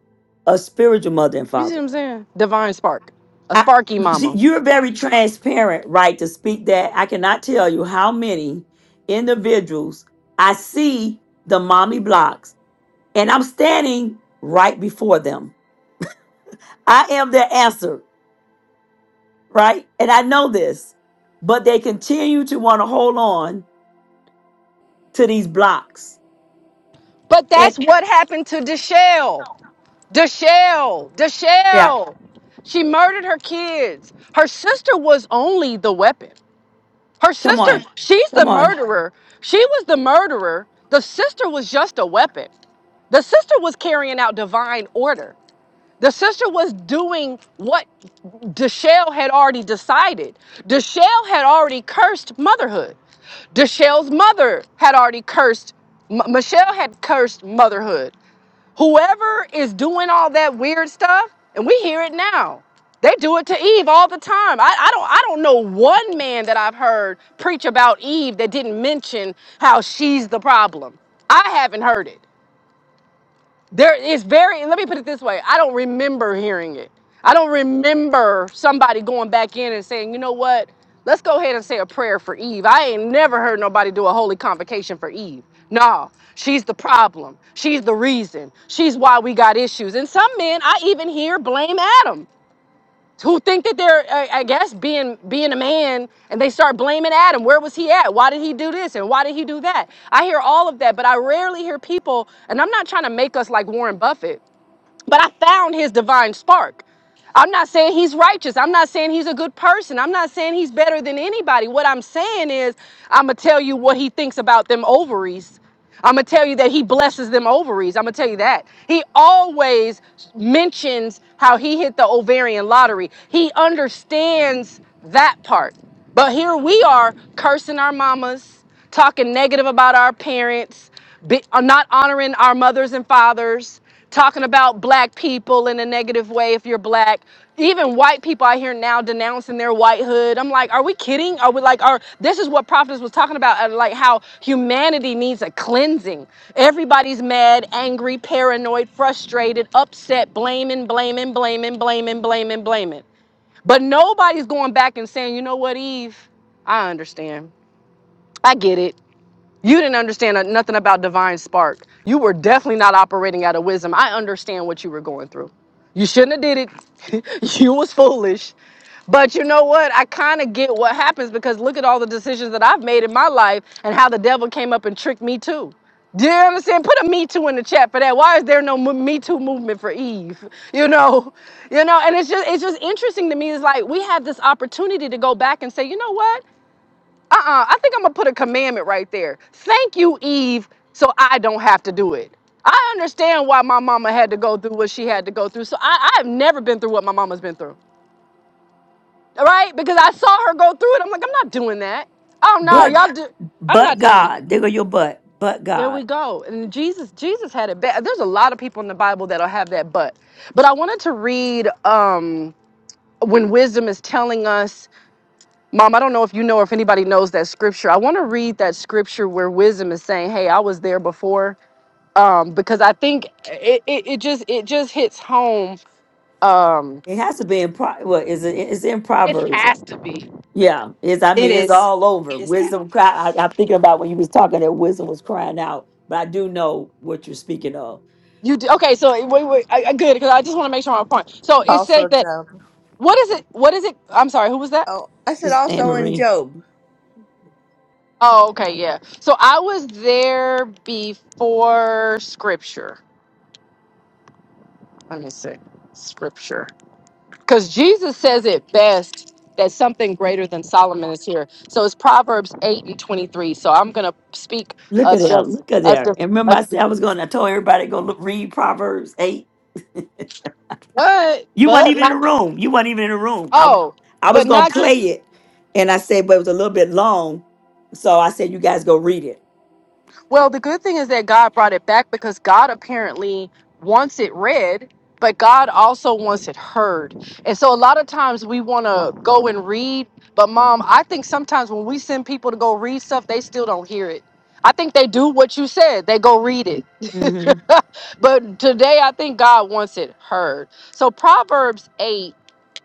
[SPEAKER 1] a spiritual mother and
[SPEAKER 12] You see what
[SPEAKER 1] father.
[SPEAKER 12] I'm saying? Divine spark. A
[SPEAKER 1] I,
[SPEAKER 12] sparky
[SPEAKER 1] you-
[SPEAKER 12] mama.
[SPEAKER 1] you're very transparent, right, to speak that. I cannot tell you how many individuals I see the mommy blocks and I'm standing right before them. I am their answer. right? And I know this, but they continue to want to hold on to these blocks.
[SPEAKER 12] But
[SPEAKER 1] And
[SPEAKER 12] that's what happened to Deshelle. Deshelle.
[SPEAKER 1] yeah,
[SPEAKER 12] Deshelle. She murdered her kids. Her sister was only the weapon. Her
[SPEAKER 1] come
[SPEAKER 12] sister,
[SPEAKER 1] on,
[SPEAKER 12] she's
[SPEAKER 1] come
[SPEAKER 12] the
[SPEAKER 1] on.
[SPEAKER 12] murderer. She was the murderer. The sister was just a weapon. The sister was carrying out divine order. The sister was doing what Deshelle had already decided. Deshelle had already cursed motherhood. Deshelle's mother had already cursed, M- Michelle had cursed motherhood. Whoever is doing all that weird stuff, and we hear it now. They do it to Eve all the time. I, I don't I don't know one man that I've heard preach about Eve that didn't mention how she's the problem. I haven't heard it. There is very, let me put it this way I don't remember hearing it. I don't remember somebody going back in and saying, you know what, let's go ahead and say a prayer for Eve. I ain't never heard nobody do a holy convocation for Eve. No, she's the problem. She's the reason. She's why we got issues. And some men, I even hear blame Adam who think that they're I, I guess being being a man and they start blaming Adam. Where was he at? Why did he do this and why did he do that? I hear all of that, but I rarely hear people and I'm not trying to make us like Warren Buffett. But I found his divine spark. I'm not saying he's righteous. I'm not saying he's a good person. I'm not saying he's better than anybody. What I'm saying is, I'm going to tell you what he thinks about them ovaries. I'm going to tell you that he blesses them ovaries. I'm going to tell you that. He always mentions how he hit the ovarian lottery. He understands that part. But here we are cursing our mamas, talking negative about our parents, be, uh, not honoring our mothers and fathers, talking about black people in a negative way if you're black. Even white people I hear now denouncing their whitehood. I'm like, are we kidding? Are we like, are this is what prophetess was talking about, uh, like how humanity needs a cleansing. Everybody's mad, angry, paranoid, frustrated, upset, blaming, blaming, blaming, blaming, blaming, blaming. But nobody's going back and saying, you know what, Eve, I understand. I get it. You didn't understand nothing about divine spark. You were definitely not operating out of wisdom. I understand what you were going through. You shouldn't have did it. you was foolish. But you know what? I kind of get what happens because look at all the decisions that I've made in my life and how the devil came up and tricked me too. Do you understand? Put a Me Too in the chat for that. Why is there no mo- Me Too movement for Eve? You know, you know, and it's just it's just interesting to me. It's like we have this opportunity to go back and say, you know what? uh-uh i think i'm gonna put a commandment right there thank you eve so i don't have to do it i understand why my mama had to go through what she had to go through so i, I have never been through what my mama's been through all right because i saw her go through it i'm like i'm not doing that oh no
[SPEAKER 1] But
[SPEAKER 12] y'all do i'm
[SPEAKER 1] but
[SPEAKER 12] not doing that
[SPEAKER 1] God, there go your butt. But
[SPEAKER 12] there
[SPEAKER 1] God,
[SPEAKER 12] we go and jesus jesus had it bad there's a lot of people in the bible that'll have that but but i wanted to read um when wisdom is telling us Mom, I don't know if you know or if anybody knows that scripture. I want to read that scripture where wisdom is saying, "Hey, I was there before," um, because I think it, it, it just it just hits home. Um,
[SPEAKER 1] it has to be in pro. Well, is it? It's in
[SPEAKER 12] it
[SPEAKER 1] Proverbs.
[SPEAKER 12] has to be
[SPEAKER 1] Yeah, it's. I
[SPEAKER 7] It
[SPEAKER 1] mean, it's
[SPEAKER 7] is.
[SPEAKER 1] all over.
[SPEAKER 7] Yes, ma'am.
[SPEAKER 1] Wisdom cry. I, I'm thinking about when you was talking that wisdom was crying out, but I do know what you're speaking of,
[SPEAKER 12] you. d- Okay, so wait, wait, I, I, good because I just want to make sure I'm on point. So it
[SPEAKER 8] Also,
[SPEAKER 12] said that
[SPEAKER 8] Job.
[SPEAKER 12] what is it? What is it? I'm sorry, who was that?
[SPEAKER 8] Oh, I said
[SPEAKER 1] Sister Anne
[SPEAKER 8] also in
[SPEAKER 1] Marie.
[SPEAKER 8] Job.
[SPEAKER 12] Oh, okay, yeah. So I was there before scripture. Let me see, scripture. because Jesus says it best that something greater than Solomon is here. So it's Proverbs 8 and 23. So I'm going to speak
[SPEAKER 1] Look at
[SPEAKER 12] of
[SPEAKER 1] there.
[SPEAKER 12] just,
[SPEAKER 1] Look at
[SPEAKER 12] of
[SPEAKER 1] there.
[SPEAKER 12] the,
[SPEAKER 1] And remember,
[SPEAKER 12] of,
[SPEAKER 1] I said I was going. to I told everybody to go look read Proverbs eight
[SPEAKER 12] but,
[SPEAKER 1] You weren't
[SPEAKER 12] but
[SPEAKER 1] even in the
[SPEAKER 12] not,
[SPEAKER 1] room. You weren't even in the room. I
[SPEAKER 12] oh,
[SPEAKER 1] I was
[SPEAKER 12] but
[SPEAKER 1] gonna
[SPEAKER 12] not
[SPEAKER 1] play
[SPEAKER 12] just,
[SPEAKER 1] it, and I said, but it was a little bit long, so I said, you guys go read it.
[SPEAKER 12] well, the good thing is that God brought it back because God apparently wants it read, but God also wants it heard. And so a lot of times we want to go and read, but mom, I think sometimes when we send people to go read stuff, they still don't hear it. I think they do what you said. They go read it
[SPEAKER 1] hmm
[SPEAKER 12] but today I think God wants it heard. So Proverbs 8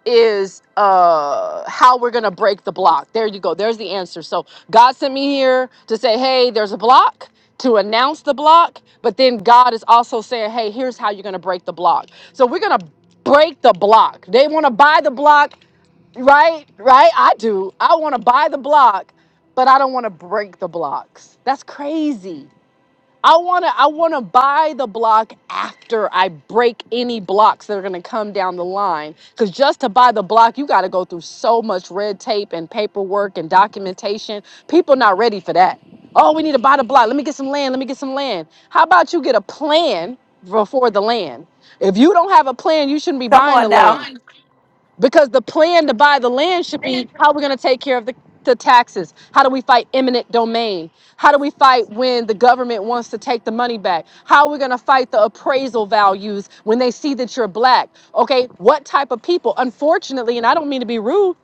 [SPEAKER 12] is uh how we're gonna break the block. There you go. There's the answer. So God sent me here to say, hey, there's a block. To announce the block, but then God is also saying, Hey, here's how you're gonna break the block. So we're gonna break the block. They wanna buy the block, right? Right? I do. I wanna buy the block, but I don't wanna break the blocks. That's crazy. I want to I want to buy the block after I break any blocks that are going to come down the line cuz just to buy the block you got to go through so much red tape and paperwork and documentation. People not ready for that. Oh, we need to buy the block. Let me get some land. Let me get some land. How about you get a plan before the land? If you don't have a plan, you shouldn't be
[SPEAKER 1] Come
[SPEAKER 12] buying
[SPEAKER 1] on
[SPEAKER 12] the land
[SPEAKER 1] now,
[SPEAKER 12] because the plan to buy the land should be how we're going to take care of the, the taxes how do we fight eminent domain how do we fight when the government wants to take the money back how are we going to fight the appraisal values when they see that you're black okay what type of people unfortunately and i don't mean to be rude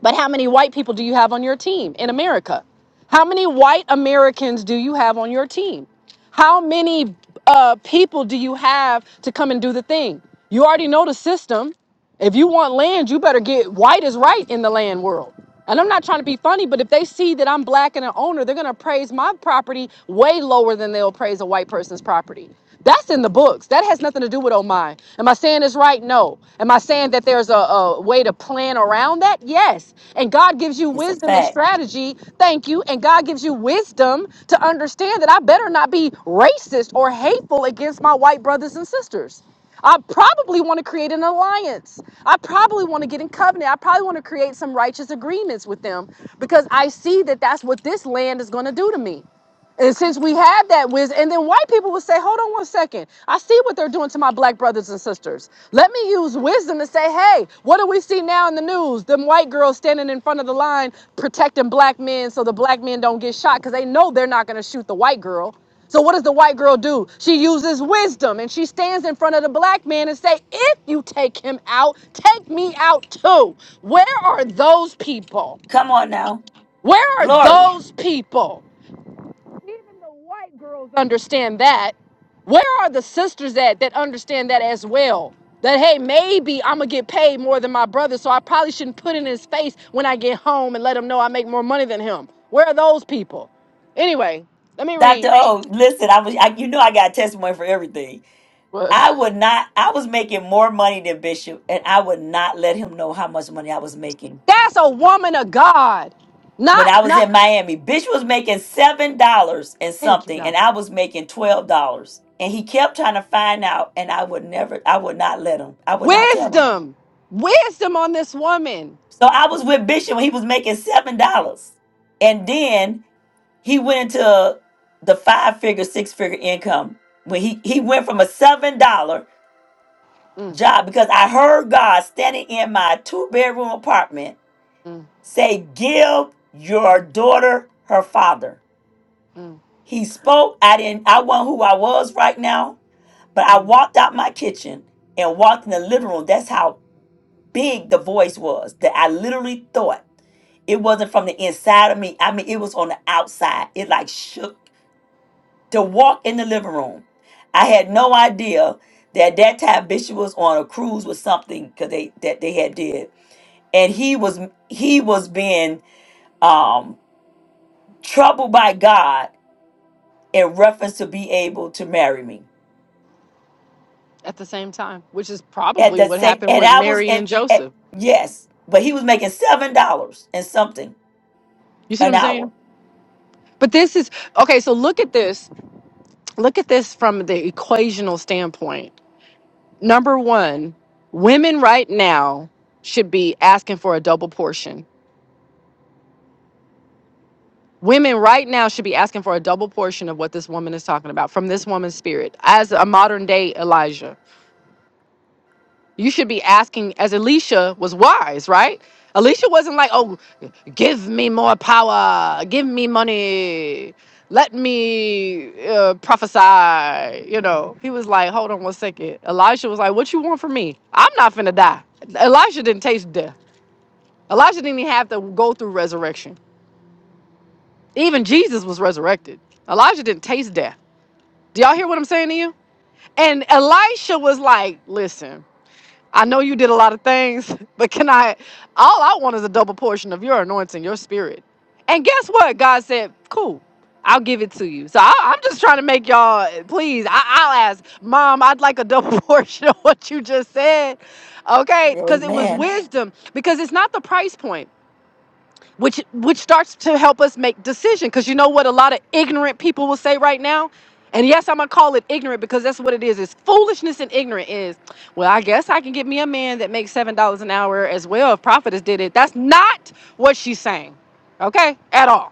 [SPEAKER 12] but how many white people do you have on your team in america how many white americans do you have on your team how many uh, people do you have to come and do the thing you already know the system if you want land, you better get white is right in the land world. And I'm not trying to be funny, but if they see that I'm black and an owner, they're gonna praise my property way lower than they'll praise a white person's property. That's in the books. That has nothing to do with oh my. Am I saying it's right? No. Am I saying that there's a, a way to plan around that? Yes. And God gives you
[SPEAKER 1] it's a
[SPEAKER 12] wisdom and
[SPEAKER 1] fact.
[SPEAKER 12] strategy. Thank you. And God gives you wisdom to understand that I better not be racist or hateful against my white brothers and sisters. I probably want to create an alliance. I probably want to get in covenant. I probably want to create some righteous agreements with them because I see that that's what this land is going to do to me. And since we have that wisdom, and then white people would say, hold on one second. I see what they're doing to my black brothers and sisters. Let me use wisdom to say, hey, what do we see now in the news? Them white girls standing in front of the line protecting black men so the black men don't get shot because they know they're not going to shoot the white girl. So what does the white girl do? She uses wisdom and she stands in front of the black man and say, if you take him out, take me out too. Where are those people?
[SPEAKER 1] Come on now.
[SPEAKER 12] Where are
[SPEAKER 1] Glory.
[SPEAKER 12] those people? Even the white girls understand that. Where are the sisters at that understand that as well? That hey, maybe I'm gonna get paid more than my brother, so I probably shouldn't put it in his face when I get home and let him know I make more money than him. Where are those people? Anyway, let me
[SPEAKER 1] Dr.
[SPEAKER 12] read.
[SPEAKER 1] O, listen, I was I, you know I got a testimony for everything.
[SPEAKER 12] What?
[SPEAKER 1] I would not I was making more money than Bishop and I would not let him know how much money I was making.
[SPEAKER 12] That's a woman of God.
[SPEAKER 1] When I
[SPEAKER 12] Not
[SPEAKER 1] was
[SPEAKER 12] not
[SPEAKER 1] in Miami, Bishop was making seven dollars and
[SPEAKER 12] thank you,
[SPEAKER 1] something,
[SPEAKER 12] God.
[SPEAKER 1] and I was making twelve dollars. And he kept trying to find out, and I would never I would not let him. I would not tell him.
[SPEAKER 12] Wisdom. Wisdom on this woman.
[SPEAKER 1] So I was with Bishop when he was making seven dollars. And then He went into the five figure, six figure income when he, he went from a seven dollar
[SPEAKER 12] Mm,
[SPEAKER 1] job because I heard God standing in my two bedroom apartment
[SPEAKER 12] mm,
[SPEAKER 1] say, Give your
[SPEAKER 12] mm,
[SPEAKER 1] daughter her father.
[SPEAKER 12] mm,
[SPEAKER 1] He spoke. I didn't I wasn't who I was right now, but I
[SPEAKER 12] mm.
[SPEAKER 1] walked out my kitchen and walked in the living room. That's how big the voice was that I literally thought it wasn't from the inside of me. I mean, it was on the outside. It like shook to walk in the living room. I had no idea that that time Bishop was on a cruise with something because they that they had did, and he was he was being um, troubled by God in reference to be able to marry me
[SPEAKER 12] At the same time, which is
[SPEAKER 1] at
[SPEAKER 12] probably
[SPEAKER 1] that
[SPEAKER 12] what
[SPEAKER 1] same,
[SPEAKER 12] happened
[SPEAKER 1] and
[SPEAKER 12] with
[SPEAKER 1] I was
[SPEAKER 12] Mary and
[SPEAKER 1] at,
[SPEAKER 12] Joseph.
[SPEAKER 1] at yes, but he was making seven dollars and something
[SPEAKER 12] You see what
[SPEAKER 1] an
[SPEAKER 12] I'm
[SPEAKER 1] hour.
[SPEAKER 12] saying? But this is okay. So look at this. Look at this from the equational standpoint. Number one, women right now should be asking for a double portion. Women right now should be asking for a double portion of what this woman is talking about from this woman's spirit as a modern day Elijah. You should be asking, as Elisha was wise, right? Elisha wasn't like, oh, give me more power, give me money, let me uh, prophesy. You know, he was like, hold on one second. Elisha was like, what you want from me? I'm not finna die. Elisha didn't taste death. Elijah didn't even have to go through resurrection. Even Jesus was resurrected. Elijah didn't taste death. Do y'all hear what I'm saying to you? And Elisha was like, listen, I know you did a lot of things, but can I? All I want is a double portion of your anointing, your spirit. And guess what? God said, cool. I'll give it to you. So I, I'm just trying to make y'all, please, I, I'll ask, Mom, I'd like a double portion of what you just said. Okay? Because it was
[SPEAKER 1] Amen.
[SPEAKER 12] wisdom, because it's not the price point which which starts to help us make decision because you know what a lot of ignorant people will say right now and yes i'm gonna call it ignorant because that's what it is it's foolishness and ignorant is well i guess i can get me a man that makes seven dollars an hour as well if prophetess did it that's not what she's saying okay at all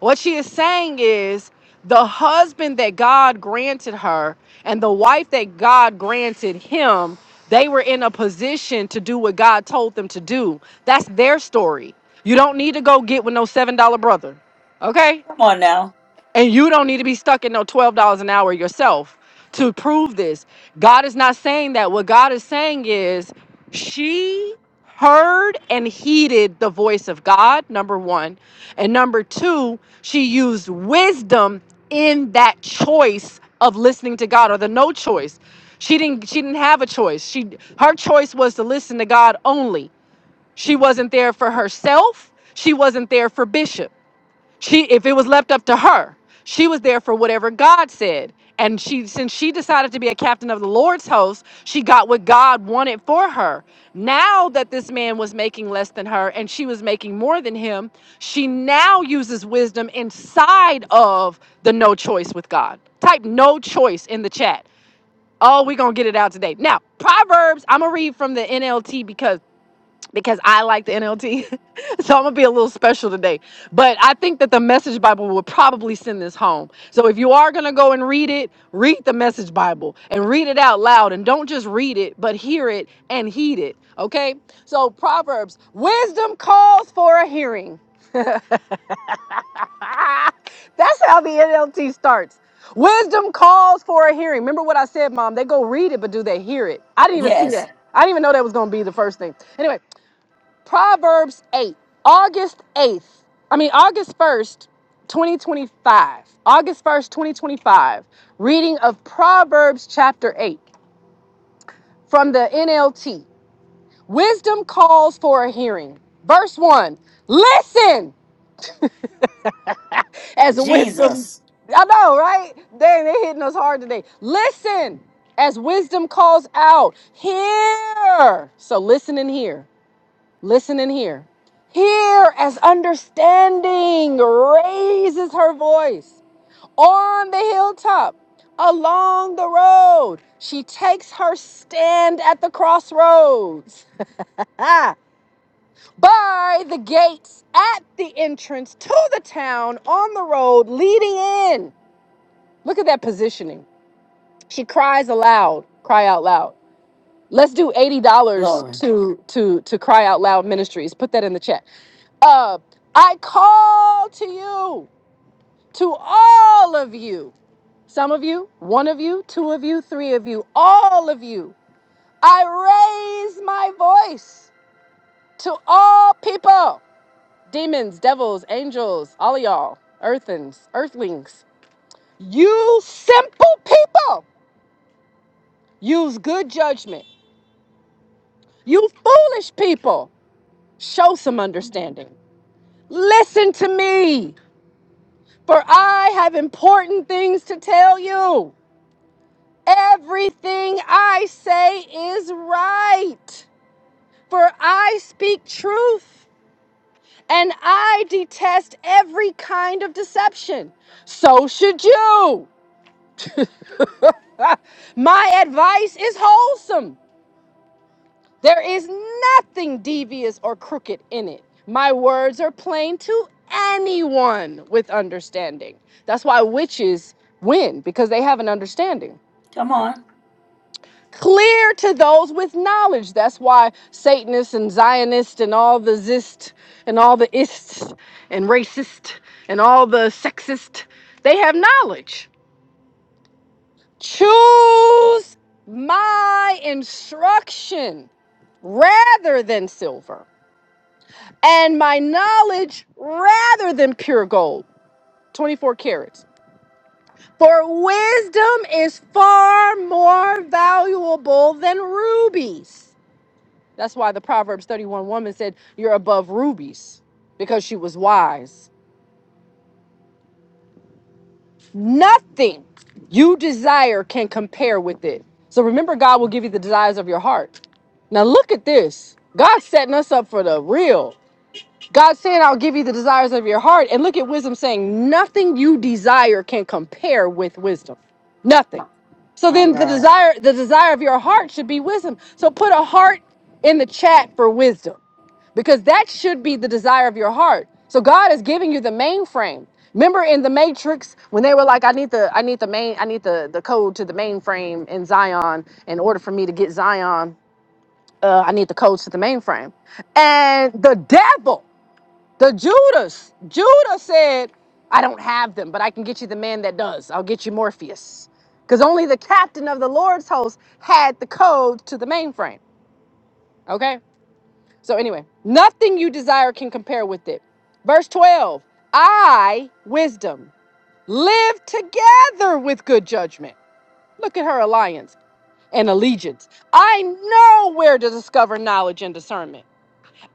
[SPEAKER 12] what she is saying is the husband that god granted her and the wife that god granted him they were in a position to do what god told them to do that's their story you don't need to go get with no $7 brother. Okay?
[SPEAKER 1] Come on now,
[SPEAKER 12] And you don't need to be stuck in no $12 an hour yourself to prove this. God is not saying that. What God is saying is she heard and heeded the voice of God, number 1. And number 2, she used wisdom in that choice of listening to God or the no choice. She didn't she didn't have a choice. She her choice was to listen to God only. She wasn't there for herself. She wasn't there for Bishop. She, if it was left up to her, she was there for whatever God said. And she, since she decided to be a captain of the Lord's host, she got what God wanted for her. Now that this man was making less than her and she was making more than him, she now uses wisdom inside of the no choice with God. Type no choice in the chat. Oh, we're going to get it out today. Now, Proverbs, I'm going to read from the NLT because because I like the NLT. so I'm gonna be a little special today. But I think that the message Bible will probably send this home. So if you are gonna go and read it, read the message Bible and read it out loud and don't just read it, but hear it and heed it. Okay? So Proverbs, wisdom calls for a hearing. Ah, that's how the NLT starts. Wisdom calls for a hearing. Remember what I said, Mom? They go read it, but do they hear it? I didn't even see
[SPEAKER 1] yes,
[SPEAKER 12] that. I didn't even know that was going to be the first thing. Anyway, Proverbs 8, August 8th, I mean, August 1st, 2025. August 1st, 2025. Reading of Proverbs chapter 8 from the NLT. Wisdom calls for a hearing. Verse 1 Listen as wisdom.
[SPEAKER 1] Jesus,
[SPEAKER 12] I know, right? Dang, they hitting us hard today. Listen as wisdom calls out. Hear. So listen and hear. Listen and hear. Hear as understanding raises her voice on the hilltop, along the road. She takes her stand at the crossroads. Ah, by the gates at the entrance to the town on the road leading in. Look at that positioning. She cries aloud, cry out loud. Let's do $80
[SPEAKER 1] glory.
[SPEAKER 12] to to to cry out loud ministries. Put that in the chat. Uh, I call to you, to all of you, some of you, one of you, two of you, three of you, all of you. I raise my voice to all people demons, devils, angels, all of y'all, earthens, earthlings. You simple people, use good judgment. You foolish people, show some understanding. Listen to me, for I have important things to tell you. Everything I say is right, for I speak truth and I detest every kind of deception. So should you. My advice is wholesome. There is nothing devious or crooked in it. My words are plain to anyone with understanding. That's why witches win because they have an understanding.
[SPEAKER 1] Come on,
[SPEAKER 12] clear to those with knowledge. That's why Satanists and Zionists and all the zist and all the ists and racist and all the sexist, they have knowledge. Choose my instruction rather than silver and my knowledge rather than pure gold. 24 carats. For wisdom is far more valuable than rubies. That's why the Proverbs 31 woman said, You're above rubies because she was wise. Nothing you desire can compare with it. So remember, God will give you the desires of your heart. Now, look at this. God's setting us up for the real. God saying, I'll give you the desires of your heart. And look at wisdom saying, nothing you desire can compare with wisdom.
[SPEAKER 1] my,
[SPEAKER 12] Nothing. So
[SPEAKER 1] my
[SPEAKER 12] then the
[SPEAKER 1] God.
[SPEAKER 12] desire, the desire of your heart should be wisdom. So put a heart in the chat for wisdom. Because that should be the desire of your heart. So God is giving you the mainframe. Remember in the Matrix when they were like, I need the I need the main I need the, the code to the mainframe in Zion in order for me to get Zion. Uh, I need the codes to the mainframe. And the devil the Judas. Judah said, I don't have them, but I can get you the man that does. I'll get you Morpheus. Because only the captain of the Lord's host had the code to the mainframe. Okay? So, anyway, nothing you desire can compare with it. Verse 12 I, wisdom, live together with good judgment. Look at her alliance and allegiance. I know where to discover knowledge and discernment.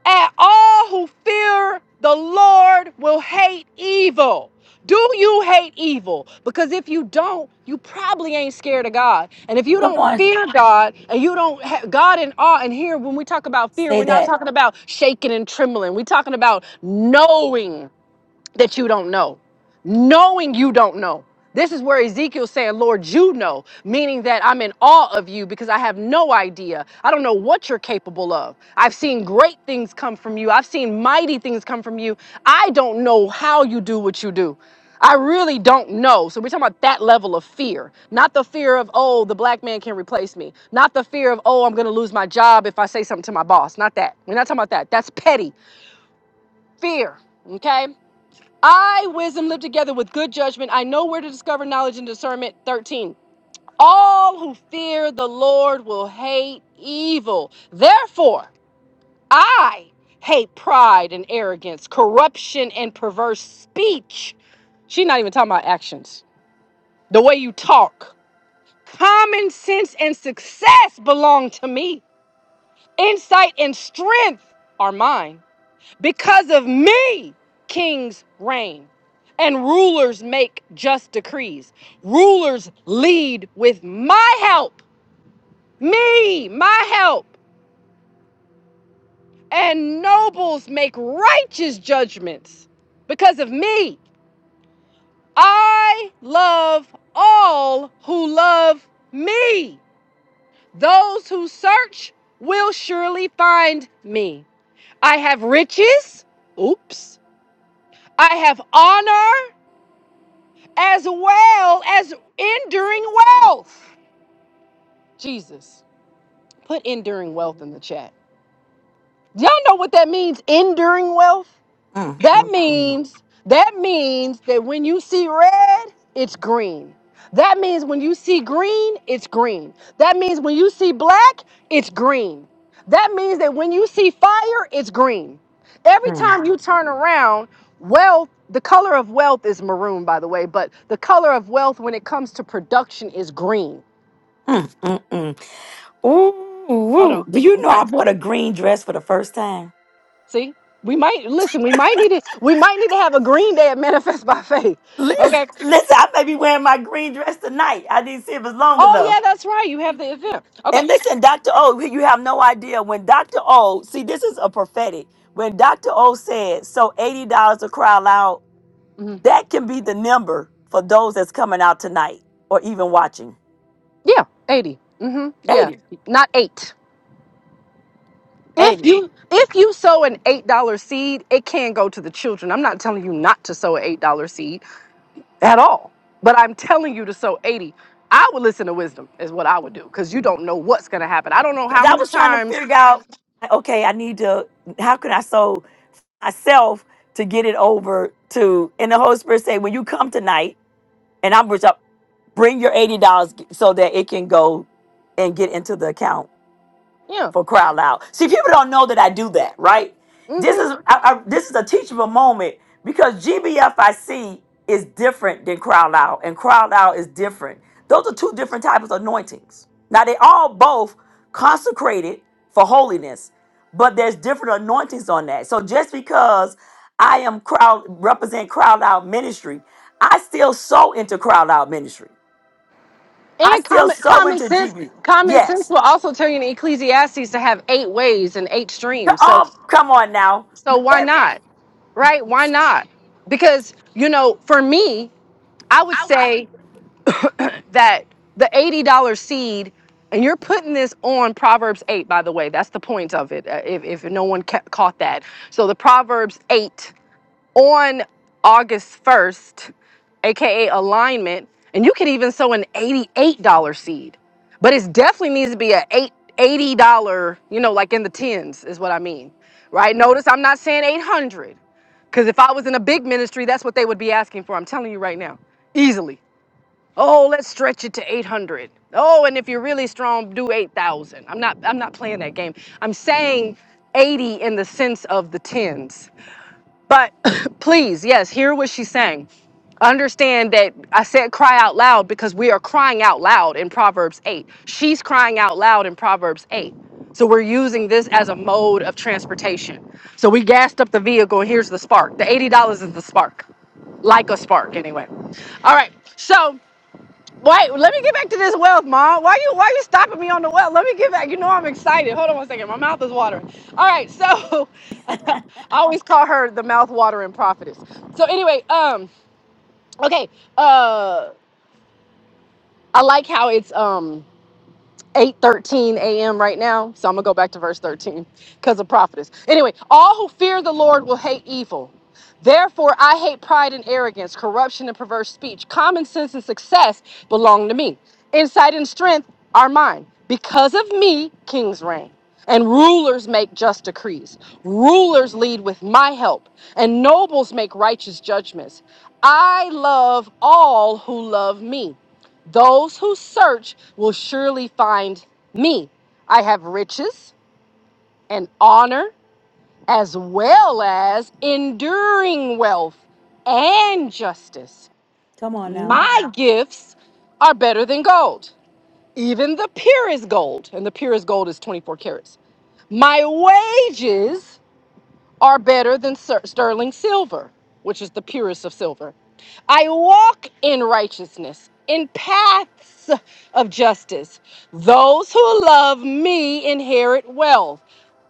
[SPEAKER 12] And all who fear the Lord will hate evil. Do you hate evil? Because if you don't, you probably ain't scared of God. And if you
[SPEAKER 1] Come
[SPEAKER 12] don't
[SPEAKER 1] on,
[SPEAKER 12] fear God and you don't have God in awe, and here when we talk about fear,
[SPEAKER 1] say
[SPEAKER 12] we're not
[SPEAKER 1] that.
[SPEAKER 12] talking about shaking and trembling. We're talking about knowing that you don't know, knowing you don't know. This is where Ezekiel's saying, Lord, you know, meaning that I'm in awe of you because I have no idea. I don't know what you're capable of. I've seen great things come from you, I've seen mighty things come from you. I don't know how you do what you do. I really don't know. So we're talking about that level of fear, not the fear of, oh, the black man can replace me, not the fear of, oh, I'm going to lose my job if I say something to my boss, not that. We're not talking about that. That's petty fear, okay? I, wisdom, live together with good judgment. I know where to discover knowledge and discernment. 13. All who fear the Lord will hate evil. Therefore, I hate pride and arrogance, corruption and perverse speech. She's not even talking about actions. The way you talk. Common sense and success belong to me. Insight and strength are mine. Because of me, kings reign and rulers make just decrees. Rulers lead with my help, me, my help, and nobles make righteous judgments. Because of me, I love all who love me. Those who search will surely find me. I have riches. Oops. I have honor. as well as enduring wealth. Jesus, put enduring wealth in the chat. Y'all know what that means, enduring wealth?
[SPEAKER 1] Mm,
[SPEAKER 12] That
[SPEAKER 1] mm, mm,
[SPEAKER 12] means that means that when you see red, it's green. That means when you see green, it's green. That means when you see black, it's green. That means that when you see fire, it's green. Every
[SPEAKER 1] mm,
[SPEAKER 12] time you turn around, wealth, the color of wealth is maroon, by the way, but the color of wealth when it comes to production is green.
[SPEAKER 1] mm, mm, mm. Ooh,
[SPEAKER 12] Hold
[SPEAKER 1] ooh.
[SPEAKER 12] on.
[SPEAKER 1] do you know
[SPEAKER 12] Okay.
[SPEAKER 1] I bought a green dress for the first time?
[SPEAKER 12] See? We might listen, we might need to we might need to have a green day at Manifest by Faith.
[SPEAKER 1] Listen,
[SPEAKER 12] Okay.
[SPEAKER 1] listen, I may be wearing my green dress tonight. I didn't see if it's long
[SPEAKER 12] Oh
[SPEAKER 1] enough.
[SPEAKER 12] yeah, that's right. You have the event. Okay.
[SPEAKER 1] And listen, Dr. O, you have no idea when Dr. O, see, this is a prophetic. When Dr. O said, so $80 to cry loud,
[SPEAKER 12] hmm
[SPEAKER 1] that can be the number for those that's coming out tonight or even watching.
[SPEAKER 12] Yeah, eighty. Mm-hmm. Yeah,
[SPEAKER 1] 80,
[SPEAKER 12] not eight. If
[SPEAKER 1] 80.
[SPEAKER 12] you if you sow an eight dollar seed, it can go to the children. I'm not telling you not to sow an eight dollar seed at all, but I'm telling you to sow eighty. I would listen to wisdom is what I would do because you don't know what's gonna happen. I don't know
[SPEAKER 1] Because
[SPEAKER 12] how
[SPEAKER 1] I
[SPEAKER 12] many
[SPEAKER 1] was trying to
[SPEAKER 12] times.
[SPEAKER 1] figure out, okay, I need to, how can I sow myself to get it over to, and the Holy Spirit say, when you come tonight, and I'm bring your $80 so that it can go and get into the account
[SPEAKER 12] Yeah.
[SPEAKER 1] for cry loud. See, people don't know that I do that, right? This
[SPEAKER 12] Mm-hmm.
[SPEAKER 1] is I, I, this is a teachable moment because GBFIC is different than cry loud, and cry loud is different. Those are two different types of anointings. Now they all both consecrated for holiness, but there's different anointings on that. So just because I am crowd represent crowd out ministry, I still sow into crowd out ministry. I
[SPEAKER 12] And
[SPEAKER 1] still
[SPEAKER 12] common
[SPEAKER 1] sow
[SPEAKER 12] common
[SPEAKER 1] into
[SPEAKER 12] sense
[SPEAKER 1] GB.
[SPEAKER 12] common sense
[SPEAKER 1] Yes.
[SPEAKER 12] will also tell you in Ecclesiastes to have eight ways and eight streams. So
[SPEAKER 1] Oh, come on now.
[SPEAKER 12] So why not? Right? Why not? Because, you know, for me, I would say that the $80 seed, and you're putting this on Proverbs 8, by the way. That's the point of it, uh, if, if no one ca- caught that. So the Proverbs 8 on August 1st, aka alignment, and you could even sow an $88 seed. But it definitely needs to be a eight, $80, you know, like in the tens is what I mean. Right? Notice I'm not saying 800. Because if I was in a big ministry, that's what they would be asking for. I'm telling you right now, easily. Oh, let's stretch it to 800. Oh, and if you're really strong, do 8,000. I'm not. I'm not playing that game. I'm saying 80 in the sense of the tens. But please, yes, hear what she's saying. Understand that I said cry out loud because we are crying out loud in Proverbs 8. She's crying out loud in Proverbs 8. So we're using this as a mode of transportation. So we gassed up the vehicle, and here's the spark. The $80 is the spark, like a spark, anyway. All right. So Wait, let me get back to this wealth, Mom. Why you why you stopping me on the wealth? Let me get back. You know I'm excited. Hold on one second. My mouth is watering. All right, so I always call her the mouth watering prophetess. So anyway, um, okay. Uh I like how it's um 8:13 a.m. right now. So I'm gonna go back to verse 13 because of prophetess. Anyway, all who fear the Lord will hate evil. Therefore, I hate pride and arrogance, corruption and perverse speech. Common sense and success belong to me. Insight and strength are mine. Because of me, kings reign. And rulers make just decrees. Rulers lead with my help, and nobles make righteous judgments. I love all who love me those who search will surely find me. I have riches and honor, as well as enduring wealth and justice.
[SPEAKER 1] Come on now.
[SPEAKER 12] My Wow. gifts are better than gold, even the purest gold, and the purest gold is 24 carats. My wages are better than ser- sterling silver, which is the purest of silver. I walk in righteousness, in paths of justice. Those who love me inherit wealth.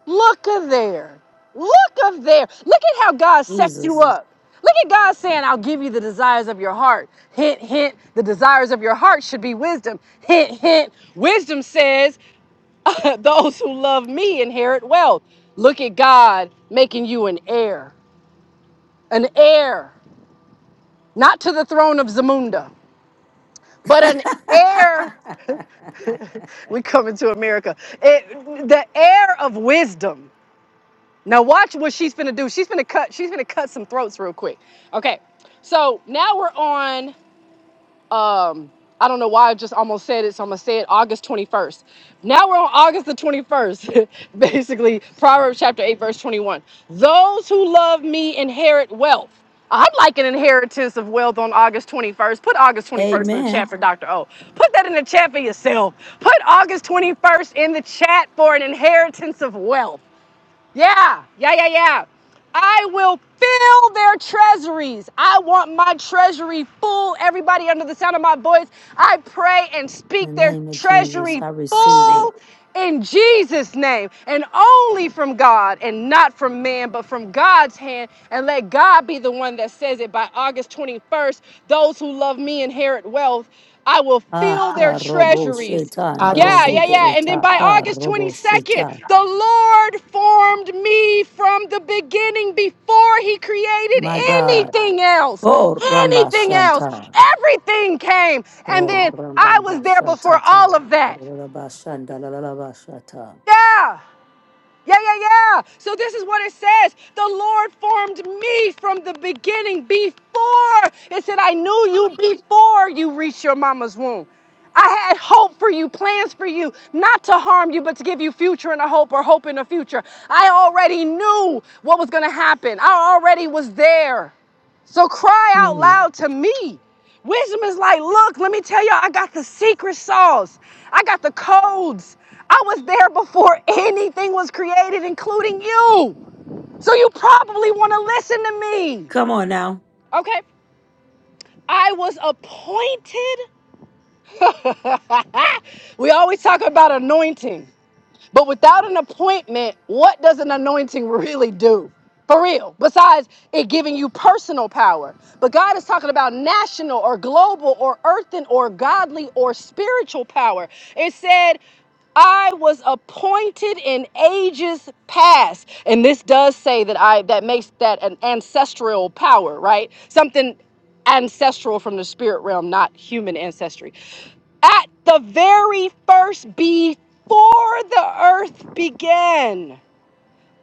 [SPEAKER 12] Look a there. Look up there. Look at how God sets you
[SPEAKER 1] Jesus.
[SPEAKER 12] up. Look at God saying, I'll give you the desires of your heart. Hint, hint, the desires of your heart should be wisdom. Hint, hint, wisdom says, Those who love me inherit wealth. Look at God making you an heir, an heir, not to the throne of Zamunda but an heir. We coming to America. It, the heir of wisdom. Now watch what she's gonna do. She's gonna cut. She's gonna cut some throats real quick. Okay. So now we're on um I don't know why I just almost said it, so I'm gonna say it August 21st. Now we're on August the 21st, basically, Proverbs chapter 8, verse 21. Those who love me inherit wealth. I'd like an inheritance of wealth on August 21st. Put August 21st in the
[SPEAKER 1] Amen.
[SPEAKER 12] chat for Dr. O. Put that in the chat for yourself. Put August 21st in the chat for an inheritance of wealth. Yeah, yeah, yeah, yeah. I will fill their treasuries. I want my treasury full. Everybody under the sound of my voice, I pray and
[SPEAKER 1] In the
[SPEAKER 12] speak their
[SPEAKER 1] name of Jesus,
[SPEAKER 12] treasury
[SPEAKER 1] I receive it.
[SPEAKER 12] full in Jesus' name and only from God and not from man, but from God's hand. And let God be the one that says it by August 21st. Those who love me inherit wealth. I will
[SPEAKER 1] Ah,
[SPEAKER 12] fill their
[SPEAKER 1] ka robo
[SPEAKER 12] treasuries.
[SPEAKER 1] sheta,
[SPEAKER 6] I
[SPEAKER 1] nda
[SPEAKER 12] Yeah,
[SPEAKER 1] robo
[SPEAKER 12] yeah,
[SPEAKER 6] receive it.
[SPEAKER 12] yeah. And then
[SPEAKER 1] sheta,
[SPEAKER 12] by
[SPEAKER 1] Karobo
[SPEAKER 12] August
[SPEAKER 1] robo
[SPEAKER 12] 22nd,
[SPEAKER 1] sheta.
[SPEAKER 12] the Lord formed me from the beginning before he created
[SPEAKER 1] My God.
[SPEAKER 12] anything else.
[SPEAKER 1] Ko ramba
[SPEAKER 12] Anything else.
[SPEAKER 1] shanta.
[SPEAKER 12] Everything came. And
[SPEAKER 1] Ko
[SPEAKER 12] then
[SPEAKER 1] ramba
[SPEAKER 12] I
[SPEAKER 1] ba
[SPEAKER 12] was there
[SPEAKER 1] shata
[SPEAKER 12] before
[SPEAKER 1] ta.
[SPEAKER 12] all of
[SPEAKER 1] Ba
[SPEAKER 12] that.
[SPEAKER 1] da da ba shanda la la la ba shata.
[SPEAKER 12] Yeah. Yeah, yeah, yeah. So this is what it says. The Lord formed me from the beginning before. It said, I knew you before you reached your mama's womb. I had hope for you, plans for you, not to harm you, but to give you future and a hope or hope in the future. I already knew what was going to happen. I already was there. So cry out
[SPEAKER 1] Mm.
[SPEAKER 12] loud to me. Wisdom is like, look, let me tell y'all, I got the secret sauce. I got the codes. I was there before anything was created, including you. So you probably want to listen to me.
[SPEAKER 1] Come on now.
[SPEAKER 12] Okay? I was appointed. we always talk about anointing. But without an appointment, what does an anointing really do? For real. Besides it giving you personal power. But God is talking about national or global or earthen or godly or spiritual power. It said, I was appointed in ages past. And this does say that I that makes that an ancestral power, right? Something ancestral from the spirit realm, not human ancestry at the very first, before the earth began.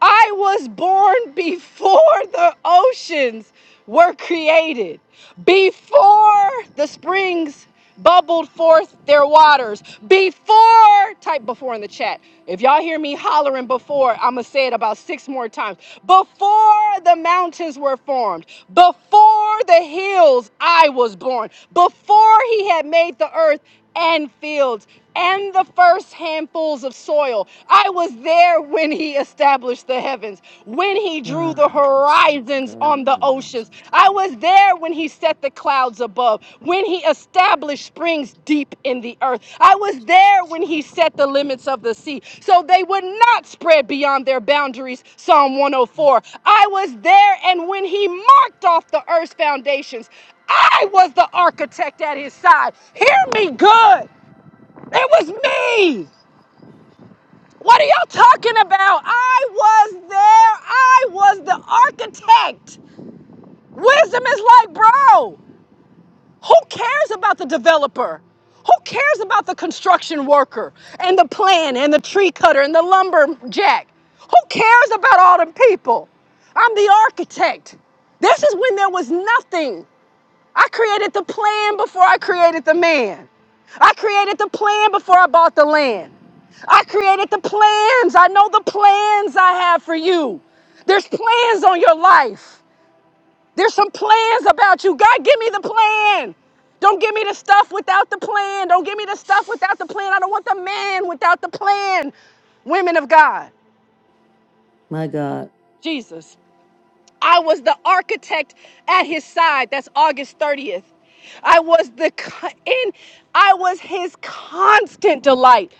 [SPEAKER 12] I was born before the oceans were created, before the springs bubbled forth their waters, before, type before in the chat. If y'all hear me hollering before, I'm going to say it about six more times. Before the mountains were formed, before the hills, I was born, before he had made the earth and fields and the first handfuls of soil. I was there when he established the heavens, when he drew
[SPEAKER 1] Ah,
[SPEAKER 12] the horizons
[SPEAKER 1] shaka.
[SPEAKER 12] on the oceans. I was there when he set the clouds above, when he established springs deep in the earth. I was there when he set the limits of the sea so they would not spread beyond their boundaries. Psalm 104. I was there and when he marked off the earth's foundations. I was the architect at his side. Hear me good. It was me. What are y'all talking about? I was there. I was the architect. Wisdom is like, bro, who cares about the developer? Who cares about the construction worker and the plan and the tree cutter and the lumberjack? Who cares about all them people? I'm the architect. This is when there was nothing. I created the plan before I created the man. I created the plan before I bought the land. I created the plans. I know the plans I have for you. There's plans on your life. There's some plans about you. God, give me the plan. Don't give me the stuff without the plan. Don't give me the stuff without the plan. I don't want the man without the plan. Women of God,
[SPEAKER 1] My God.
[SPEAKER 12] Jesus. I was the architect at his side. That's August 30th. I was the co- in I was his constant delight.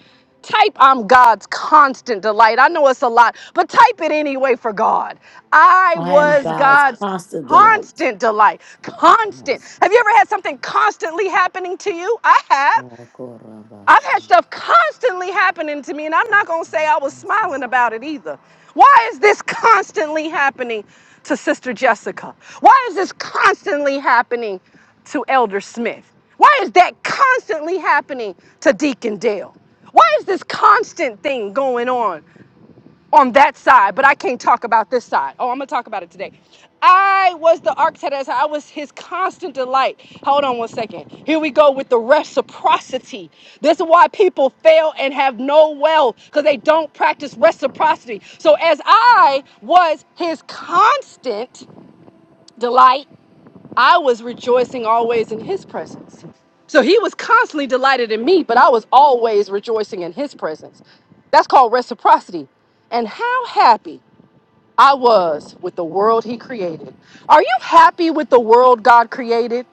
[SPEAKER 12] Type I'm God's constant delight. I know it's a lot, but type it anyway for God. I
[SPEAKER 1] I am
[SPEAKER 12] was
[SPEAKER 1] God's
[SPEAKER 12] God's
[SPEAKER 1] constant delight.
[SPEAKER 12] constant delight. Constant.
[SPEAKER 1] Yes.
[SPEAKER 12] Have you ever had something constantly happening to you? I have.
[SPEAKER 1] Ah, ko ramba
[SPEAKER 12] I've had stuff constantly happening to me, and I'm not gonna say I was
[SPEAKER 1] shanta.
[SPEAKER 12] smiling about it either. Why is this constantly happening to Sister Jessica? Why is this constantly happening to Elder Smith? Why is that constantly happening to Deacon Dale? Why is this constant thing going on? on that side, but I can't talk about this side. Oh, I'm gonna talk about it today. I was the architect. as I was his constant delight. Hold on one second. Here we go with the reciprocity. This is why people fail and have no wealth because they don't practice reciprocity. So as I was his constant delight, I was rejoicing always in his presence. So he was constantly delighted in me, but I was always rejoicing in his presence. That's called reciprocity. And how happy I was with the world he created. Are you happy with the world God created?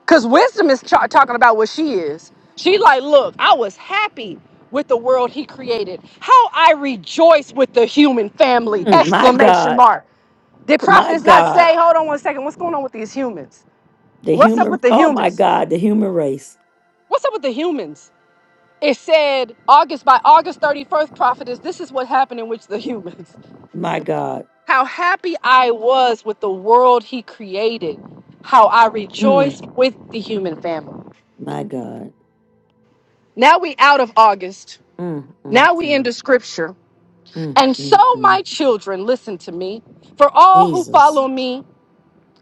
[SPEAKER 12] Because wisdom is cha- talking about what she is. She like, look, I was happy with the world he created. How I rejoice with the human family!
[SPEAKER 1] Mm, my
[SPEAKER 12] Exclamation
[SPEAKER 1] God,
[SPEAKER 12] mark. Did prophet
[SPEAKER 1] my
[SPEAKER 12] is not
[SPEAKER 1] God,
[SPEAKER 12] say, hold on one second, what's going on with these humans?
[SPEAKER 1] the
[SPEAKER 12] What's up
[SPEAKER 1] human,
[SPEAKER 12] with the
[SPEAKER 1] oh my
[SPEAKER 12] humans?
[SPEAKER 1] God, the human race,
[SPEAKER 12] What's up with the humans? It said August by August 31st, prophetess, this is what happened in which the humans.
[SPEAKER 1] my God,
[SPEAKER 12] how happy I was with the world he created, how I
[SPEAKER 1] mm,
[SPEAKER 12] rejoiced with the human family.
[SPEAKER 1] my God,
[SPEAKER 12] Now we out of August.
[SPEAKER 1] mm, mm,
[SPEAKER 12] Now we
[SPEAKER 1] mm,
[SPEAKER 12] into scripture.
[SPEAKER 1] mm,
[SPEAKER 12] And so
[SPEAKER 1] mm, mm.
[SPEAKER 12] my children, listen to me. For all who
[SPEAKER 1] Jesus.
[SPEAKER 12] follow me,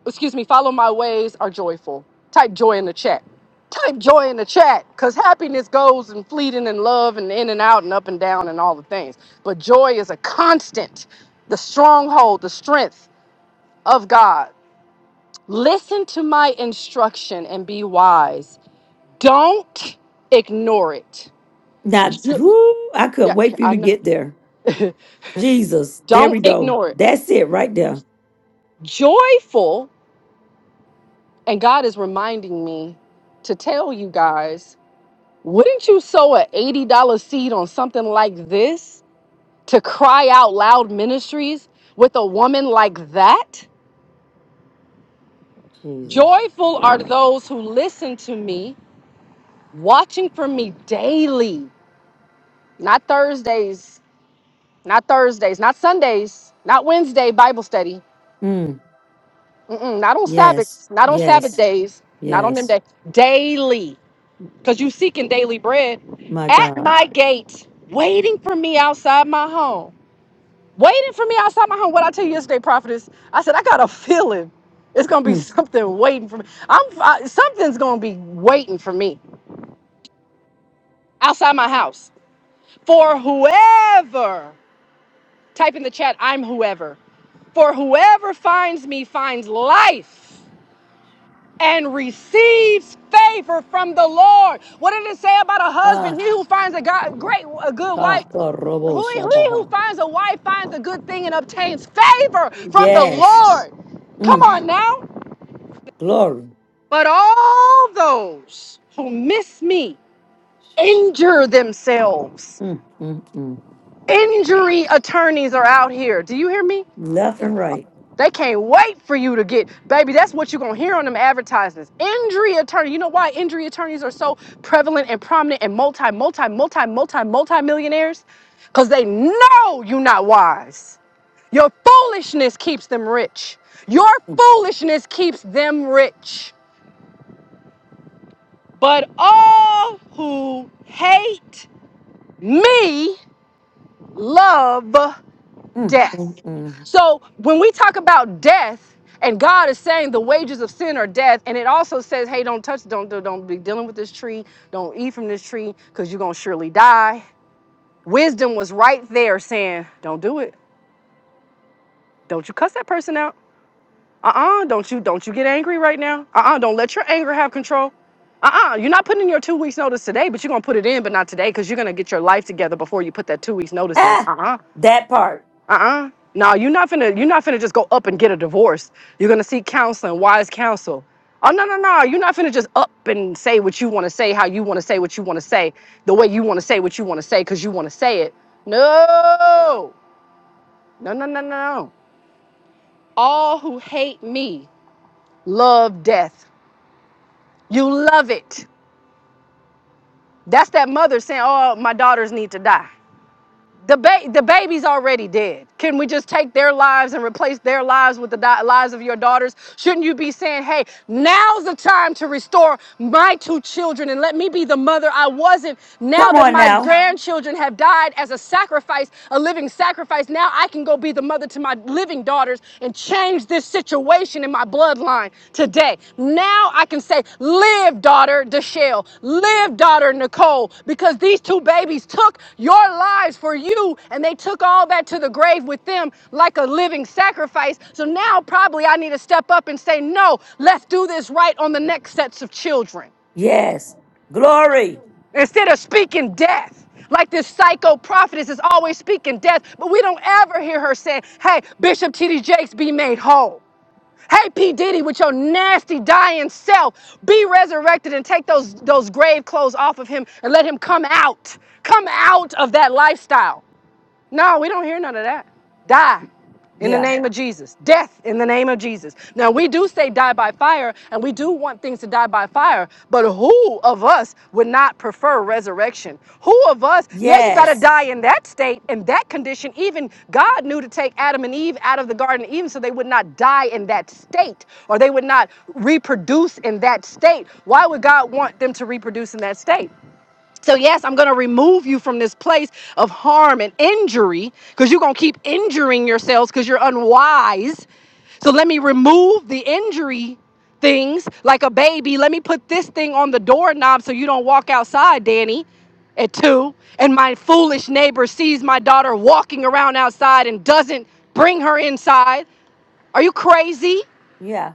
[SPEAKER 12] excuse me, follow my ways are joyful. Type joy in the chat. Type joy in the chat, because happiness goes and fleeting and love and in and out and up and down and all the things. But joy is a constant, the stronghold, the strength of God. Listen to my instruction and be wise. Don't ignore it.
[SPEAKER 1] Now,
[SPEAKER 12] Jo-
[SPEAKER 1] whoo, I couldn't
[SPEAKER 12] yeah,
[SPEAKER 1] wait for you
[SPEAKER 12] I
[SPEAKER 1] to
[SPEAKER 12] know.
[SPEAKER 1] get there. Jesus, there
[SPEAKER 12] Don't
[SPEAKER 1] we go.
[SPEAKER 12] ignore it.
[SPEAKER 1] That's it right there.
[SPEAKER 12] Joyful, and God is reminding me to tell you guys wouldn't you sow an $80 seed on something like this to cry out loud ministries with a woman like that?
[SPEAKER 1] Jesus.
[SPEAKER 12] Joyful are those who listen to me, watching for me daily, not Thursdays not Thursdays, not Sundays, not Wednesday Bible study,
[SPEAKER 1] Mm,
[SPEAKER 12] Mm-mm, not on
[SPEAKER 1] yes,
[SPEAKER 12] Sabbaths, not on Sabbath
[SPEAKER 1] yes,
[SPEAKER 12] days, not on them
[SPEAKER 1] yes,
[SPEAKER 12] days. daily, because you seeking daily bread
[SPEAKER 1] my
[SPEAKER 12] at
[SPEAKER 1] God.
[SPEAKER 12] my gate, waiting for me outside my home, waiting for me outside my home. What I tell you yesterday, prophetess, I said I got a feeling it's gonna be
[SPEAKER 1] Mm.
[SPEAKER 12] something waiting for me. I'm I, something's gonna be waiting for me outside my house for whoever. Type in the chat, I'm whoever. For whoever finds me finds life and receives favor from the Lord. What did it say about a husband?
[SPEAKER 1] Ah,
[SPEAKER 12] He who finds a God, great, a good
[SPEAKER 1] ah,
[SPEAKER 12] wife.
[SPEAKER 1] korobo
[SPEAKER 12] Who, he who
[SPEAKER 1] shabaha.
[SPEAKER 12] finds a wife finds a good thing and obtains favor from the
[SPEAKER 1] Yes,
[SPEAKER 12] Lord. Come
[SPEAKER 1] mm,
[SPEAKER 12] on now.
[SPEAKER 1] glory.
[SPEAKER 12] But all those who miss me injure themselves.
[SPEAKER 1] Mm, mm, mm.
[SPEAKER 12] Injury attorneys are out here. Do you hear me?
[SPEAKER 1] Left and right.
[SPEAKER 12] They can't wait for you to get, baby. That's what you're gonna hear on them advertisements. Injury attorney. You know why injury attorneys are so prevalent and prominent and multi, multi, multi, multi, multi millionaires? Because they know you're not wise. Your foolishness keeps them rich. Your foolishness keeps them rich. But all who hate me love
[SPEAKER 1] Mm, mm,
[SPEAKER 12] death.
[SPEAKER 1] mm.
[SPEAKER 12] So when we talk about death, and God is saying the wages of sin are death, and it also says, hey, don't touch, don't don't don't be dealing with this tree, don't eat from this tree, because you're gonna surely die. Wisdom was right there saying, Don't do it. Don't you cuss that person out. Uh-uh, don't you don't you get angry right now. Uh-uh, don't let your anger have control. Uh-uh, you're not putting in your two weeks notice today, but you're gonna put it in, but not today, because you're gonna get your life together before you put that two weeks notice in.
[SPEAKER 1] Ah,
[SPEAKER 12] Uh-uh.
[SPEAKER 1] that part.
[SPEAKER 12] uh-uh no you're not finna you're not finna just go up and get a divorce you're gonna seek counseling wise counsel oh no no no you're not finna just up and say what you want to say how you want to say what you want to say the way you want to say what you want to say because you want to say it no no no no no no. all who hate me love death you love it that's that mother saying oh my daughters need to die The, ba- the baby's already dead. Can we just take their lives and replace their lives with the di- lives of your daughters? Shouldn't you be saying, hey, now's the time to restore my two children and let me be the mother I wasn't now
[SPEAKER 1] Come
[SPEAKER 12] that
[SPEAKER 1] on
[SPEAKER 12] my
[SPEAKER 1] now.
[SPEAKER 12] grandchildren have died as a sacrifice, a living sacrifice? Now I can go be the mother to my living daughters and change this situation in my bloodline today. Now I can say, live, daughter Deshelle, live, daughter Nicole, because these two babies took your lives for you and they took all that to the grave with them like a living sacrifice. So now probably I need to step up and say, no, let's do this right on the next sets of children
[SPEAKER 1] Yes. Glory.
[SPEAKER 12] instead of speaking death like this psycho prophetess is always speaking death but we don't ever hear her saying hey bishop td jakes be made whole Hey, P. Diddy, with your nasty dying self, be resurrected and take those, those grave clothes off of him and let him come out. Come out of that lifestyle. No, we don't hear none of that. Die in the
[SPEAKER 1] Yeah.
[SPEAKER 12] name of Jesus. Death in the name of Jesus. Now, we do say die by fire, and we do want things to die by fire, but who of us would not prefer resurrection? Who of us, yeah, you got to
[SPEAKER 1] Yes.
[SPEAKER 12] die in that state, in that condition. Even God knew to take Adam and Eve out of the Garden of Eden so they would not die in that state or they would not reproduce in that state. Why would God want them to reproduce in that state? So, yes, I'm going to remove you from this place of harm and injury because you're going to keep injuring yourselves because you're unwise. So, let me remove the injury things like a baby. Let me put this thing on the doorknob so you don't walk outside, Danny, at two. And my foolish neighbor sees my daughter walking around outside and doesn't bring her inside. Are you crazy?
[SPEAKER 1] Yeah.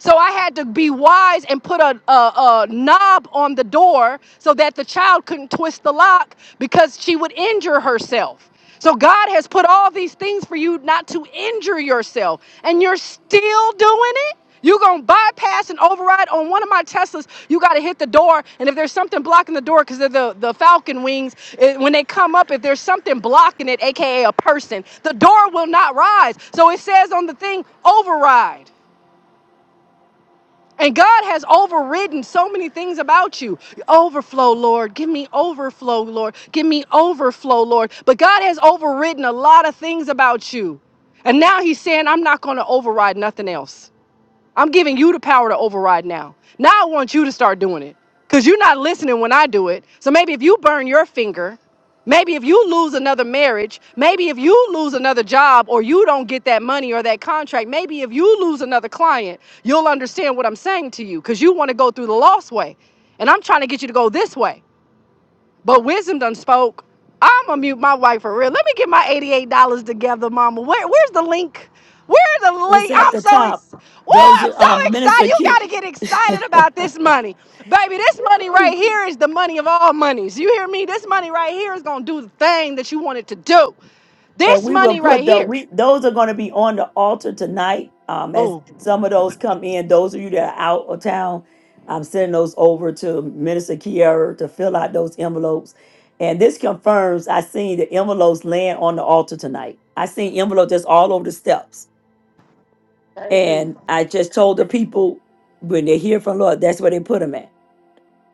[SPEAKER 12] So I had to be wise and put a, a, a knob on the door so that the child couldn't twist the lock because she would injure herself. So God has put all these things for you not to injure yourself, and you're still doing it. You're going to bypass and override on one of my Teslas. You got to hit the door. And if there's something blocking the door, because of the, the falcon wings, it- when they come up, if there's something blocking it, AKA a a person, the door will not rise. So it says on the thing, override. And God has overridden so many things about you. Overflow, Lord. Give me overflow, Lord. Give me overflow, Lord. But God has overridden a lot of things about you. And now He's saying, I'm not going to override nothing else. I'm giving you the power to override now. Now I want you to start doing it because you're not listening when I do it. So maybe if you burn your finger, maybe if you lose another marriage, maybe if you lose another job or you don't get that money or that contract, maybe if you lose another client, you'll understand what I'm saying to you because you want to go through the lost way. And I'm trying to get you to go this way. But wisdom done spoke. I'm gonna mute my wife for real. Let me get my $88 together, mama. Where, where's the link? Where's the
[SPEAKER 1] It's
[SPEAKER 12] link?
[SPEAKER 1] at
[SPEAKER 12] I'm
[SPEAKER 1] the
[SPEAKER 12] so
[SPEAKER 1] top.
[SPEAKER 12] ex- Woo,
[SPEAKER 1] Those
[SPEAKER 12] I'm
[SPEAKER 1] are
[SPEAKER 12] so
[SPEAKER 1] um minister
[SPEAKER 12] excited. You
[SPEAKER 1] keep
[SPEAKER 12] gotta get excited about this money. Baby, this money right here is the money of all monies. You hear me? This money right here is gonna do the thing that you want it to do.
[SPEAKER 1] and
[SPEAKER 12] This
[SPEAKER 1] we will
[SPEAKER 12] money right
[SPEAKER 1] put the
[SPEAKER 12] here.
[SPEAKER 1] we those are going to be on the altar tonight. Um, as some of those come in, those of you that are out of town, I'm sending those over to Minister Kiara to fill out those envelopes. And this confirms I seen the envelopes laying on the altar tonight. I seen envelopes just all over the steps And I just told the people when they hear from Lord, that's where they put them at.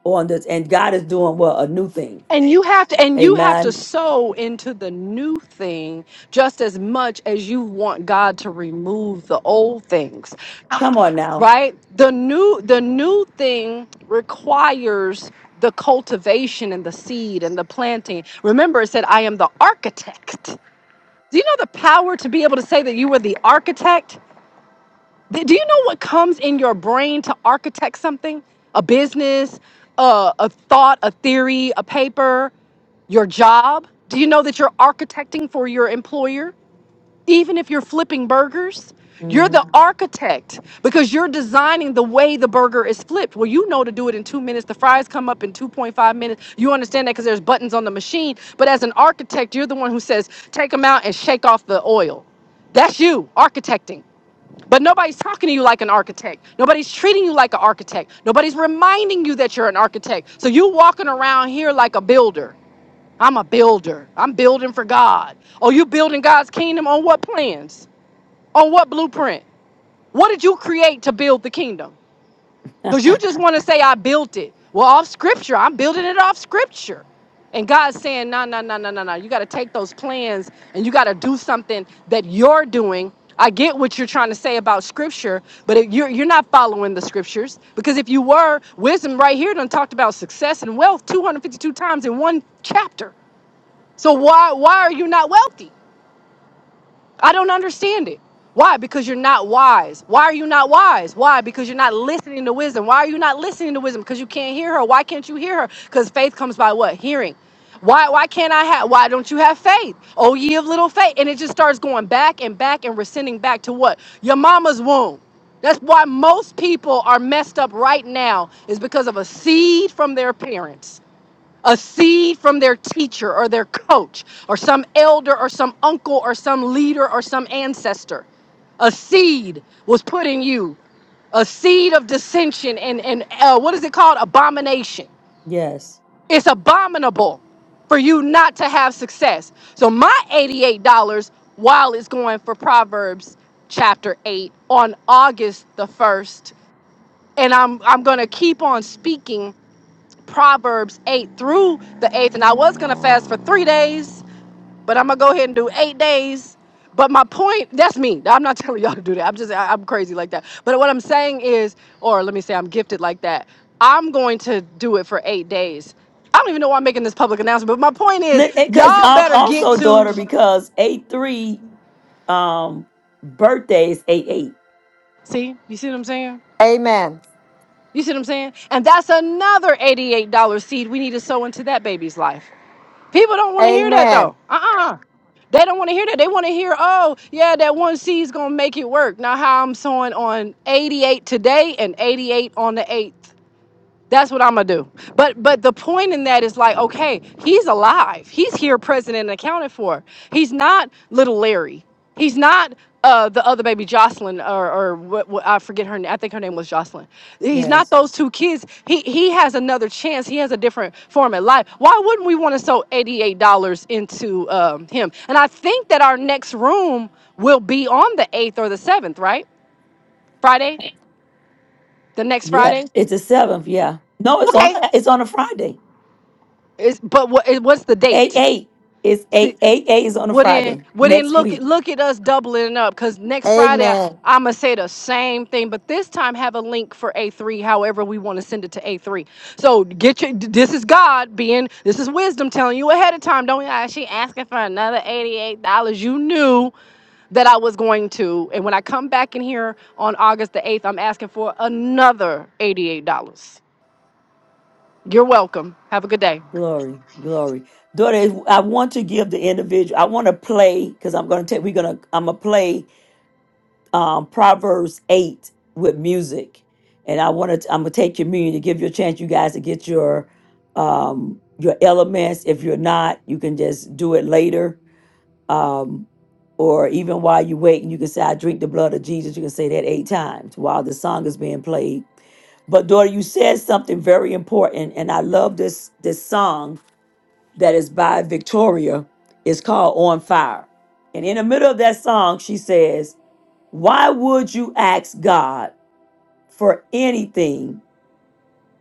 [SPEAKER 1] On this, and God is doing what a new thing.
[SPEAKER 12] And you have to and you have to
[SPEAKER 1] Amen.
[SPEAKER 12] sow into the new thing just as much as you want God to remove the old things.
[SPEAKER 1] Come on now.
[SPEAKER 12] Right? The new the new thing requires the cultivation and the seed and the planting. Remember it said I am the architect. Do you know the power to be able to say that you were the architect? Th- Do you know what comes in your brain to architect something? A business, uh, a thought, a theory, a paper, your job? Do you know that you're architecting for your employer? Even if you're flipping burgers, you're
[SPEAKER 1] hmm
[SPEAKER 12] the architect because you're designing the way the burger is flipped. Well, you know to do it in two minutes. The fries come up in 2.5 minutes. You understand that because there's buttons on the machine. But as an architect, you're the one who says, take them out and shake off the oil. That's you architecting. But nobody's talking to you like an architect. Nobody's treating you like an architect. Nobody's reminding you that you're an architect. So you walking around here like a builder. I'm a builder. I'm building for God. Oh, you building God's kingdom on what plans? On what blueprint? What did you create to build the kingdom? Because you just want to say, I built it. Well, off scripture, I'm building it off scripture. And God's saying, no, no, no, no, no, no. You got to take those plans and you got to do something that you're doing. I get what you're trying to say about scripture, but it, you're, you're not following the scriptures. Because if you were, wisdom right here done talked about success and wealth 252 times in one chapter. So why, why are you not wealthy? I don't understand it. Why? Because you're not wise. Why are you not wise? Why? Because you're not listening to wisdom. Why are you not listening to wisdom? Because you can't hear her. Why can't you hear her? Because faith comes by what? Hearing. Why why can't I have why don't you have faith? Oh ye of little faith. And it just starts going back and back and rescinding back to what? Your mama's womb. That's why most people are messed up right now, is because of a seed from their parents a seed from their teacher or their coach or some elder or some uncle or some leader or some ancestor. A seed was put in you, a seed of dissension and, and uh, what is it called? Abomination.
[SPEAKER 1] Yes.
[SPEAKER 12] It's abominable for you not to have success. So my $88 while it's going for Proverbs chapter 8 on August the 1st and I'm I'm going to keep on speaking Proverbs 8 through the 8th. And I was going to fast for three days, but I'm going to go ahead and do eight days. But my point, that's me. I'm not telling y'all to do that. I'm just, I, I'm crazy like that. But what I'm saying is, or let me say, I'm gifted like that. I'm going to do it for eight days. I don't even know why I'm making this public announcement, but my point is,
[SPEAKER 1] Because
[SPEAKER 12] y'all better get
[SPEAKER 1] also, daughter,
[SPEAKER 12] to
[SPEAKER 1] because eight three um birthday is eight eight.
[SPEAKER 12] see. You see what I'm saying?
[SPEAKER 6] Amen.
[SPEAKER 12] You see what I'm saying? And that's another $88 seed we need to sow into that baby's life. People don't want to hear that
[SPEAKER 6] Amen.
[SPEAKER 12] though. Uh-uh. They don't want to hear that. They want to hear, oh, yeah, that one C is gonna make it work. Now how I'm sewing on 88 today and 88 on the 8th. That's what I'm gonna do. But but the point in that is like, okay, he's alive. He's here, present and accounted for. He's not little Larry. He's not uh, the other baby, Jocelyn, or or what, what I forget her. name. I think her name was Jocelyn. He's not
[SPEAKER 1] Yes.
[SPEAKER 12] those two kids. He he has another chance. He has a different form of life. Why wouldn't we want to sow eighty eight dollars into um, him? And I think that our next room will be on the eighth or the seventh, right? Friday, the next
[SPEAKER 1] Yeah.
[SPEAKER 12] Friday.
[SPEAKER 1] It's the seventh. Yeah. No, it's on.
[SPEAKER 12] Okay.
[SPEAKER 1] It's on a Friday.
[SPEAKER 12] Is but what? eh, What's the
[SPEAKER 1] Eight
[SPEAKER 12] date?
[SPEAKER 1] eight is
[SPEAKER 12] See,
[SPEAKER 1] eight eight eight is on a
[SPEAKER 12] wouldn't
[SPEAKER 1] Friday
[SPEAKER 12] wouldn't
[SPEAKER 1] next
[SPEAKER 12] look
[SPEAKER 1] week.
[SPEAKER 12] look at us doubling up because next Friday
[SPEAKER 6] Amen.
[SPEAKER 12] I'm gonna say the same thing, but this time have a link for A3, however we want to send it to A3. So get your this is God being this is wisdom telling you ahead of time. Don't ah, she asking for another eighty eight dollars? You knew that I was going to, and when I come back in here on August the eighth, I'm asking for another eighty eight dollars. You're welcome. Have a good day.
[SPEAKER 1] Glory, glory. Daughter, I want to give the individual, I want to play, because I'm gonna take we're gonna I'm gonna play um Proverbs eight with music. And I wanna I'm gonna take communion to give you a chance you guys to get your um your elements. If you're not, you can just do it later. Um or even while you're waiting, you can say, I drink the blood of Jesus. You can say that eight times while the song is being played. But daughter, you said something very important, and I love this this song that is by Victoria is called On Fire. And in the middle of that song, she says, Why would you ask God for anything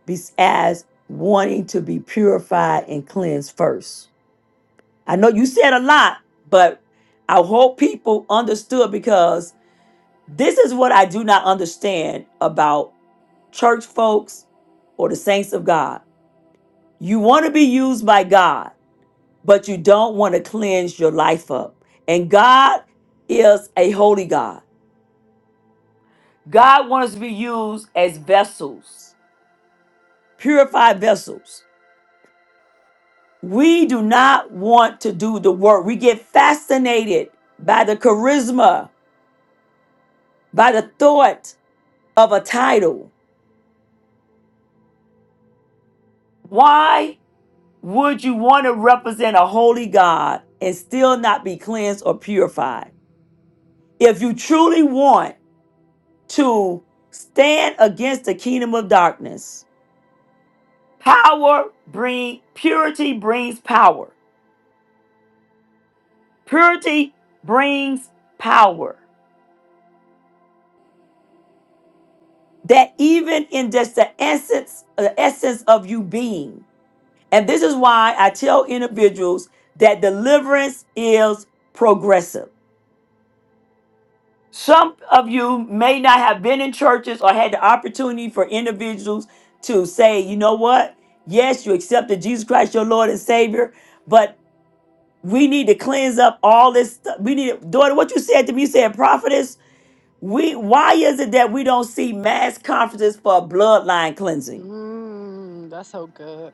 [SPEAKER 1] besides wanting to be purified and cleansed first?" I know you said a lot, but I hope people understood because this is what I do not understand about church folks or the saints of God. You want to be used by God but you don't want to cleanse your life up. And God is a holy God. God wants us to be used as vessels, purified vessels. We do not want to do the work. We get fascinated by the charisma, by the thought of a title. Why would you want to represent a holy God and still not be cleansed or purified? If you truly want to stand against the kingdom of darkness, Power bring purity brings power. Purity brings power. That even in just the essence, the essence of you being. And this is why I tell individuals that deliverance is progressive. Some of you may not have been in churches or had the opportunity for individuals to say, you know what? Yes, you accepted Jesus Christ, your Lord and Savior, but." We need to cleanse up all this stuff. We need to, daughter, what you said to me, you said, prophetess, we why is it that we don't see mass conferences for bloodline cleansing?
[SPEAKER 12] Mm, that's so good.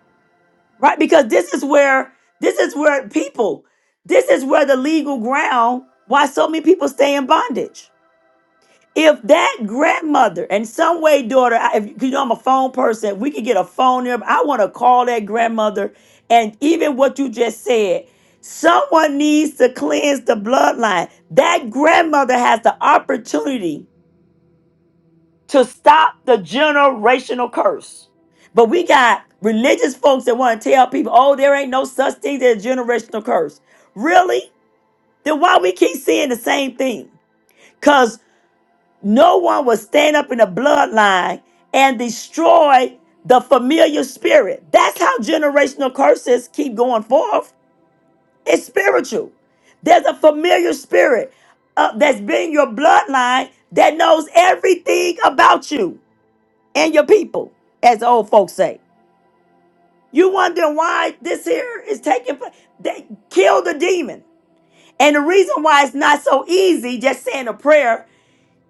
[SPEAKER 1] Right? Because this is where this is where people, this is where the legal ground why so many people stay in bondage. If that grandmother and some way, daughter, I, if 'cause you know I'm a phone person, if we could get a phone there. I want to call that grandmother. And even what you just said, someone needs to cleanse the bloodline. That grandmother has the opportunity to stop the generational curse. But we got religious folks that want to tell people, oh, there ain't no such thing as a generational curse. Really? Then why we keep seeing the same thing? Cause no one will stand up in the bloodline and destroy the familiar spirit. That's how generational curses keep going forth. It's spiritual. There's a familiar spirit uh, that's been your bloodline that knows everything about you and your people, as the old folks say. You wondering why this here is taking place. They kill the demon. And the reason why it's not so easy just saying a prayer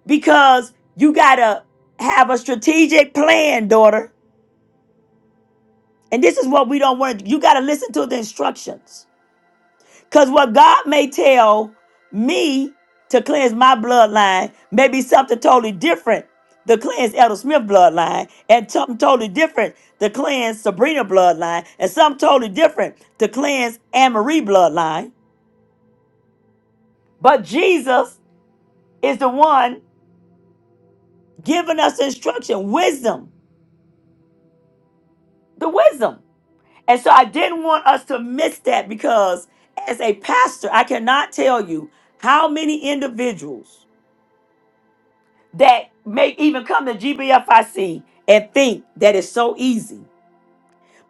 [SPEAKER 1] because you gotta have a strategic plan, daughter. And this is what we don't want. You gotta listen to the instructions. Because what God may tell me to cleanse my bloodline may be something totally different to cleanse Elder Smith bloodline, and something totally different to cleanse Sabrina bloodline, and something totally different to cleanse Anne Marie bloodline. But Jesus is the one giving us instruction, wisdom, the wisdom. And so I didn't want us to miss that because as a pastor, I cannot tell you how many individuals that may even come to GBFIC and think that it's so easy,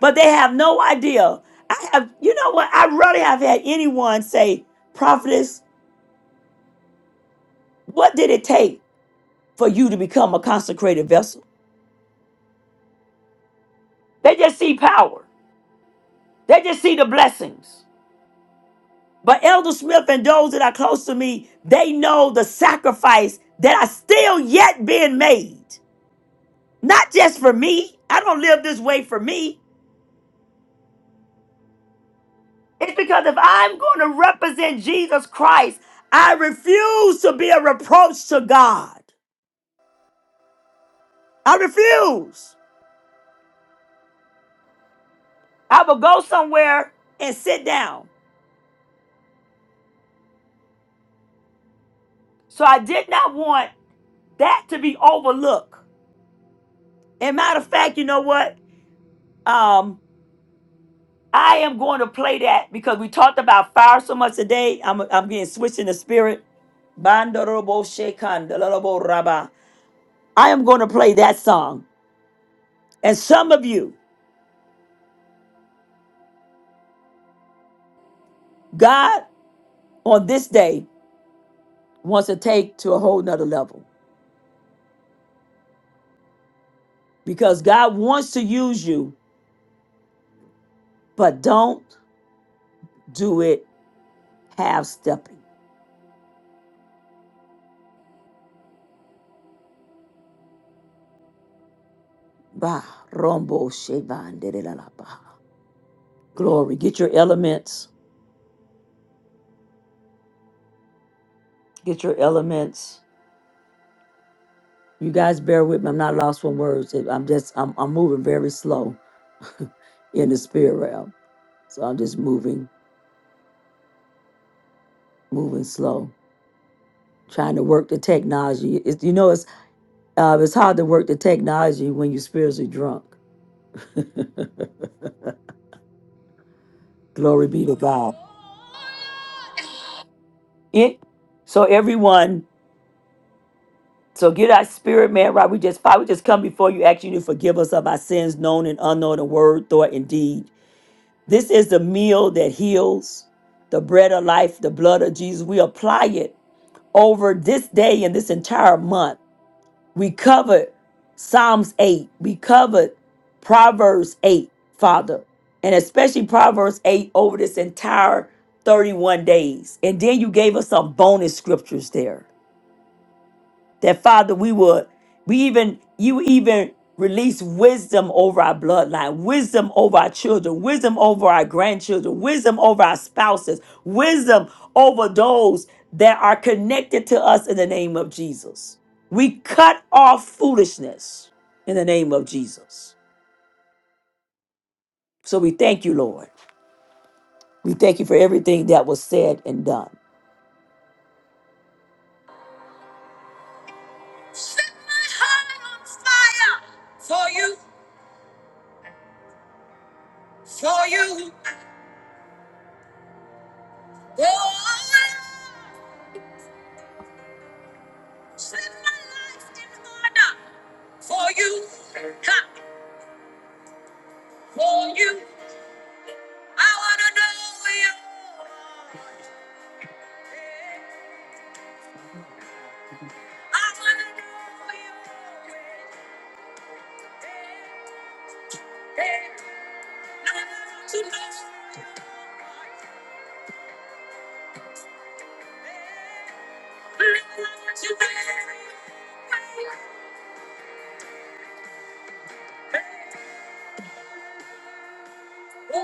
[SPEAKER 1] but they have no idea. I have, you know what? I rarely have had anyone say, Prophetess, what did it take for you to become a consecrated vessel? They just see power, they just see the blessings. But Elder Smith and those that are close to me, they know the sacrifice that I still yet being made. Not just for me. I don't live this way for me. It's because if I'm going to represent Jesus Christ, I refuse to be a reproach to God. I refuse. I will go somewhere and sit down. So I did not want that to be overlooked. And matter of fact, you know what? Um, I am going to play that because we talked about fire so much today. I'm I'm getting switched in the spirit. Bandorobo shekan, dalorobo raba. I am going to play that song. And some of you, God on this day wants to take to a whole nother level because God wants to use you, but don't do it half stepping. Ba rombo shevan, de de la la ba. Glory. Get your elements. Get your elements. You guys bear with me. I'm not lost for words. I'm just I'm I'm moving very slow in the spirit realm. So I'm just moving, moving slow, trying to work the technology. It's you know it's uh, it's hard to work the technology when you're spiritually drunk. Glory be to God. It so everyone, so get our spirit man right. We just Father, we just come before you, asking you to forgive us of our sins, known and unknown, in word, thought, and deed. This is the meal that heals, the bread of life, the blood of Jesus. We apply it over this day and this entire month. We covered Psalms 8, we covered Proverbs 8, Father, and especially Proverbs 8 over this entire 31 days. And then you gave us some bonus scriptures there that father we would we even you even release wisdom over our bloodline wisdom over our children wisdom over our grandchildren wisdom over our spouses wisdom over those that are connected to us in the name of jesus we cut off foolishness in the name of jesus so we thank you lord we thank you for everything that was said and done Set my heart on fire for you for you Oh, Set my life in order for you, ha, for you. I wanna know you. I wanna know you. Now I want to know. Now I want to know. Hey, hey. Oh,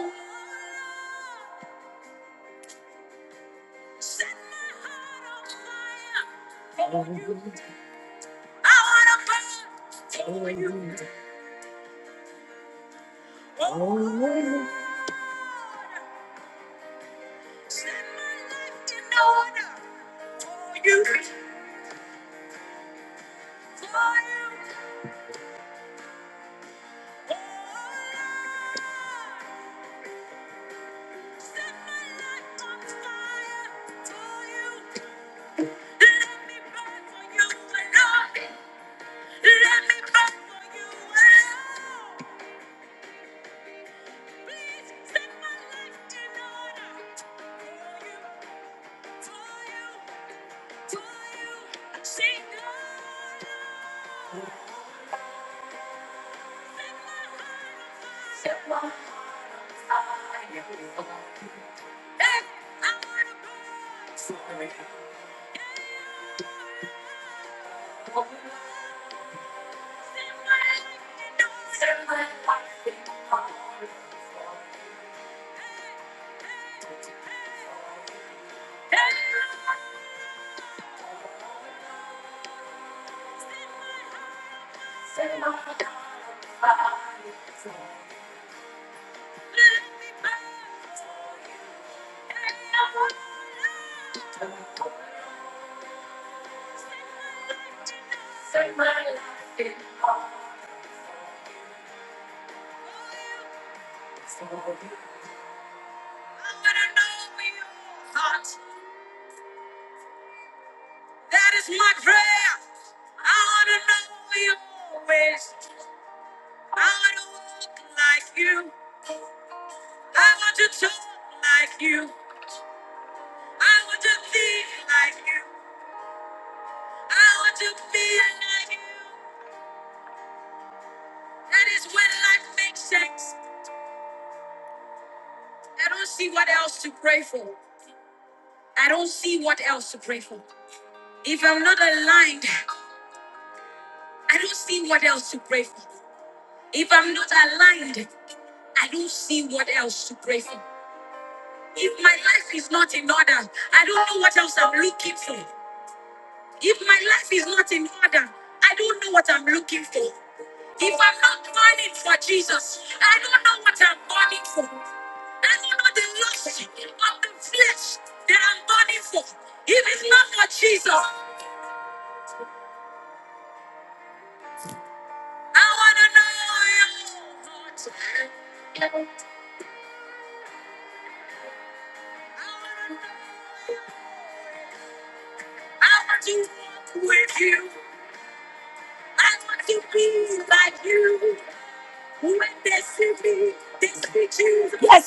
[SPEAKER 1] set my heart on fire for you. wanna burn.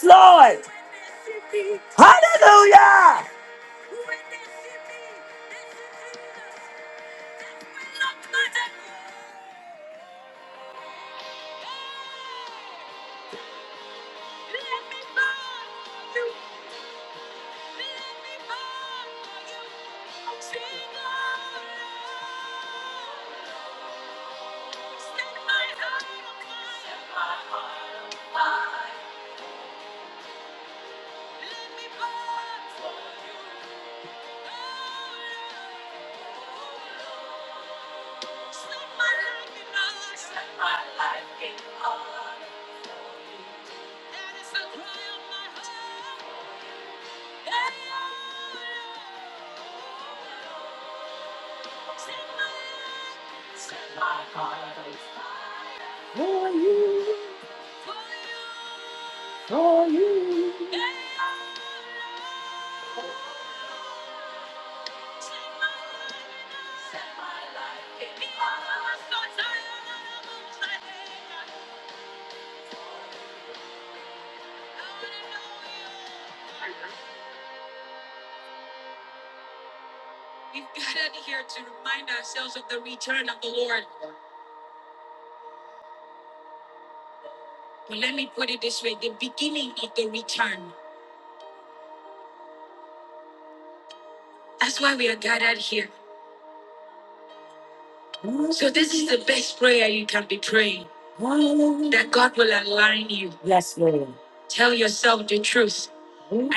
[SPEAKER 1] Lord. Hallelujah. For you, for you. Yes, Lord. Oh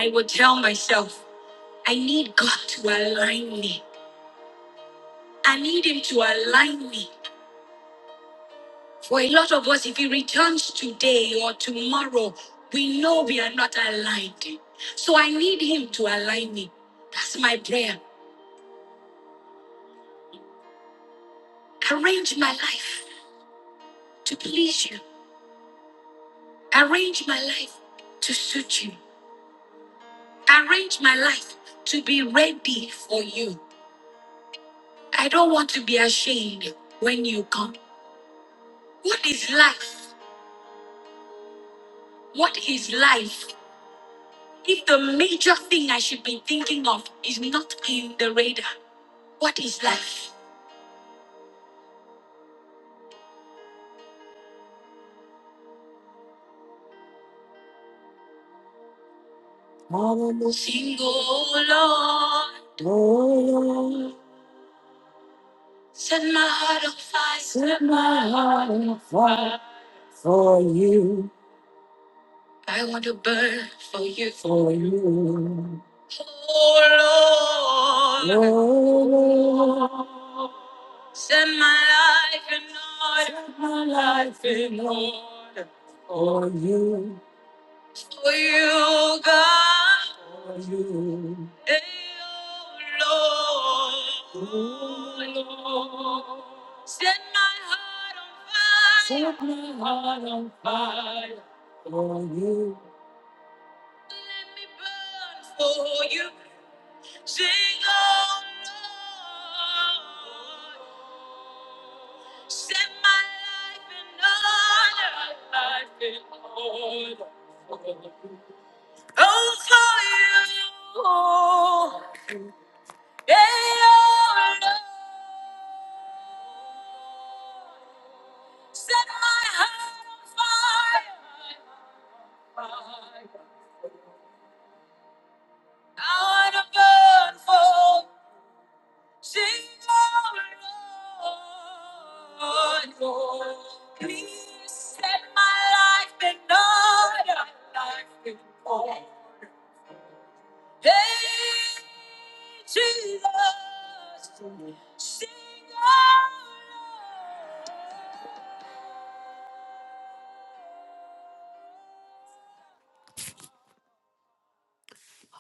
[SPEAKER 1] Lord, set my heart on fire. I want to burn for you. Oh Lord, Lord. set my life in order for you. on fire for you.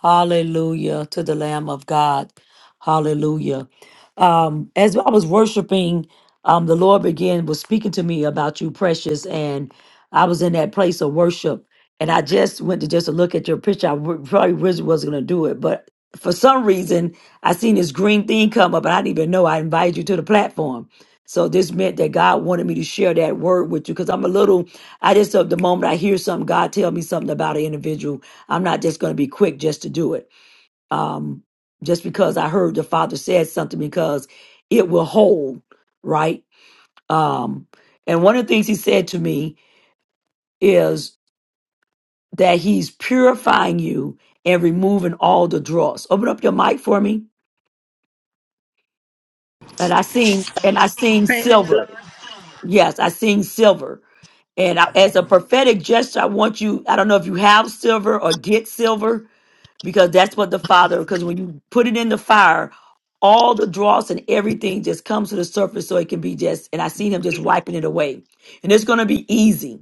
[SPEAKER 1] Hallelujah to the Lamb of God. Hallelujah. um, as I was worshiping, um, the Lord began was speaking to me about you, precious, and I was in that place of worship, and I just went to just look at your picture. I w- probably wish wasn't gonna do it, but for some reason, I seen this green thing come up, and I didn't even know I invited you to the platform. So this meant that God wanted me to share that word with you because I'm a little. I just uh, the moment I hear something, God tell me something about an individual. I'm not just going to be quick just to do it um, just because I heard the Father said something, because it will hold, right? Um, and one of the things He said to me is that He's purifying you and removing all the dross. Open up your mic for me, and I sing, and I sing
[SPEAKER 15] Praise the Lord.
[SPEAKER 1] silver. Yes, I sing silver. And I, as a prophetic gesture, I want you. I don't know if you have silver or get silver because that's what the father because when you put it in the fire all the dross and everything just comes to the surface so it can be just and i seen him just wiping it away and it's going to be easy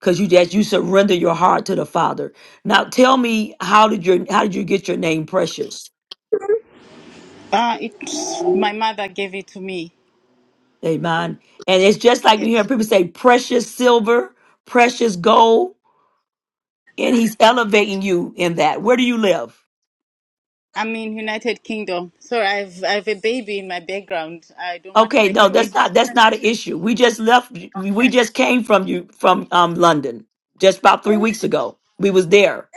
[SPEAKER 1] because you just you surrender your heart to the father now tell me how did your how did you get your name precious
[SPEAKER 15] Uh, it's my mother gave it to me.
[SPEAKER 1] amen and it's just like
[SPEAKER 15] Yeah.
[SPEAKER 1] we hear people say precious silver precious gold and he's elevating you in that where do you live
[SPEAKER 15] I'm in United Kingdom. Sorry, I've I've a baby in my background. I don't want to
[SPEAKER 1] Okay,
[SPEAKER 15] make
[SPEAKER 1] no,
[SPEAKER 15] noise.
[SPEAKER 1] that's not that's not an issue. We just left. We just came from you from um London just about three weeks ago. We was there.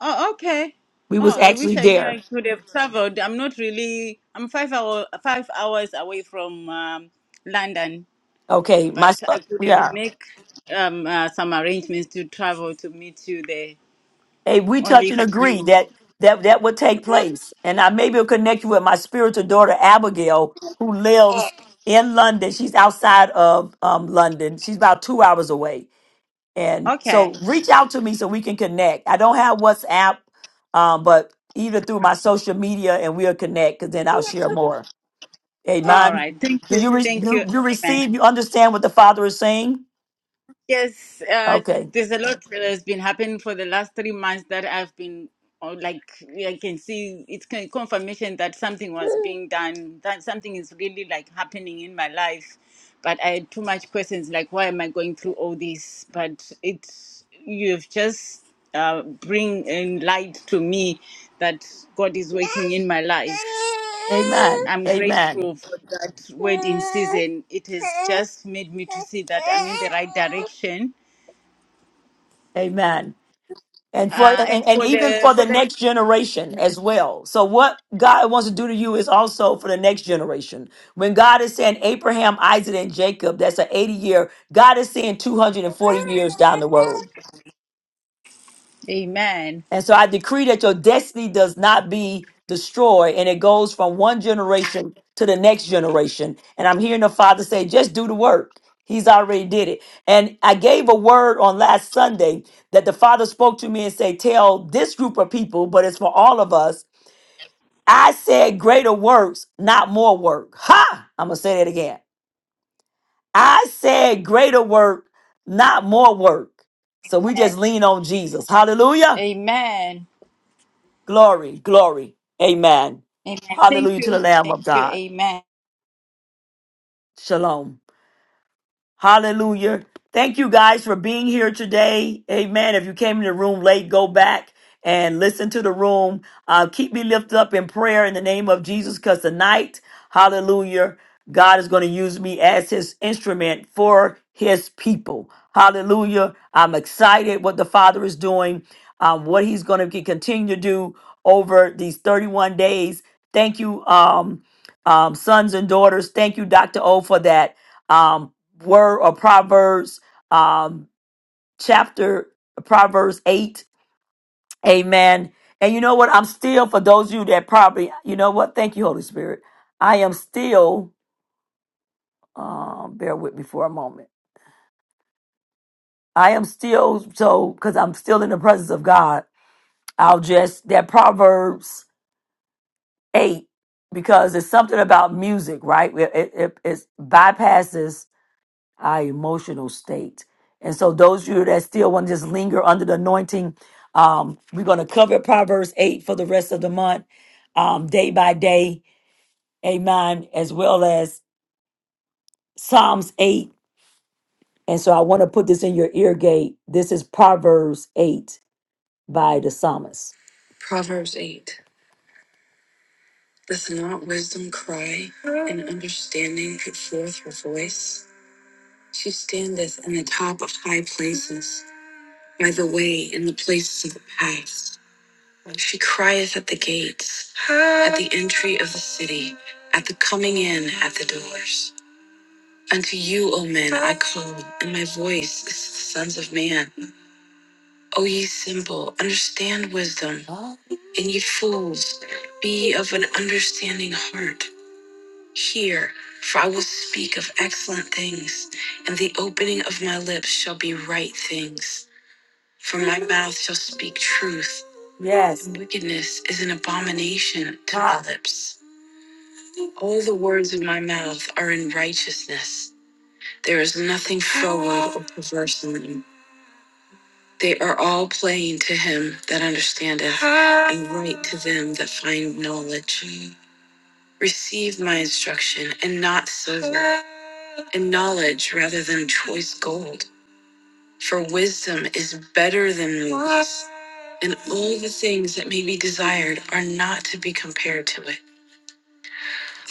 [SPEAKER 15] Oh, okay.
[SPEAKER 1] We was
[SPEAKER 15] Oh, I
[SPEAKER 1] actually
[SPEAKER 15] wish I knew I
[SPEAKER 1] there.
[SPEAKER 15] could have traveled. I'm not really. I'm five hour five hours away from um, London,
[SPEAKER 1] Okay, my
[SPEAKER 15] but
[SPEAKER 1] son-
[SPEAKER 15] I could have
[SPEAKER 1] yeah.
[SPEAKER 15] make um, uh, some arrangements to travel to meet you there.
[SPEAKER 1] Hey, we
[SPEAKER 15] Only
[SPEAKER 1] touch
[SPEAKER 15] if
[SPEAKER 1] and
[SPEAKER 15] I
[SPEAKER 1] agree
[SPEAKER 15] knew.
[SPEAKER 1] that that that would take place, and I maybe will connect you with my spiritual daughter Abigail, who lives in London. She's outside of um London. She's about two hours away And
[SPEAKER 15] Okay.
[SPEAKER 1] so reach out to me so we can connect. I don't have WhatsApp, um, but either through my social media and we'll connect because then I'll share more.
[SPEAKER 15] All
[SPEAKER 1] Amen.
[SPEAKER 15] right. Thank
[SPEAKER 1] Do
[SPEAKER 15] you.
[SPEAKER 1] you, re-
[SPEAKER 15] Thank you.
[SPEAKER 1] you you
[SPEAKER 15] Amen.
[SPEAKER 1] receive? You understand what the Father is saying?
[SPEAKER 15] Yes, uh,
[SPEAKER 1] Okay.
[SPEAKER 15] there's a lot that has been happening for the last three months that I've been, or like I can see it's kind of confirmation that something was being done, that something is really like happening in my life. But I had too much questions, like why am I going through all this? But it's you've just uh, bring in light to me that God is working in my life.
[SPEAKER 1] Amen.
[SPEAKER 15] I'm
[SPEAKER 1] Amen.
[SPEAKER 15] grateful for that wedding season. It has just made me to see that I'm in the right direction.
[SPEAKER 1] Amen. And for
[SPEAKER 15] Uh,
[SPEAKER 1] and,
[SPEAKER 15] and
[SPEAKER 1] and
[SPEAKER 15] for
[SPEAKER 1] even
[SPEAKER 15] the
[SPEAKER 1] for the
[SPEAKER 15] for the
[SPEAKER 1] next generation as well. So what God wants to do to you is also for the next generation. When God is saying Abraham, Isaac, and Jacob, that's an 80 year, God is saying 240 years down the road.
[SPEAKER 15] Amen.
[SPEAKER 1] And so I decree that your destiny does not be destroyed and it goes from one generation to the next generation. And I'm hearing the Father say, just do the work. He's already did it. And I gave a word on last Sunday that the Father spoke to me and said, tell this group of people, but it's for all of us. I said greater works, not more work. Ha! I'm going to say that again. I said greater work, not more work. So we just lean on Jesus. Hallelujah.
[SPEAKER 15] Amen.
[SPEAKER 1] Glory, glory. Amen.
[SPEAKER 15] Amen. Thank
[SPEAKER 1] Hallelujah to
[SPEAKER 15] you.
[SPEAKER 1] the Lamb
[SPEAKER 15] Thank
[SPEAKER 1] of
[SPEAKER 15] you.
[SPEAKER 1] God.
[SPEAKER 15] Amen.
[SPEAKER 1] Shalom. Hallelujah. Thank you guys for being here today. Amen. If you came in the room late, go back and listen to the room. Uh, keep me lifted up in prayer in the name of Jesus because tonight, hallelujah, God is going to use me as his instrument for his people. Hallelujah. I'm excited what the Father is doing, um, what he's going to continue to do over these 31 days. Thank you, um, um, sons and daughters. Thank you, Dr. O, for that. Um, word or Proverbs um, chapter, Proverbs 8. Amen. And you know what? I'm still, for those of you that probably, you know what? Thank you, Holy Spirit. I am still, um, bear with me for a moment. I am still, so, because I'm still in the presence of God, I'll just, that Proverbs 8, because it's something about music, right? It, it, it it bypasses our emotional state. And so, those of you that still want to just linger under the anointing, um, we're going to cover Proverbs 8 for the rest of the month, um, day by day. Amen. As well as Psalms 8. And so, I want to put this in your ear gate. This is Proverbs 8 by the psalmist. Proverbs 8. Does not wisdom cry and understanding put forth her voice? She standeth in the top of high places by the way in the places of the past. She crieth at the gates, at the entry of the city, at the coming in, at the doors. Unto you, O men, I call, and my voice is to the sons of man. O ye simple, understand wisdom, and ye fools, be of an understanding heart. Hear, for I will speak of excellent things, and the opening of my lips shall be right things. For my mouth shall speak truth. Yes. And wickedness is an abomination to my Ah. lips. All the words of my mouth are in righteousness. There is nothing froward or perverse in them. They are all plain to him that understandeth, and right to them that find knowledge. Receive my instruction, and not silver, and knowledge rather than choice gold. For wisdom is better than and all the things that may be desired are not to be compared to it.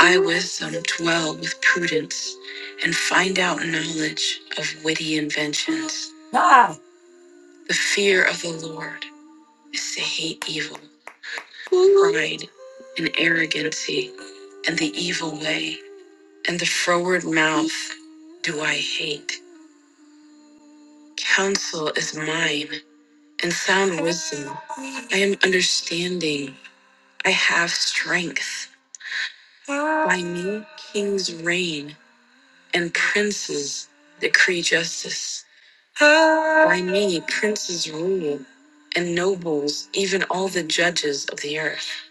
[SPEAKER 1] I, wisdom, dwell with prudence and find out knowledge of witty inventions. Ah. The fear of the Lord is to hate evil, pride, and arrogancy, and the evil way, and the froward mouth do I hate. Counsel is mine, and sound wisdom. I am understanding. I have strength. I know kings reign and princes decree justice. By me, princes rule, and nobles, even all the judges of the earth,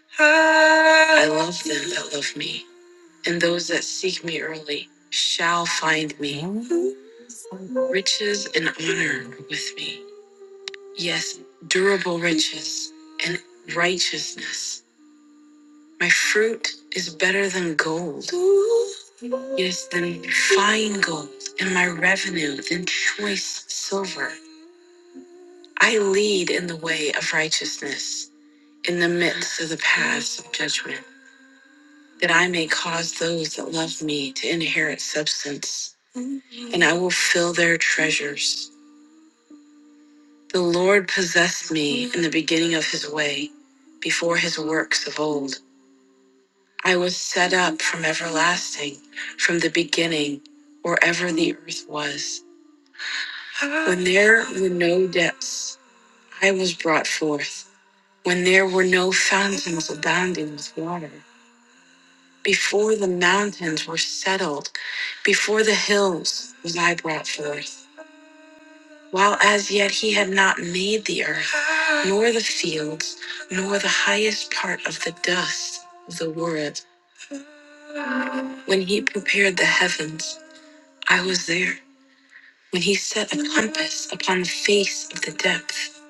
[SPEAKER 1] love me. And those that seek me early shall find me. Riches and honor are with me. Yes, durable riches and righteousness. My fruit is better than gold. Yes, than fine gold, and my revenue than choice silver. I lead in the way of righteousness in the midst of the paths of judgment, that I may cause those that love me to inherit substance, and I will fill their treasures. The Lord possessed me in the beginning of his way, before his works of old. I was set up from everlasting, from the beginning, wherever the earth was. When there were no depths, I was brought forth. When there were no fountains abounding with water. Before the mountains were settled, before the hills was I brought forth, while as yet he had not made the earth, nor the fields, nor the highest part of the dust of the world. When he prepared the heavens, I was there. When he set a compass upon the face of the depth,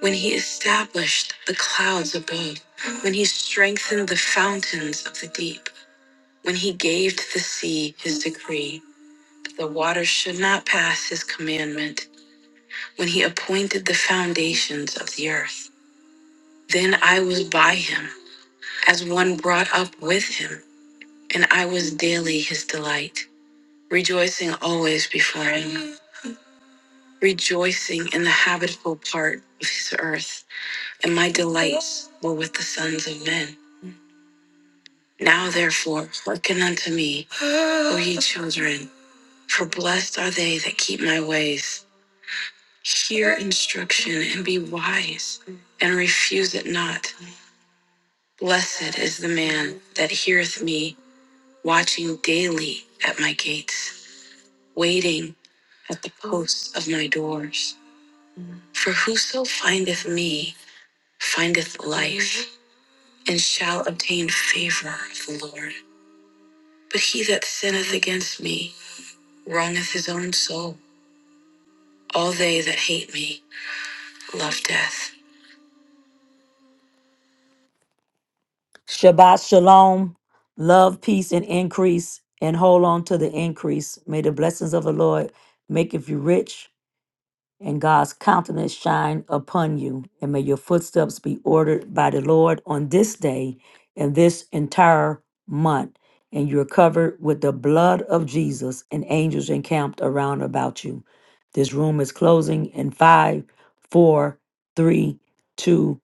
[SPEAKER 1] when he established the clouds above, when he strengthened the fountains of the deep, when he gave to the sea his decree The waters should not pass his commandment when he appointed the foundations of the earth. Then I was by him, as one brought up with him, and I was daily his delight, rejoicing always before him, rejoicing in the habitable part of his earth, and my delights were with the sons of men. Now therefore, hearken unto me, O ye children, for blessed are they that keep my ways. Hear instruction and be wise, and refuse it not. Blessed is the man that heareth me, watching daily at my gates, waiting at the posts of my doors. For whoso findeth me findeth life, and shall obtain favor of the Lord. But he that sinneth against me wrongeth his own soul. All they that hate me love death. Shabbat shalom, love, peace, and increase, and hold on to the increase. May the blessings of the Lord make you rich, and God's countenance shine upon you. And may your footsteps be ordered by the Lord on this day and this entire month. And you're covered with the blood of Jesus and angels encamped around about you. This room is closing in five, four, three, two,